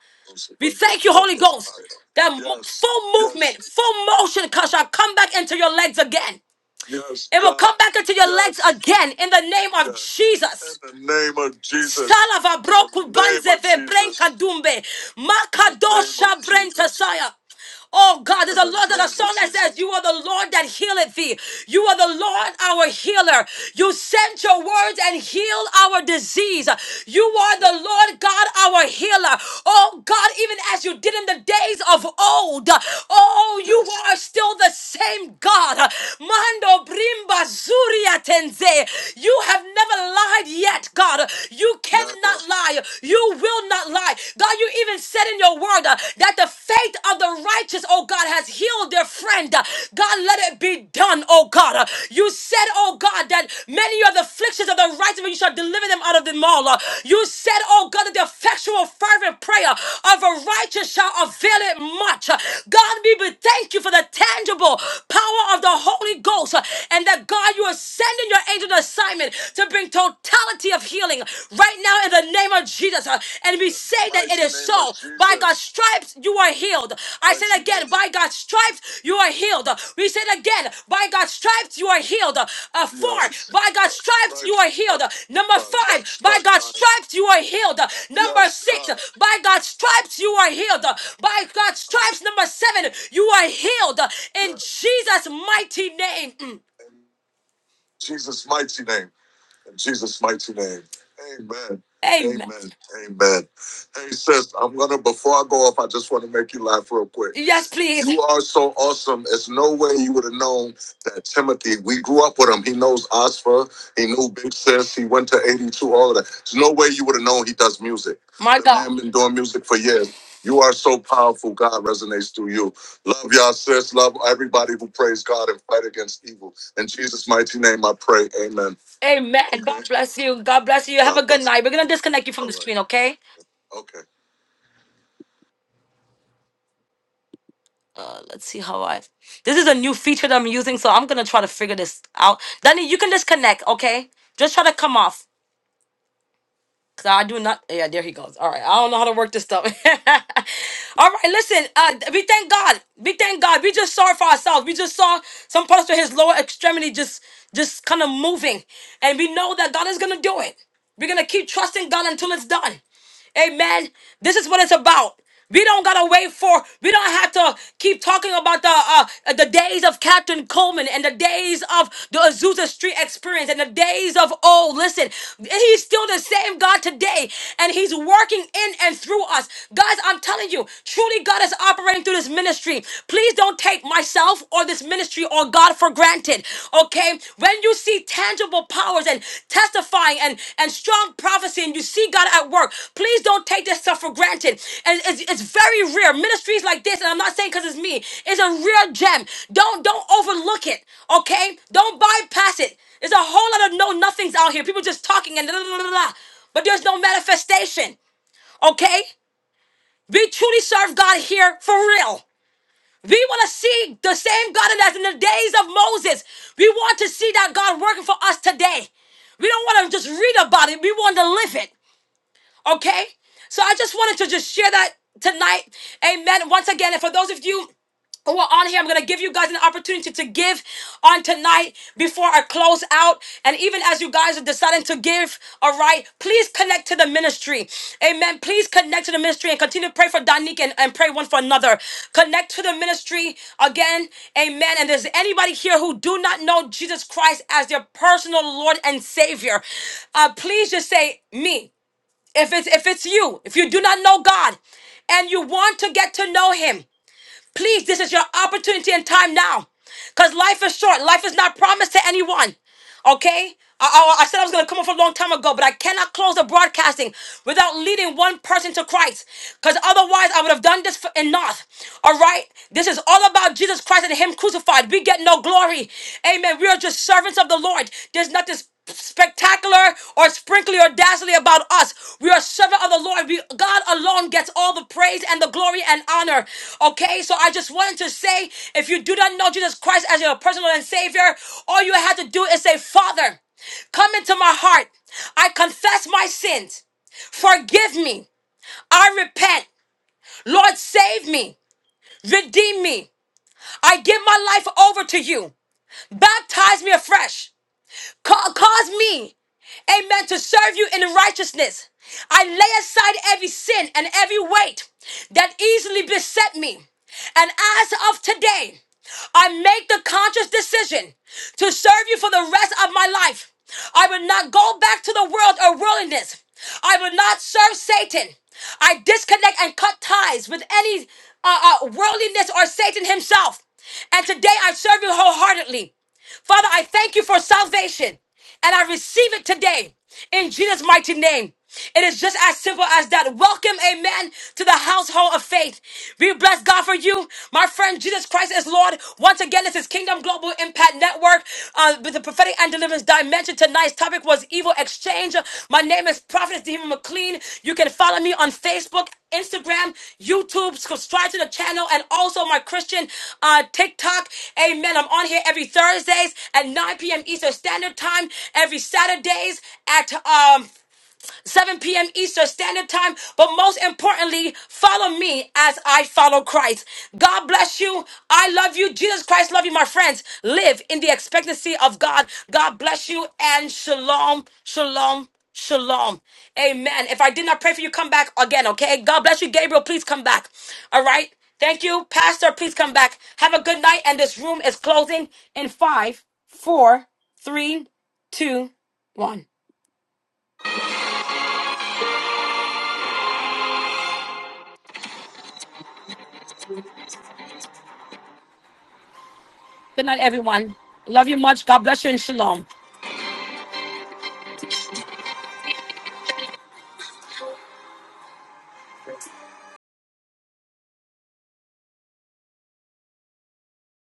Speaker 1: We thank you, Holy Ghost, that mo- Yes, full yes, movement, full motion shall come back into your legs again. yes, It will God. come back into your legs Yes, again in the name of yes. Jesus. In the name of Jesus. Salava In the broku the name banze of ve brenka Jesus. vebrenka dumbe. In the name of Makadosha Jesus. saya. Oh God, there's a Lord, there's a song that says, You are the Lord that healeth thee. You are the Lord our healer. You sent your words and healed our disease. You are the Lord God our healer. Oh God, even as you did in the days of old, oh, you are still the same God. Mando brimba zuria tenze. You have never lied yet, God. You cannot lie. You will not lie high. God, you even said in your word uh, that the faith of the righteous, oh God, has healed their friend. Uh, God, let it be done, oh God. Uh, you said, oh God, that many are the afflictions of the righteous, but you shall deliver them out of them all. Uh, you said, oh God, that the effectual, fervent prayer of a righteous shall avail it much. Uh, God, we be- thank you for the tangible power of the Holy Ghost, uh, and that God, you are sending your angel assignment to bring total principality of healing right now in the name of Jesus. uh, And we say that it Mighty is name of so. of By Jesus. God's stripes, you are healed. I say it Mighty again, name. by God's stripes, you are healed. We say it again, by God's stripes, you are healed. Uh, You four, Yes. by God's stripes, you are healed. Number by God's five, God's by God's stripes. stripes, you are healed. Number Yes, six, God. by God's stripes, you are healed. By God's stripes, number seven, you are healed. In Yes. Jesus' mighty name. Mm. In Jesus' mighty name. In Jesus' mighty name. Amen. Amen. Amen. Amen. Hey, sis, I'm gonna before I go off, I just want to make you laugh real quick. Yes, please. You are so awesome. It's no way you would have known that Timothy. We grew up with him. He knows Oscar. He knew Big Sis. He went to 82. All of that. There's no way you would have known he does music. My The God. man been doing music for years. You are so powerful. God resonates through you. Love y'all, sis. Love everybody who praise God and fight against evil. In Jesus' mighty name, I pray. Amen. Amen. God bless you. God bless you. Have God a good bless night. We're gonna disconnect you from the right. screen, okay? you. Okay. Uh, let's see how I. This is a new feature that I'm using, so I'm gonna try to figure this out. Danny, you can disconnect, okay? Just try to come off. Cause I do not. Yeah, there he goes. All right, I don't know how to work this stuff. All right, listen. Uh, we thank God. We thank God. We just saw it for ourselves. We just saw some parts of his lower extremity just, just kind of moving, and we know that God is gonna do it. We're gonna keep trusting God until it's done. Amen. This is what it's about. We don't gotta wait for. We don't have to keep talking about the uh, the days of Captain Coleman and the days of the Azusa Street experience and the days of oh, listen, He's still the same God today, and He's working in and through us, guys. I'm telling you, truly, God is operating through this ministry. Please don't take myself or this ministry or God for granted okay when you see tangible powers and testifying and and strong prophecy and you see god at work please don't take this stuff for granted and it's, it's very rare ministries like this and i'm not saying because it's me it's a real gem don't don't overlook it okay don't bypass it there's a whole lot of know nothings out here people just talking and blah, blah, blah, blah, but there's no manifestation okay we truly serve god here for real we want to see the same God as in the days of Moses. We want to see that God working for us today. We don't want to just read about it, we want to live it. Okay? So I just wanted to just share that tonight. Amen. Once again, and for those of you who are on here, I'm gonna give you guys an opportunity to give on tonight before I close out. And even as you guys are deciding to give, all right, please connect to the ministry. Amen. Please connect to the ministry and continue to pray for Donique and, and pray one for another. Connect to the ministry again. Amen. And if there's anybody here who do not know Jesus Christ as their personal Lord and Savior, uh, please just say me. If it's if it's you, if you do not know God and you want to get to know him, please this is your opportunity and time now. Cuz life is short. Life is not promised to anyone. Okay? I, I, I said I was going to come up for a long time ago, but I cannot close the broadcasting without leading one person to Christ. Because otherwise, I would have done this for, in North. All right? This is all about Jesus Christ and Him crucified. We get no glory. Amen. We are just servants of the Lord. There's nothing spectacular or sprinkly or dazzling about us. We are servant of the Lord. We, God alone gets all the praise and the glory and honor. Okay, so I just wanted to say, if you do not know Jesus Christ as your personal and Savior, all you have to do is say, Father, come into my heart. I confess my sins. Forgive me. I repent. Lord, save me. Redeem me. I give my life over to you. Baptize me afresh. Ca- cause me amen, to serve you in righteousness. I lay aside every sin and every weight that easily beset me. And as of today, I make the conscious decision to serve you for the rest of my life. I will not go back to the world or worldliness. I will not serve Satan. I disconnect and cut ties with any uh, uh, worldliness or Satan himself. And today I serve you wholeheartedly. Father, I thank you for salvation and I receive it today in Jesus' mighty name. It is just as simple as that. Welcome, amen, to the household of faith. We bless God for you. My friend, Jesus Christ is Lord. Once again, this is Kingdom Global Impact Network uh, with the prophetic and deliverance dimension you tonight's topic was evil exchange. My name is Prophet Demon McLean. You can follow me on Facebook, Instagram, YouTube. Subscribe to the channel and also my Christian uh, TikTok. Amen. I'm on here every Thursdays at 9 p.m. Eastern Standard Time. Every Saturdays at um 7 p.m. Eastern Standard Time. But most importantly, follow me as I follow Christ. God bless you. I love you. Jesus Christ love you, my friends. Live in the expectancy of God. God bless you and shalom, shalom, shalom. Amen. If I did not pray for you, come back again, okay? God bless you, Gabriel. Please come back. All right. Thank you, Pastor. Please come back. Have a good night. And this room is closing in five, four, three, two, one. Good night, everyone. Love you much. God bless you and shalom.